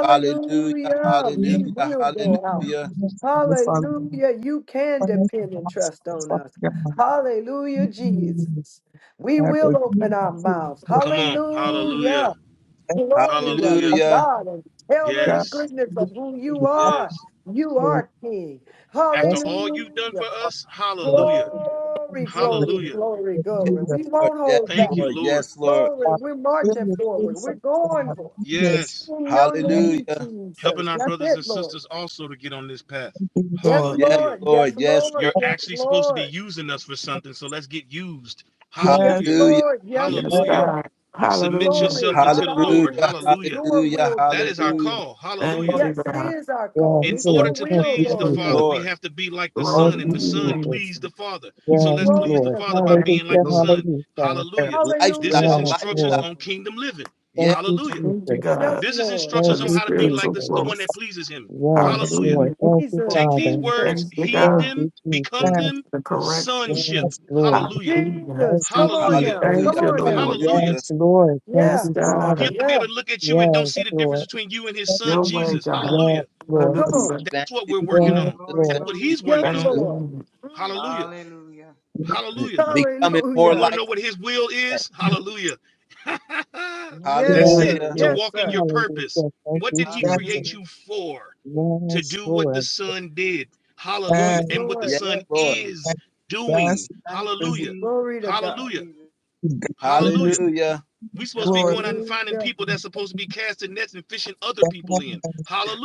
S1: Hallelujah,
S6: We
S11: Even
S1: hallelujah,
S6: will
S11: if
S6: go
S11: the
S6: out.
S1: hallelujah,
S11: students and the father,
S6: Hallelujah. You can
S11: parents and
S6: depend and
S11: masters
S6: trust
S11: and
S6: on
S11: father
S6: us.
S11: God,
S6: Hallelujah,
S11: we can
S6: Jesus. We
S11: have
S6: will
S11: a
S6: open our
S11: beautiful
S6: mouths.
S11: day
S2: Come on. Hallelujah,
S6: Hallelujah.
S11: and
S6: Glory to
S2: hallelujah.
S11: father
S1: hallelujah.
S6: God and tell of the
S11: God,
S2: Yes,
S6: goodness
S11: we
S6: of who
S11: can
S6: you
S11: be
S2: yes.
S6: are. You
S11: all
S6: are King.
S2: After
S11: that's
S2: all you've done for
S6: Hallelujah.
S2: us,
S11: what
S2: hallelujah,
S11: we are. We are
S6: Glory,
S11: from
S6: glory,
S2: hallelujah.
S6: glory,
S11: the
S1: Yes,
S6: glory.
S11: community
S6: We
S11: of
S1: Lord,
S6: won't
S1: yes,
S6: hold back.
S2: Thank
S11: Jesus
S2: you,
S1: Lord, yes,
S2: Lord.
S1: Lord.
S6: Glory. We're
S11: are
S6: marching
S11: the
S6: forward.
S11: things
S6: We're
S11: of
S6: going
S11: God.
S6: for it.
S11: Yes,
S2: Yes.
S6: In your
S11: we are
S6: name,
S1: Hallelujah.
S2: Helping
S6: Jesus.
S2: our
S6: That's
S2: brothers
S6: it,
S2: and
S6: Lord.
S2: sisters also to get on this path.
S11: to be the
S6: Yes,
S11: Lord.
S1: Yes,
S2: Hallelujah.
S6: Lord. Yes,
S1: Lord, yes,
S6: Lord.
S2: You're
S1: Lord.
S6: Yes,
S2: actually supposed to be
S6: Lord.
S2: using us for something, so let's get used.
S6: Yes,
S11: Yes,
S2: Hallelujah,
S1: Hallelujah,
S6: Lord. Yes,
S3: Yes,
S11: that's
S2: hallelujah.
S6: Lord.
S3: God.
S2: Submit
S3: Hallelujah.
S6: Glory.
S2: yourself unto
S6: Not
S2: the
S6: our
S2: Lord.
S1: hallelujah,
S6: will, but
S2: Hallelujah.
S6: your
S1: hallelujah,
S6: will be
S2: That is our
S6: done.
S1: hallelujah.
S2: call.
S3: Thank
S2: Hallelujah.
S11: what
S3: you,
S6: Yes, it
S3: God.
S6: is our
S5: Yes,
S11: we
S6: call.
S2: In
S6: It's
S11: should
S2: order
S6: your
S5: Lord.
S2: to
S5: Thank
S6: will,
S5: you,
S2: please the
S6: Lord
S3: Glory,
S2: Father,
S5: Jesus.
S6: God.
S2: we
S1: Lord,
S2: have to be like the
S5: Thank
S2: Son,
S3: glory to
S2: and
S5: you,
S2: the
S3: your
S2: Son
S6: Hallelujah.
S5: Jesus.
S3: name.
S2: pleased the Father. So
S5: Yes,
S2: let's
S11: be
S2: please
S6: Glory
S2: the
S5: Lord.
S6: to
S2: Father by
S6: God.
S3: Thank
S2: being
S3: you,
S2: like
S5: Hallelujah.
S2: the
S3: Lord.
S2: Son.
S5: Hallelujah.
S11: there
S2: Hallelujah. This is
S1: lifestyle,
S6: Hallelujah.
S5: Yes,
S2: instructions
S5: Lord.
S1: lifestyle.
S2: on
S6: Hallelujah.
S2: kingdom living.
S5: Thank
S1: Yes,
S5: you,
S2: Hallelujah.
S3: Thank you,
S5: Jesus.
S3: God,
S6: Yes,
S2: This is
S6: Lord.
S3: for
S5: Thank
S2: instructions
S3: the
S2: on
S5: you,
S2: how to be like
S3: spiritual
S2: this,
S5: Jesus.
S2: the one that
S3: growth.
S2: pleases Him.
S5: Yes,
S2: Hallelujah.
S5: Lord.
S3: Hallelujah.
S5: Thank you,
S11: for.
S6: Jesus,
S2: Take these
S5: Father.
S2: words,
S3: Thank
S6: Jesus,
S3: you,
S2: heed
S5: Thank
S3: God,
S2: them,
S5: you,
S2: become
S5: Jesus.
S11: God,
S2: them,
S3: for correction.
S2: sonship.
S5: Yes, Lord.
S2: Hallelujah.
S3: Hallelujah.
S6: Jesus.
S5: Thank you,
S6: Come on
S2: Hallelujah.
S6: now.
S5: Jesus.
S3: Thank
S6: Come
S1: hallelujah,
S3: you,
S6: on
S3: Lord.
S6: now.
S2: Hallelujah.
S1: hallelujah.
S5: Yes, Lord. Thank
S3: Yes,
S6: Yeah,
S5: you,
S3: God.
S2: He
S5: Father.
S2: ought to be
S6: yeah.
S2: able to look at you and don't
S5: Yes,
S2: see the
S5: Lord.
S2: difference between you and His
S11: that is
S2: Son,
S3: Your way,
S2: Jesus.
S3: God.
S2: Hallelujah.
S5: Yes, Lord.
S6: Come on.
S3: Hallelujah.
S2: That's
S1: Thank
S2: what
S1: you,
S2: we're
S11: the
S2: working
S11: season
S10: Glory,
S5: Yes,
S2: on.
S10: glory,
S1: Jesus.
S2: That's
S5: Lord.
S2: what
S10: glory,
S2: he's
S1: Thank you,
S6: Yes,
S10: glory.
S2: working
S3: Thank
S2: on.
S1: Jesus.
S6: Lord.
S3: you.
S6: Mm.
S2: Hallelujah.
S10: Hallelujah.
S11: of
S2: Hallelujah.
S1: Becoming more
S2: You want
S6: Hallelujah.
S2: to
S1: like
S2: know what his will
S1: that.
S2: is? Hallelujah.
S6: Yes,
S2: That's
S11: Yes,
S5: Yes,
S2: it.
S6: sir.
S1: Hallelujah.
S2: To
S5: Lord.
S6: Yes,
S2: walk in
S6: sir.
S2: your purpose.
S5: Hallelujah. Thank
S2: What
S5: you,
S2: did he
S11: that's
S5: Jesus.
S2: create
S10: Hallelujah.
S2: you for? To
S5: Yes,
S2: do what the
S5: Lord.
S2: son did.
S6: Yes,
S2: Hallelujah.
S11: bad.
S2: And what the
S6: Lord.
S1: Yes,
S2: son
S6: Yes,
S1: Lord.
S6: Lord.
S2: is
S11: Yes,
S2: doing.
S10: Thank you,
S11: is
S2: Hallelujah.
S10: Jesus.
S6: Glory to
S10: Thank you,
S6: God.
S2: Hallelujah.
S10: Jesus.
S2: Hallelujah.
S11: goodness and
S1: Hallelujah.
S2: We supposed to be
S11: glory.
S2: going out and finding
S6: Hallelujah.
S2: people that's supposed to be casting nets and fishing other
S11: That
S2: people
S11: has
S2: in.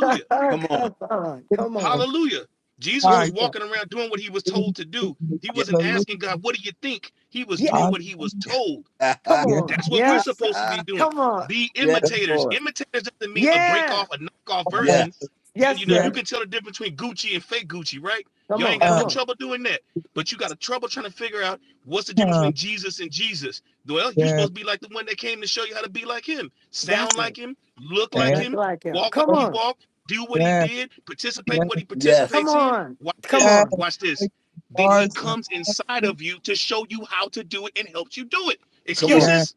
S1: Come on.
S6: come on.
S11: been
S6: Come on.
S2: Hallelujah. Jesus
S6: Yes,
S11: high
S2: was
S6: sir.
S2: walking around doing what he was
S11: things.
S2: told to do. He
S1: Yeah.
S2: wasn't
S11: Hallelujah.
S2: asking God, what do you think? He was
S6: Yeah.
S2: doing
S11: Hallelujah.
S2: what he was told.
S6: Come
S11: Yes,
S6: on.
S2: That's what we're
S1: Ah,
S6: Yes, sir.
S2: supposed to
S1: ah.
S2: be doing.
S6: Come on.
S2: Be
S1: Yes,
S2: imitators.
S1: Lord.
S2: Imitators doesn't mean a break
S6: Yeah.
S2: off, a knockoff
S11: yes,
S2: version.
S1: Yes.
S2: You, you
S6: Yes,
S2: know,
S11: yes,
S2: you
S6: sir.
S2: can tell the difference between Gucci and fake Gucci, right? You
S6: Come
S2: all ain't
S6: on.
S2: got
S11: uh,
S6: Come
S2: no
S6: on.
S2: trouble doing that. But you got a trouble trying to figure out what's the difference
S11: huh,
S2: between Jesus and Jesus. Well, you're
S11: yes,
S2: supposed to be like the one that came to show you how to be like him, sound
S6: That's it.
S2: like him, look like
S11: amen.
S6: That's
S2: him,
S6: like him.
S2: walk like
S6: Come
S2: he
S6: on.
S2: walked, do what he
S11: yes,
S2: did, participate in what
S11: yes,
S2: he
S6: Come
S1: Yes.
S2: participates in.
S6: on.
S2: Watch
S6: Come
S2: this.
S11: yes.
S6: on.
S2: Watch this.
S11: Thank you,
S2: Then he
S11: Lord, and
S2: comes
S11: thank
S2: inside
S11: you.
S2: of you to show you how to do it and helps you do it.
S1: Come on.
S6: Yes.
S11: Yes,
S2: Excuses?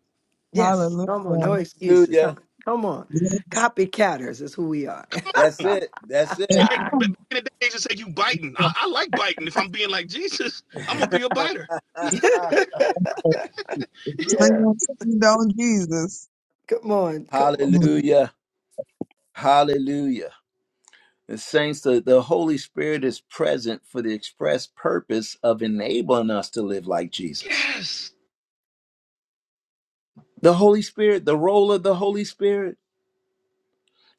S6: Yes. Come on. No
S11: hallelujah.
S6: excuses. Huh?
S1: Hallelujah.
S6: Come on.
S11: Yes,
S6: Copycatters is who we are.
S1: That's it. That's
S2: You
S11: and
S1: it.
S2: back in
S11: thank
S2: the days to said you biting.
S11: you.
S2: I, I like biting. If I'm being like Jesus, I'm gonna be a biter.
S1: Ah,
S6: yeah.
S11: Thank you, Lord Jesus.
S6: Come on. Come on.
S1: Hallelujah. Hallelujah. The saints, the, the Holy Spirit is present for the express purpose of enabling us to live like Jesus.
S2: Yes,
S1: The Holy Spirit, the role of the Holy Spirit,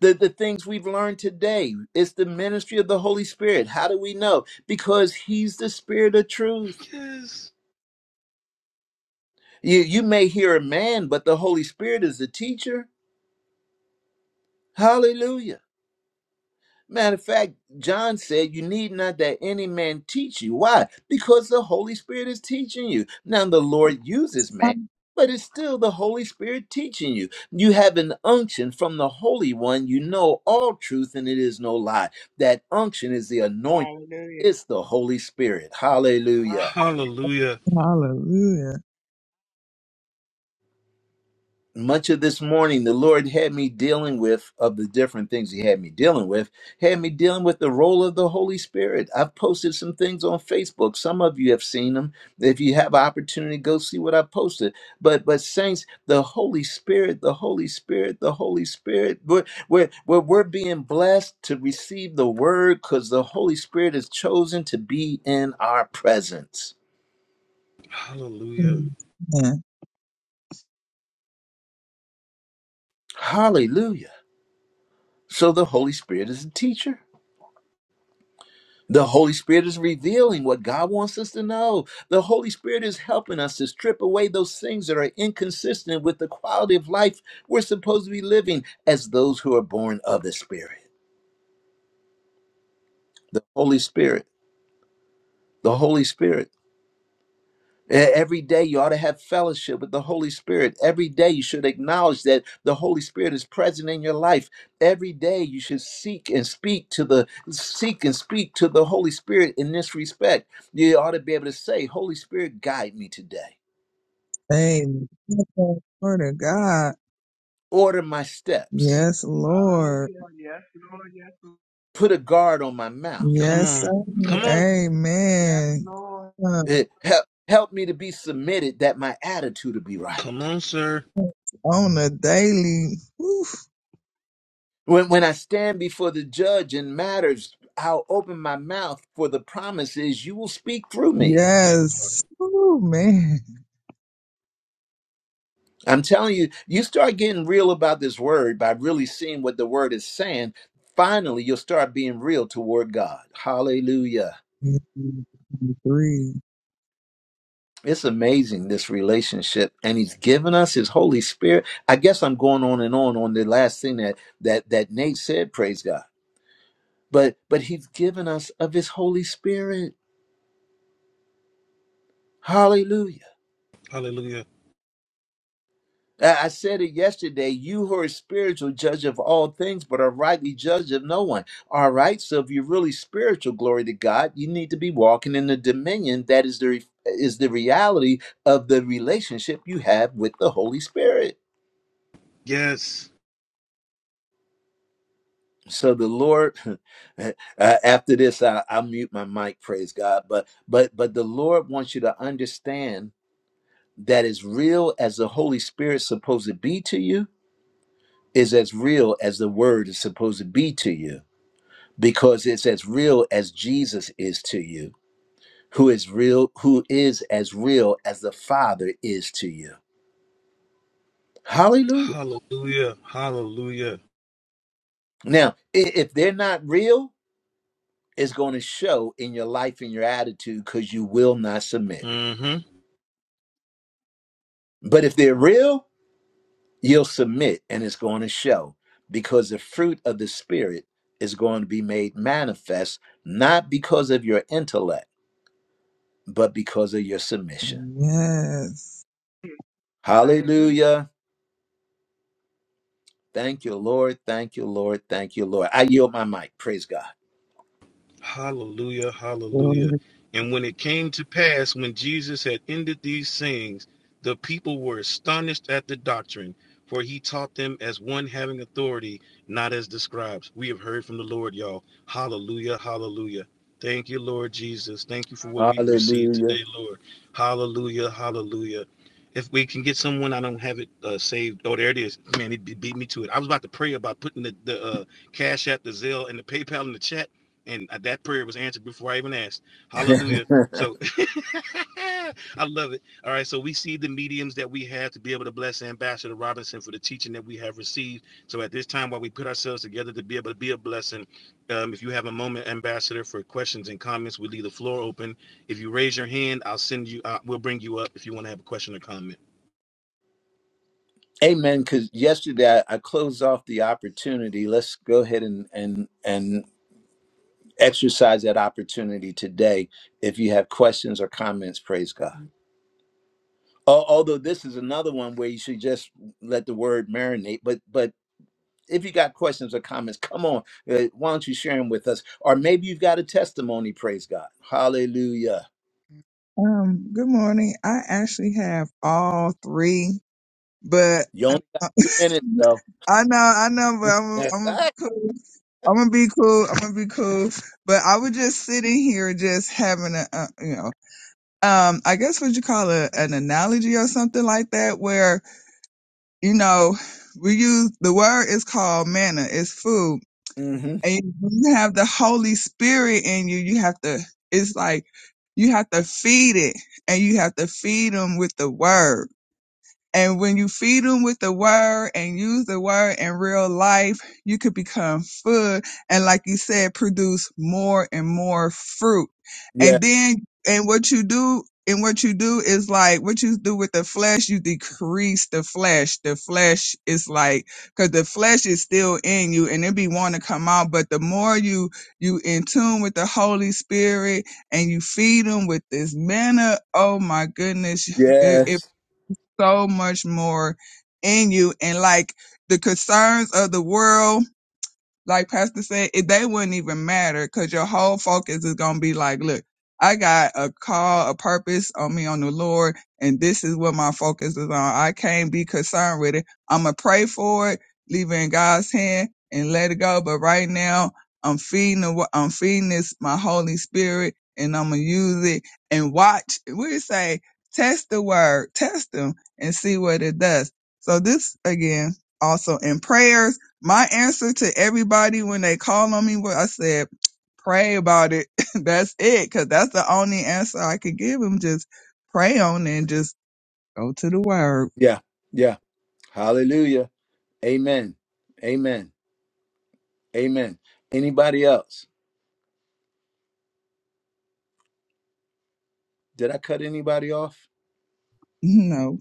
S1: the, the things we've learned today, it's the ministry of the Holy Spirit. How do we know? Because He's the Spirit of truth.
S2: yes.
S1: You, you may hear a man, but the Holy Spirit is the teacher. Hallelujah. Matter of fact, John said, You need not that any man teach you. Why? Because the Holy Spirit is teaching you. Now, the Lord uses man, but it's still the Holy Spirit teaching you. You have an unction from the Holy One. You know all truth, and it is no lie. That unction is the anointing,
S10: Hallelujah.
S1: it's the Holy Spirit.
S10: Ah,
S1: Hallelujah.
S2: Hallelujah,
S11: Hallelujah.
S1: much of this morning the lord had me dealing with of the different things he had me dealing with had me dealing with the role of the holy spirit i've posted some things on facebook some of you have seen them if you have an opportunity go see what i posted but but saints the holy spirit the holy spirit the holy spirit we're we're, we're, we're being blessed to receive the word because the holy spirit is chosen to be in our presence
S2: hallelujah.
S11: Amen.
S1: hallelujah so the holy spirit is a teacher The Holy Spirit is revealing what God wants us to know. The Holy Spirit is helping us to strip away those things that are inconsistent with the quality of life we're supposed to be living as those who are born of the Spirit. The Holy Spirit, the Holy Spirit. E- Every day you ought to have fellowship with the Holy Spirit. Every day you should acknowledge that the Holy Spirit is present in your life. Every day you should seek and speak to the seek and speak to the Holy Spirit in this respect. You ought to be able to say, "Holy Spirit, guide me today.
S11: Amen. Word of God.
S1: Order my steps.
S11: Yes, Lord.
S10: Hallelujah. Yes, Lord. Yes, Lord.
S1: Put a guard on my mouth.
S2: Come
S11: Yes, sir.
S2: on, come on,
S10: Yes,
S11: Amen.
S10: Lord.
S11: Uh,
S1: Eh, Help help me to be submitted that my attitude will be
S2: come
S1: right."
S2: on, sir.
S11: on a daily. Oof.
S1: When, when I stand before the judge in matters, I'll open my mouth for the promise is you will speak through me.
S2: That part.
S11: Yes. Oh, man.
S1: I'm telling you, you start getting real about this word by really seeing what the word is saying. Finally, you'll start being real toward God. Hallelujah.
S11: Three.
S1: It's amazing, this relationship. And he's given us his Holy Spirit. I guess I'm going on and on on the last thing that, that, that Nate said, praise God. But, but he's given us of his Holy Spirit. Hallelujah.
S2: Hallelujah.
S1: I I said it yesterday. You who are spiritual, judge of all things, but are rightly judge of no one. All right. So if you're really spiritual, glory to God, you need to be walking in the dominion that is the re- is the reality of the relationship you have with the Holy Spirit.
S2: Yes.
S1: So the Lord, uh, after this, I, I'll mute my mic. Praise God. But but but the Lord wants you to understand that as real as the Holy Spirit's supposed to be to you is as real as the Word is supposed to be to you because it's as real as Jesus is to you, who is real, who is as real as the Father is to you. Hallelujah.
S2: Hallelujah. Hallelujah.
S1: Now, i- if they're not real, it's going to show in your life and your attitude because you will not submit.
S2: Mm-hmm.
S1: But if they're real, you'll submit and it's going to show because the fruit of the Spirit is going to be made manifest, not because of your intellect, but because of your submission.
S11: Yes.
S10: I agree.
S1: Hallelujah. Thank you, Lord. Thank you, Lord. Thank you, Lord. I yield my mic. Praise God.
S2: Hallelujah, hallelujah.
S11: Um,
S2: And when it came to pass, when Jesus had ended these sayings, the people were astonished at the doctrine, for he taught them as one having authority, not as the scribes. We have heard from the Lord, y'all. Hallelujah, hallelujah. Thank you, Lord Jesus. Thank you for what we've
S10: Hallelujah.
S2: received today,
S1: Hallelujah.
S2: Lord. Hallelujah, hallelujah. If we can get someone, I don't have it uh, saved. Oh, there it is. Man, it beat me to it. I was about to pray about putting the, the uh, Cash App, the Zelle, and the PayPal in the chat and uh, that prayer was answered before I even asked. Hallelujah. So I love it. All right. So we see the mediums that we have to be able to bless Ambassador Robinson for the teaching that we have received. So at this time, while we put ourselves together to be able to be a blessing, um, if you have a moment, Ambassador, for questions and comments, we leave the floor open. If you raise your hand, I'll send you, uh, we'll bring you up if you want to have a question or comment.
S1: Amen. Because yesterday I, I closed off the opportunity. Let's go ahead and and and exercise that opportunity today. If you have questions or comments, praise God. Al- Although this is another one where you should just let the word marinate, but but if you got questions or comments, come on. uh, why don't you share them with us? Or maybe you've got a testimony. Praise God. Hallelujah.
S11: good morning. I actually have all three, but
S1: You
S11: I,
S1: only got two minutes, though.
S11: I know, I know, but I'm,
S1: Yes.
S11: I'm
S1: Ah.
S11: gonna be cool. I'm gonna be cool. I'm gonna be cool. But I was just sitting here, just having a, uh, you know, um, I guess what you call a, an analogy or something like that, where, you know, we use the word is called manna, it's food.
S1: hmm
S11: And you have the Holy Spirit in you, you have to, it's like, you have to feed it and you have to feed them with the word. And when you feed them with the word and use the word in real life, you could become food. And like you said, produce more and more fruit.
S1: Yeah.
S11: And then, and what you do, and what you do is like what you do with the flesh, you decrease the flesh. The flesh is like, cause the flesh is still in you and it be want to come out. But the more you, you in tune with the Holy Spirit and you feed them with this manna, oh my goodness, it. it
S1: Yes.
S11: so much more in you and like the concerns of the world like Pastor said, it, they wouldn't even matter because your whole focus is going to be like, look, I got a call, a purpose on me on the Lord, and this is what my focus is on. I can't be concerned with it. I'm going to pray for it, leave it in God's hand and let it go. But right now, I'm feeding, the, I'm feeding this, my Holy Spirit, and I'm going to use it and watch. We say, test the word, test them and see what it does. So this again, also in prayers my answer to everybody when they call on me was I said, pray about it. that's it. Cause that's the only answer I could give them. Just pray on it and just go to the word.
S1: Yeah. Yeah. Hallelujah. Amen. Amen. Amen. Anybody else? Did I cut anybody off?
S11: You know,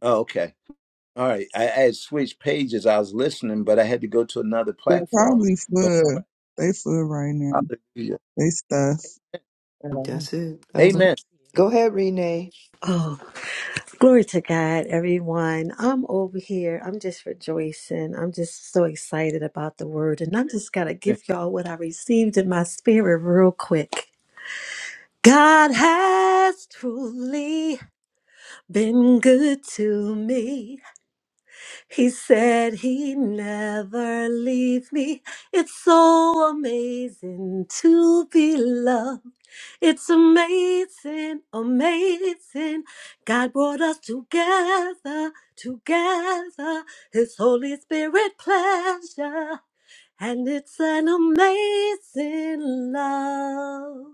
S1: Oh, okay. All right. I, I had switched pages. I was listening, but I had to go to another
S11: they're
S1: platform.
S11: probably
S1: But
S11: full. They full right now.
S1: hallelujah.
S11: They stuff.
S5: Uh,
S6: That's it. Um,
S1: Amen.
S6: go ahead, Renee.
S13: Oh, glory to God, everyone. I'm over here. I'm just rejoicing. I'm just so excited about the word. And I'm just going to give y'all what I received in my spirit real quick. God has truly been good to me. He said he'd never leave me. It's so amazing to be loved. It's amazing, amazing. God brought us together, together. His Holy Spirit pleasure. And it's an amazing love.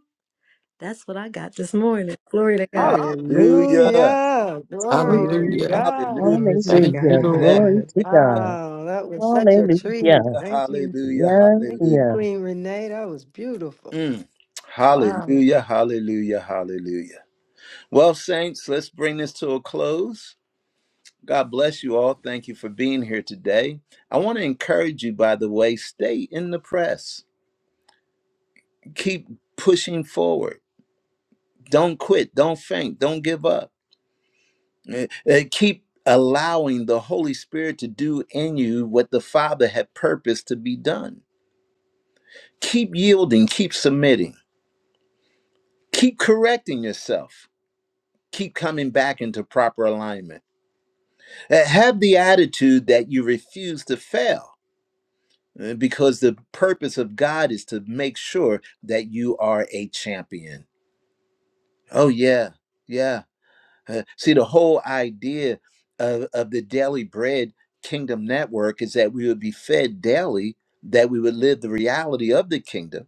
S13: That's what I got this morning. Glory to God.
S1: Hallelujah.
S6: Hallelujah. Glory to
S10: Glory.
S3: Hallelujah.
S1: Hallelujah.
S6: God.
S12: Glory to
S1: Thank
S3: Thank you,
S5: Hallelujah.
S1: you for that.
S3: Lord.
S5: Glory
S12: God.
S5: to
S1: Praise
S5: God.
S6: Oh, that was such a
S5: Hallelujah. Yes,
S6: treat.
S1: the
S6: Thank you.
S1: Hallelujah.
S6: Thank
S1: Hallelujah.
S6: you,
S5: yes.
S6: Queen Renee. That was beautiful.
S1: Mm.
S6: Wow.
S1: Hallelujah. Hallelujah. Hallelujah. Well, Saints, let's bring this to a close. God bless you all. Thank you for being here today. I want to encourage you, by the way, stay in the press. Keep pushing forward. Don't quit. Don't faint. Don't give up. Eh, eh, Keep allowing the Holy Spirit to do in you what the Father had purposed to be done. Keep yielding. Keep submitting. Keep correcting yourself. Keep coming back into proper alignment. Eh, Have the attitude that you refuse to fail uh, because the purpose of God is to make sure that you are a champion. Oh, yeah, yeah. Uh, see, the whole idea of, of the Daily Bread Kingdom Network is that we would be fed daily, that we would live the reality of the kingdom,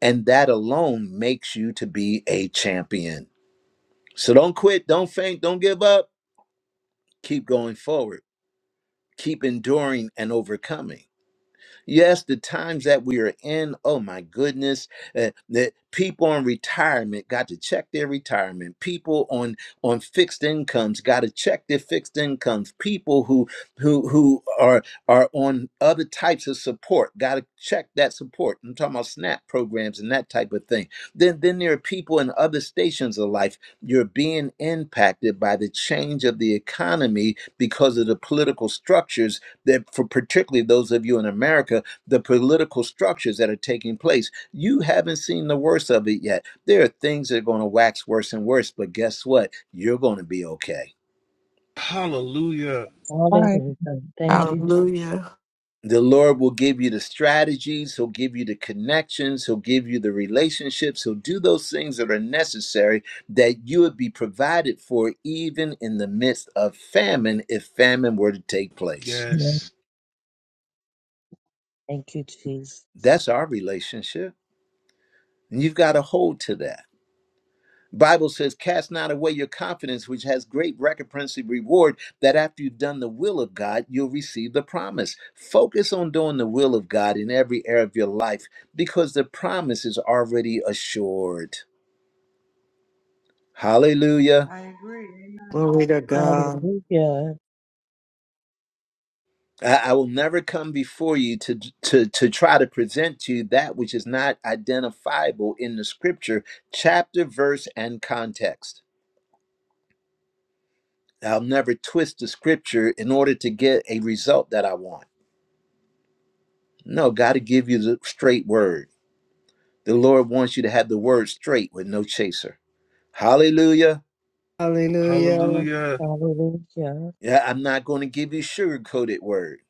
S1: and that alone makes you to be a champion. So don't quit, don't faint, don't give up. Keep going forward, keep enduring and overcoming. Yes, the times that we are in, oh my goodness, uh, that people on retirement got to check their retirement. People on on fixed incomes got to check their fixed incomes. People who who who are are on other types of support got to check that support. I'm talking about SNAP programs and that type of thing. Then then there are people in other stations of life. You're being impacted by the change of the economy because of the political structures that for particularly those of you in America, the political structures that are taking place, you haven't seen the worst of it yet. There are things that are going to wax worse and worse, but guess what? You're going to be okay.
S2: Hallelujah.
S11: Bye.
S5: Hallelujah. Thank you, Jesus.
S3: Hallelujah.
S1: The Lord will give you the strategies, He'll give you the connections, He'll give you the relationships, He'll do those things that are necessary that you would be provided for even in the midst of famine if famine were to take place.
S2: Yes.
S5: Thank you, Jesus.
S1: That's our relationship. And you've got to hold to that. Bible says, cast not away your confidence, which has great recompense and reward, that after you've done the will of God, you'll receive the promise. Focus on doing the will of God in every area of your life because the promise is already assured. Hallelujah.
S10: I agree. Amen.
S6: Glory to God.
S5: Hallelujah.
S1: I I will never come before you to, to, to try to present to you that which is not identifiable in the scripture, chapter, verse, and context. I'll never twist the scripture in order to get a result that I want. No, God will give you the straight word. The Lord wants you to have the word straight with no chaser. Hallelujah.
S6: Hallelujah.
S2: Hallelujah.
S5: Hallelujah.
S1: Yeah, I'm not going to give you sugar coated word.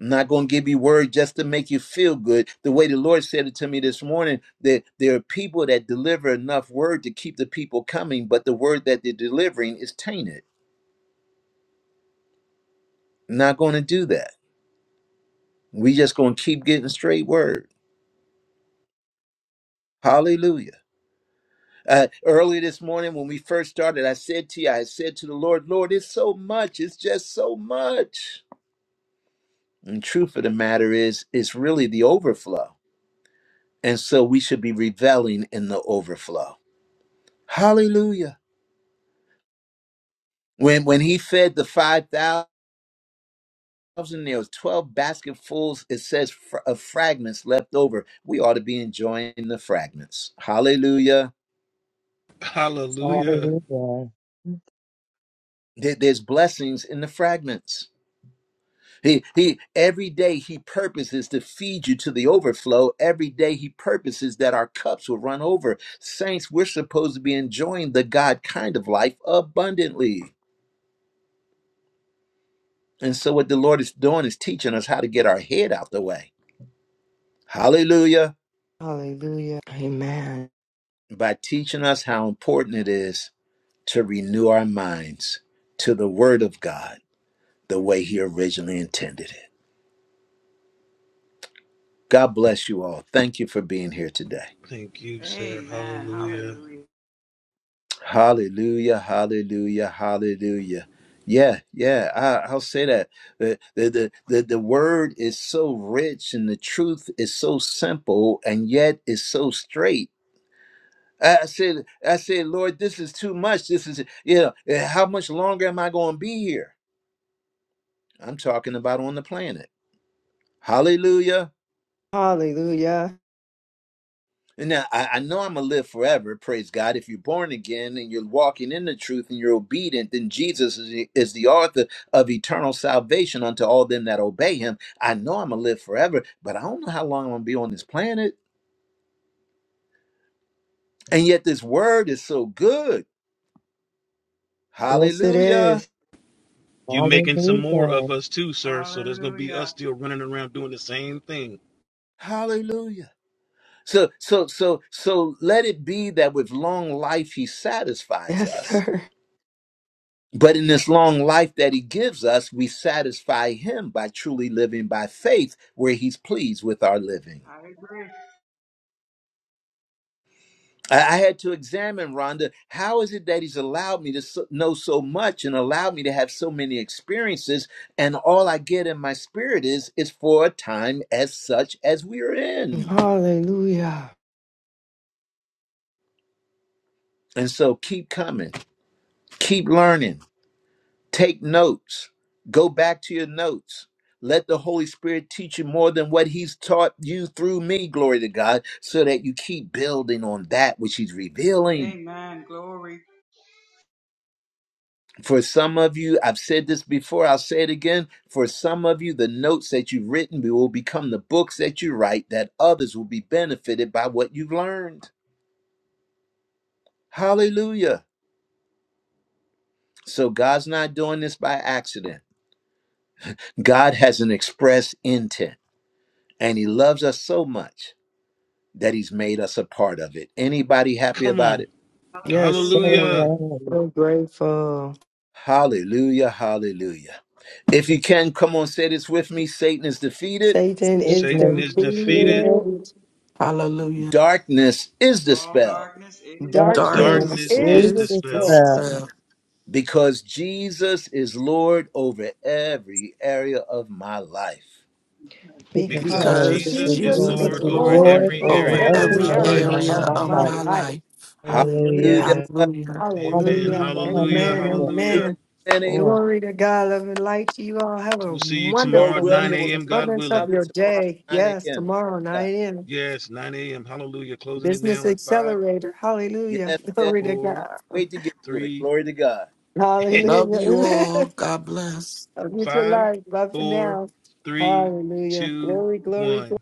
S1: I'm not going to give you word just to make you feel good. The way the Lord said it to me this morning, that there are people that deliver enough word to keep the people coming, but the word that they're delivering is tainted. I'm not going to do that. We just going to keep getting straight word. Hallelujah. Uh, early this morning, when we first started, I said to you, I said to the Lord, Lord, it's so much. It's just so much. And truth of the matter is, it's really the overflow. And so we should be reveling in the overflow. Hallelujah. When when he fed the 5,000, there was 12 basketfuls, it says, fr- of fragments left over. We ought to be enjoying the fragments. Hallelujah.
S2: Hallelujah.
S5: Hallelujah.
S1: There- There's blessings in the fragments. He he every day he purposes to feed you to the overflow. Every day he purposes that our cups will run over. Saints, we're supposed to be enjoying the God kind of life abundantly. And so what the Lord is doing is teaching us how to get our head out the way. Hallelujah.
S6: Hallelujah. Amen.
S1: By teaching us how important it is to renew our minds to the word of God the way he originally intended it. God bless you all. Thank you for being here today.
S2: Thank you, sir.
S10: Amen.
S2: Hallelujah.
S10: Hallelujah.
S1: Hallelujah, hallelujah, hallelujah. Yeah, yeah, I, I'll say that. The, the, the, the, the word is so rich and the truth is so simple and yet is so straight. I I said, I said, Lord, this is too much. This is, you know, eh, how much longer am I going to be here? I'm talking about on the planet. Hallelujah.
S6: Hallelujah.
S1: Now, I, I know I'm going to live forever, praise God. If you're born again and you're walking in the truth and you're obedient, then Jesus is the, is the author of eternal salvation unto all them that obey him. I know I'm going to live forever, but I don't know how long I'm going to be on this planet. And yet this word is so good.
S6: Yes, it
S1: Hallelujah.
S6: is.
S2: You making some more of
S5: Hallelujah.
S2: us too, sir. So there's gonna be us
S10: Hallelujah.
S2: still running around doing the same thing.
S1: Hallelujah. So, so, so, so let it be that with long life he satisfies
S6: Yes,
S1: us
S6: sir.
S1: But in this long life that he gives us, we satisfy him by truly living by faith, where he's pleased with our living.
S10: I agree.
S1: I I had to examine, Rhonda, how is it that he's allowed me to so- know so much and allowed me to have so many experiences, and all I get in my spirit is is for a time as such as we are in.
S6: Hallelujah.
S1: And so keep coming, keep learning, Take notes. Go back to your notes. Let the Holy Spirit teach you more than what He's taught you through me, glory to God, so that you keep building on that which He's revealing.
S10: Amen. Glory.
S1: For some of you, I've said this before, I'll say it again. For some of you, the notes that you've written will become the books that you write, that others will be benefited by what you've learned. Hallelujah. So God's not doing this by accident. God has an express intent, and He loves us so much that he's made us a part of it. Anybody happy
S2: Come
S1: about
S2: on.
S1: it?
S6: Yes,
S10: Hallelujah.
S6: sir.
S2: Hallelujah.
S5: Amen.
S6: So grateful.
S1: Hallelujah, hallelujah. If you can, come on, say this with me Satan is defeated,
S6: Satan is
S2: Satan
S5: Satan
S10: Satan
S2: is
S5: is
S10: is
S2: defeated.
S10: defeated.
S5: defeated.
S6: defeated.
S3: Hallelujah.
S1: darkness is
S10: All
S1: dispelled
S10: darkness is
S5: Darkness
S6: Darkness
S10: dispelled.
S2: Darkness
S3: Darkness
S6: is
S2: is
S5: is
S3: is
S2: dispelled
S6: dispelled
S5: dispelled
S3: dispelled
S1: because Jesus is Lord over every area of my life.
S12: Because
S10: Jesus
S2: because
S6: because
S5: because
S3: because
S12: Jesus
S10: is
S2: Jesus
S12: is
S2: is
S6: Jesus
S10: Lord.
S3: Jesus
S5: Jesus
S6: is
S12: Lord
S3: is
S2: Lord
S5: is
S2: over
S12: over
S3: Lord
S6: Lord
S5: Lord
S12: every
S2: every
S10: Every
S6: over
S5: over
S3: over
S2: area of
S6: every
S12: area
S5: every
S2: my
S3: every
S10: day.
S12: of
S2: life.
S6: area
S5: area
S12: my
S5: of
S3: area
S6: of
S5: my
S3: of
S12: life.
S6: my
S3: my
S5: life.
S6: life.
S3: life.
S6: Hallelujah.
S1: Hallelujah,
S12: Hallelujah.
S3: Hallelujah.
S2: Amen.
S6: Hallelujah.
S5: Hallelujah,
S2: Hallelujah.
S6: Amen.
S3: Amen.
S5: hallelujah.
S1: amen,
S2: Hallelujah.
S6: Amen.
S1: and amen.
S5: Glory.
S6: Glory to God. Love and light to you all. Have a
S2: We'll see you tomorrow
S1: Lord
S6: wonderful,
S2: at 9
S1: willing, we'll
S6: wonderful
S2: a.m.
S1: see
S2: God
S1: one
S6: furtherance
S2: willing.
S6: of
S1: another
S6: your
S1: tomorrow
S6: day.
S1: at 9
S6: Yes,
S1: a.m. Praise
S6: tomorrow, 9
S1: God.
S6: a.m.
S2: Yes, 9 a.m. Hallelujah. Closing it
S6: Business
S2: now in five,
S6: Accelerator. Hallelujah.
S1: Yes, yes,
S6: Glory to
S2: four,
S6: God.
S1: wait to get to it.
S2: three,
S1: Glory to God.
S3: Love
S6: Hallelujah.
S3: you
S6: Amen.
S3: all. God bless.
S6: Have a future
S2: five,
S6: life. Bye for
S2: four,
S6: now.
S2: three,
S6: Hallelujah.
S2: two,
S6: Glory, glory, glory.
S2: one.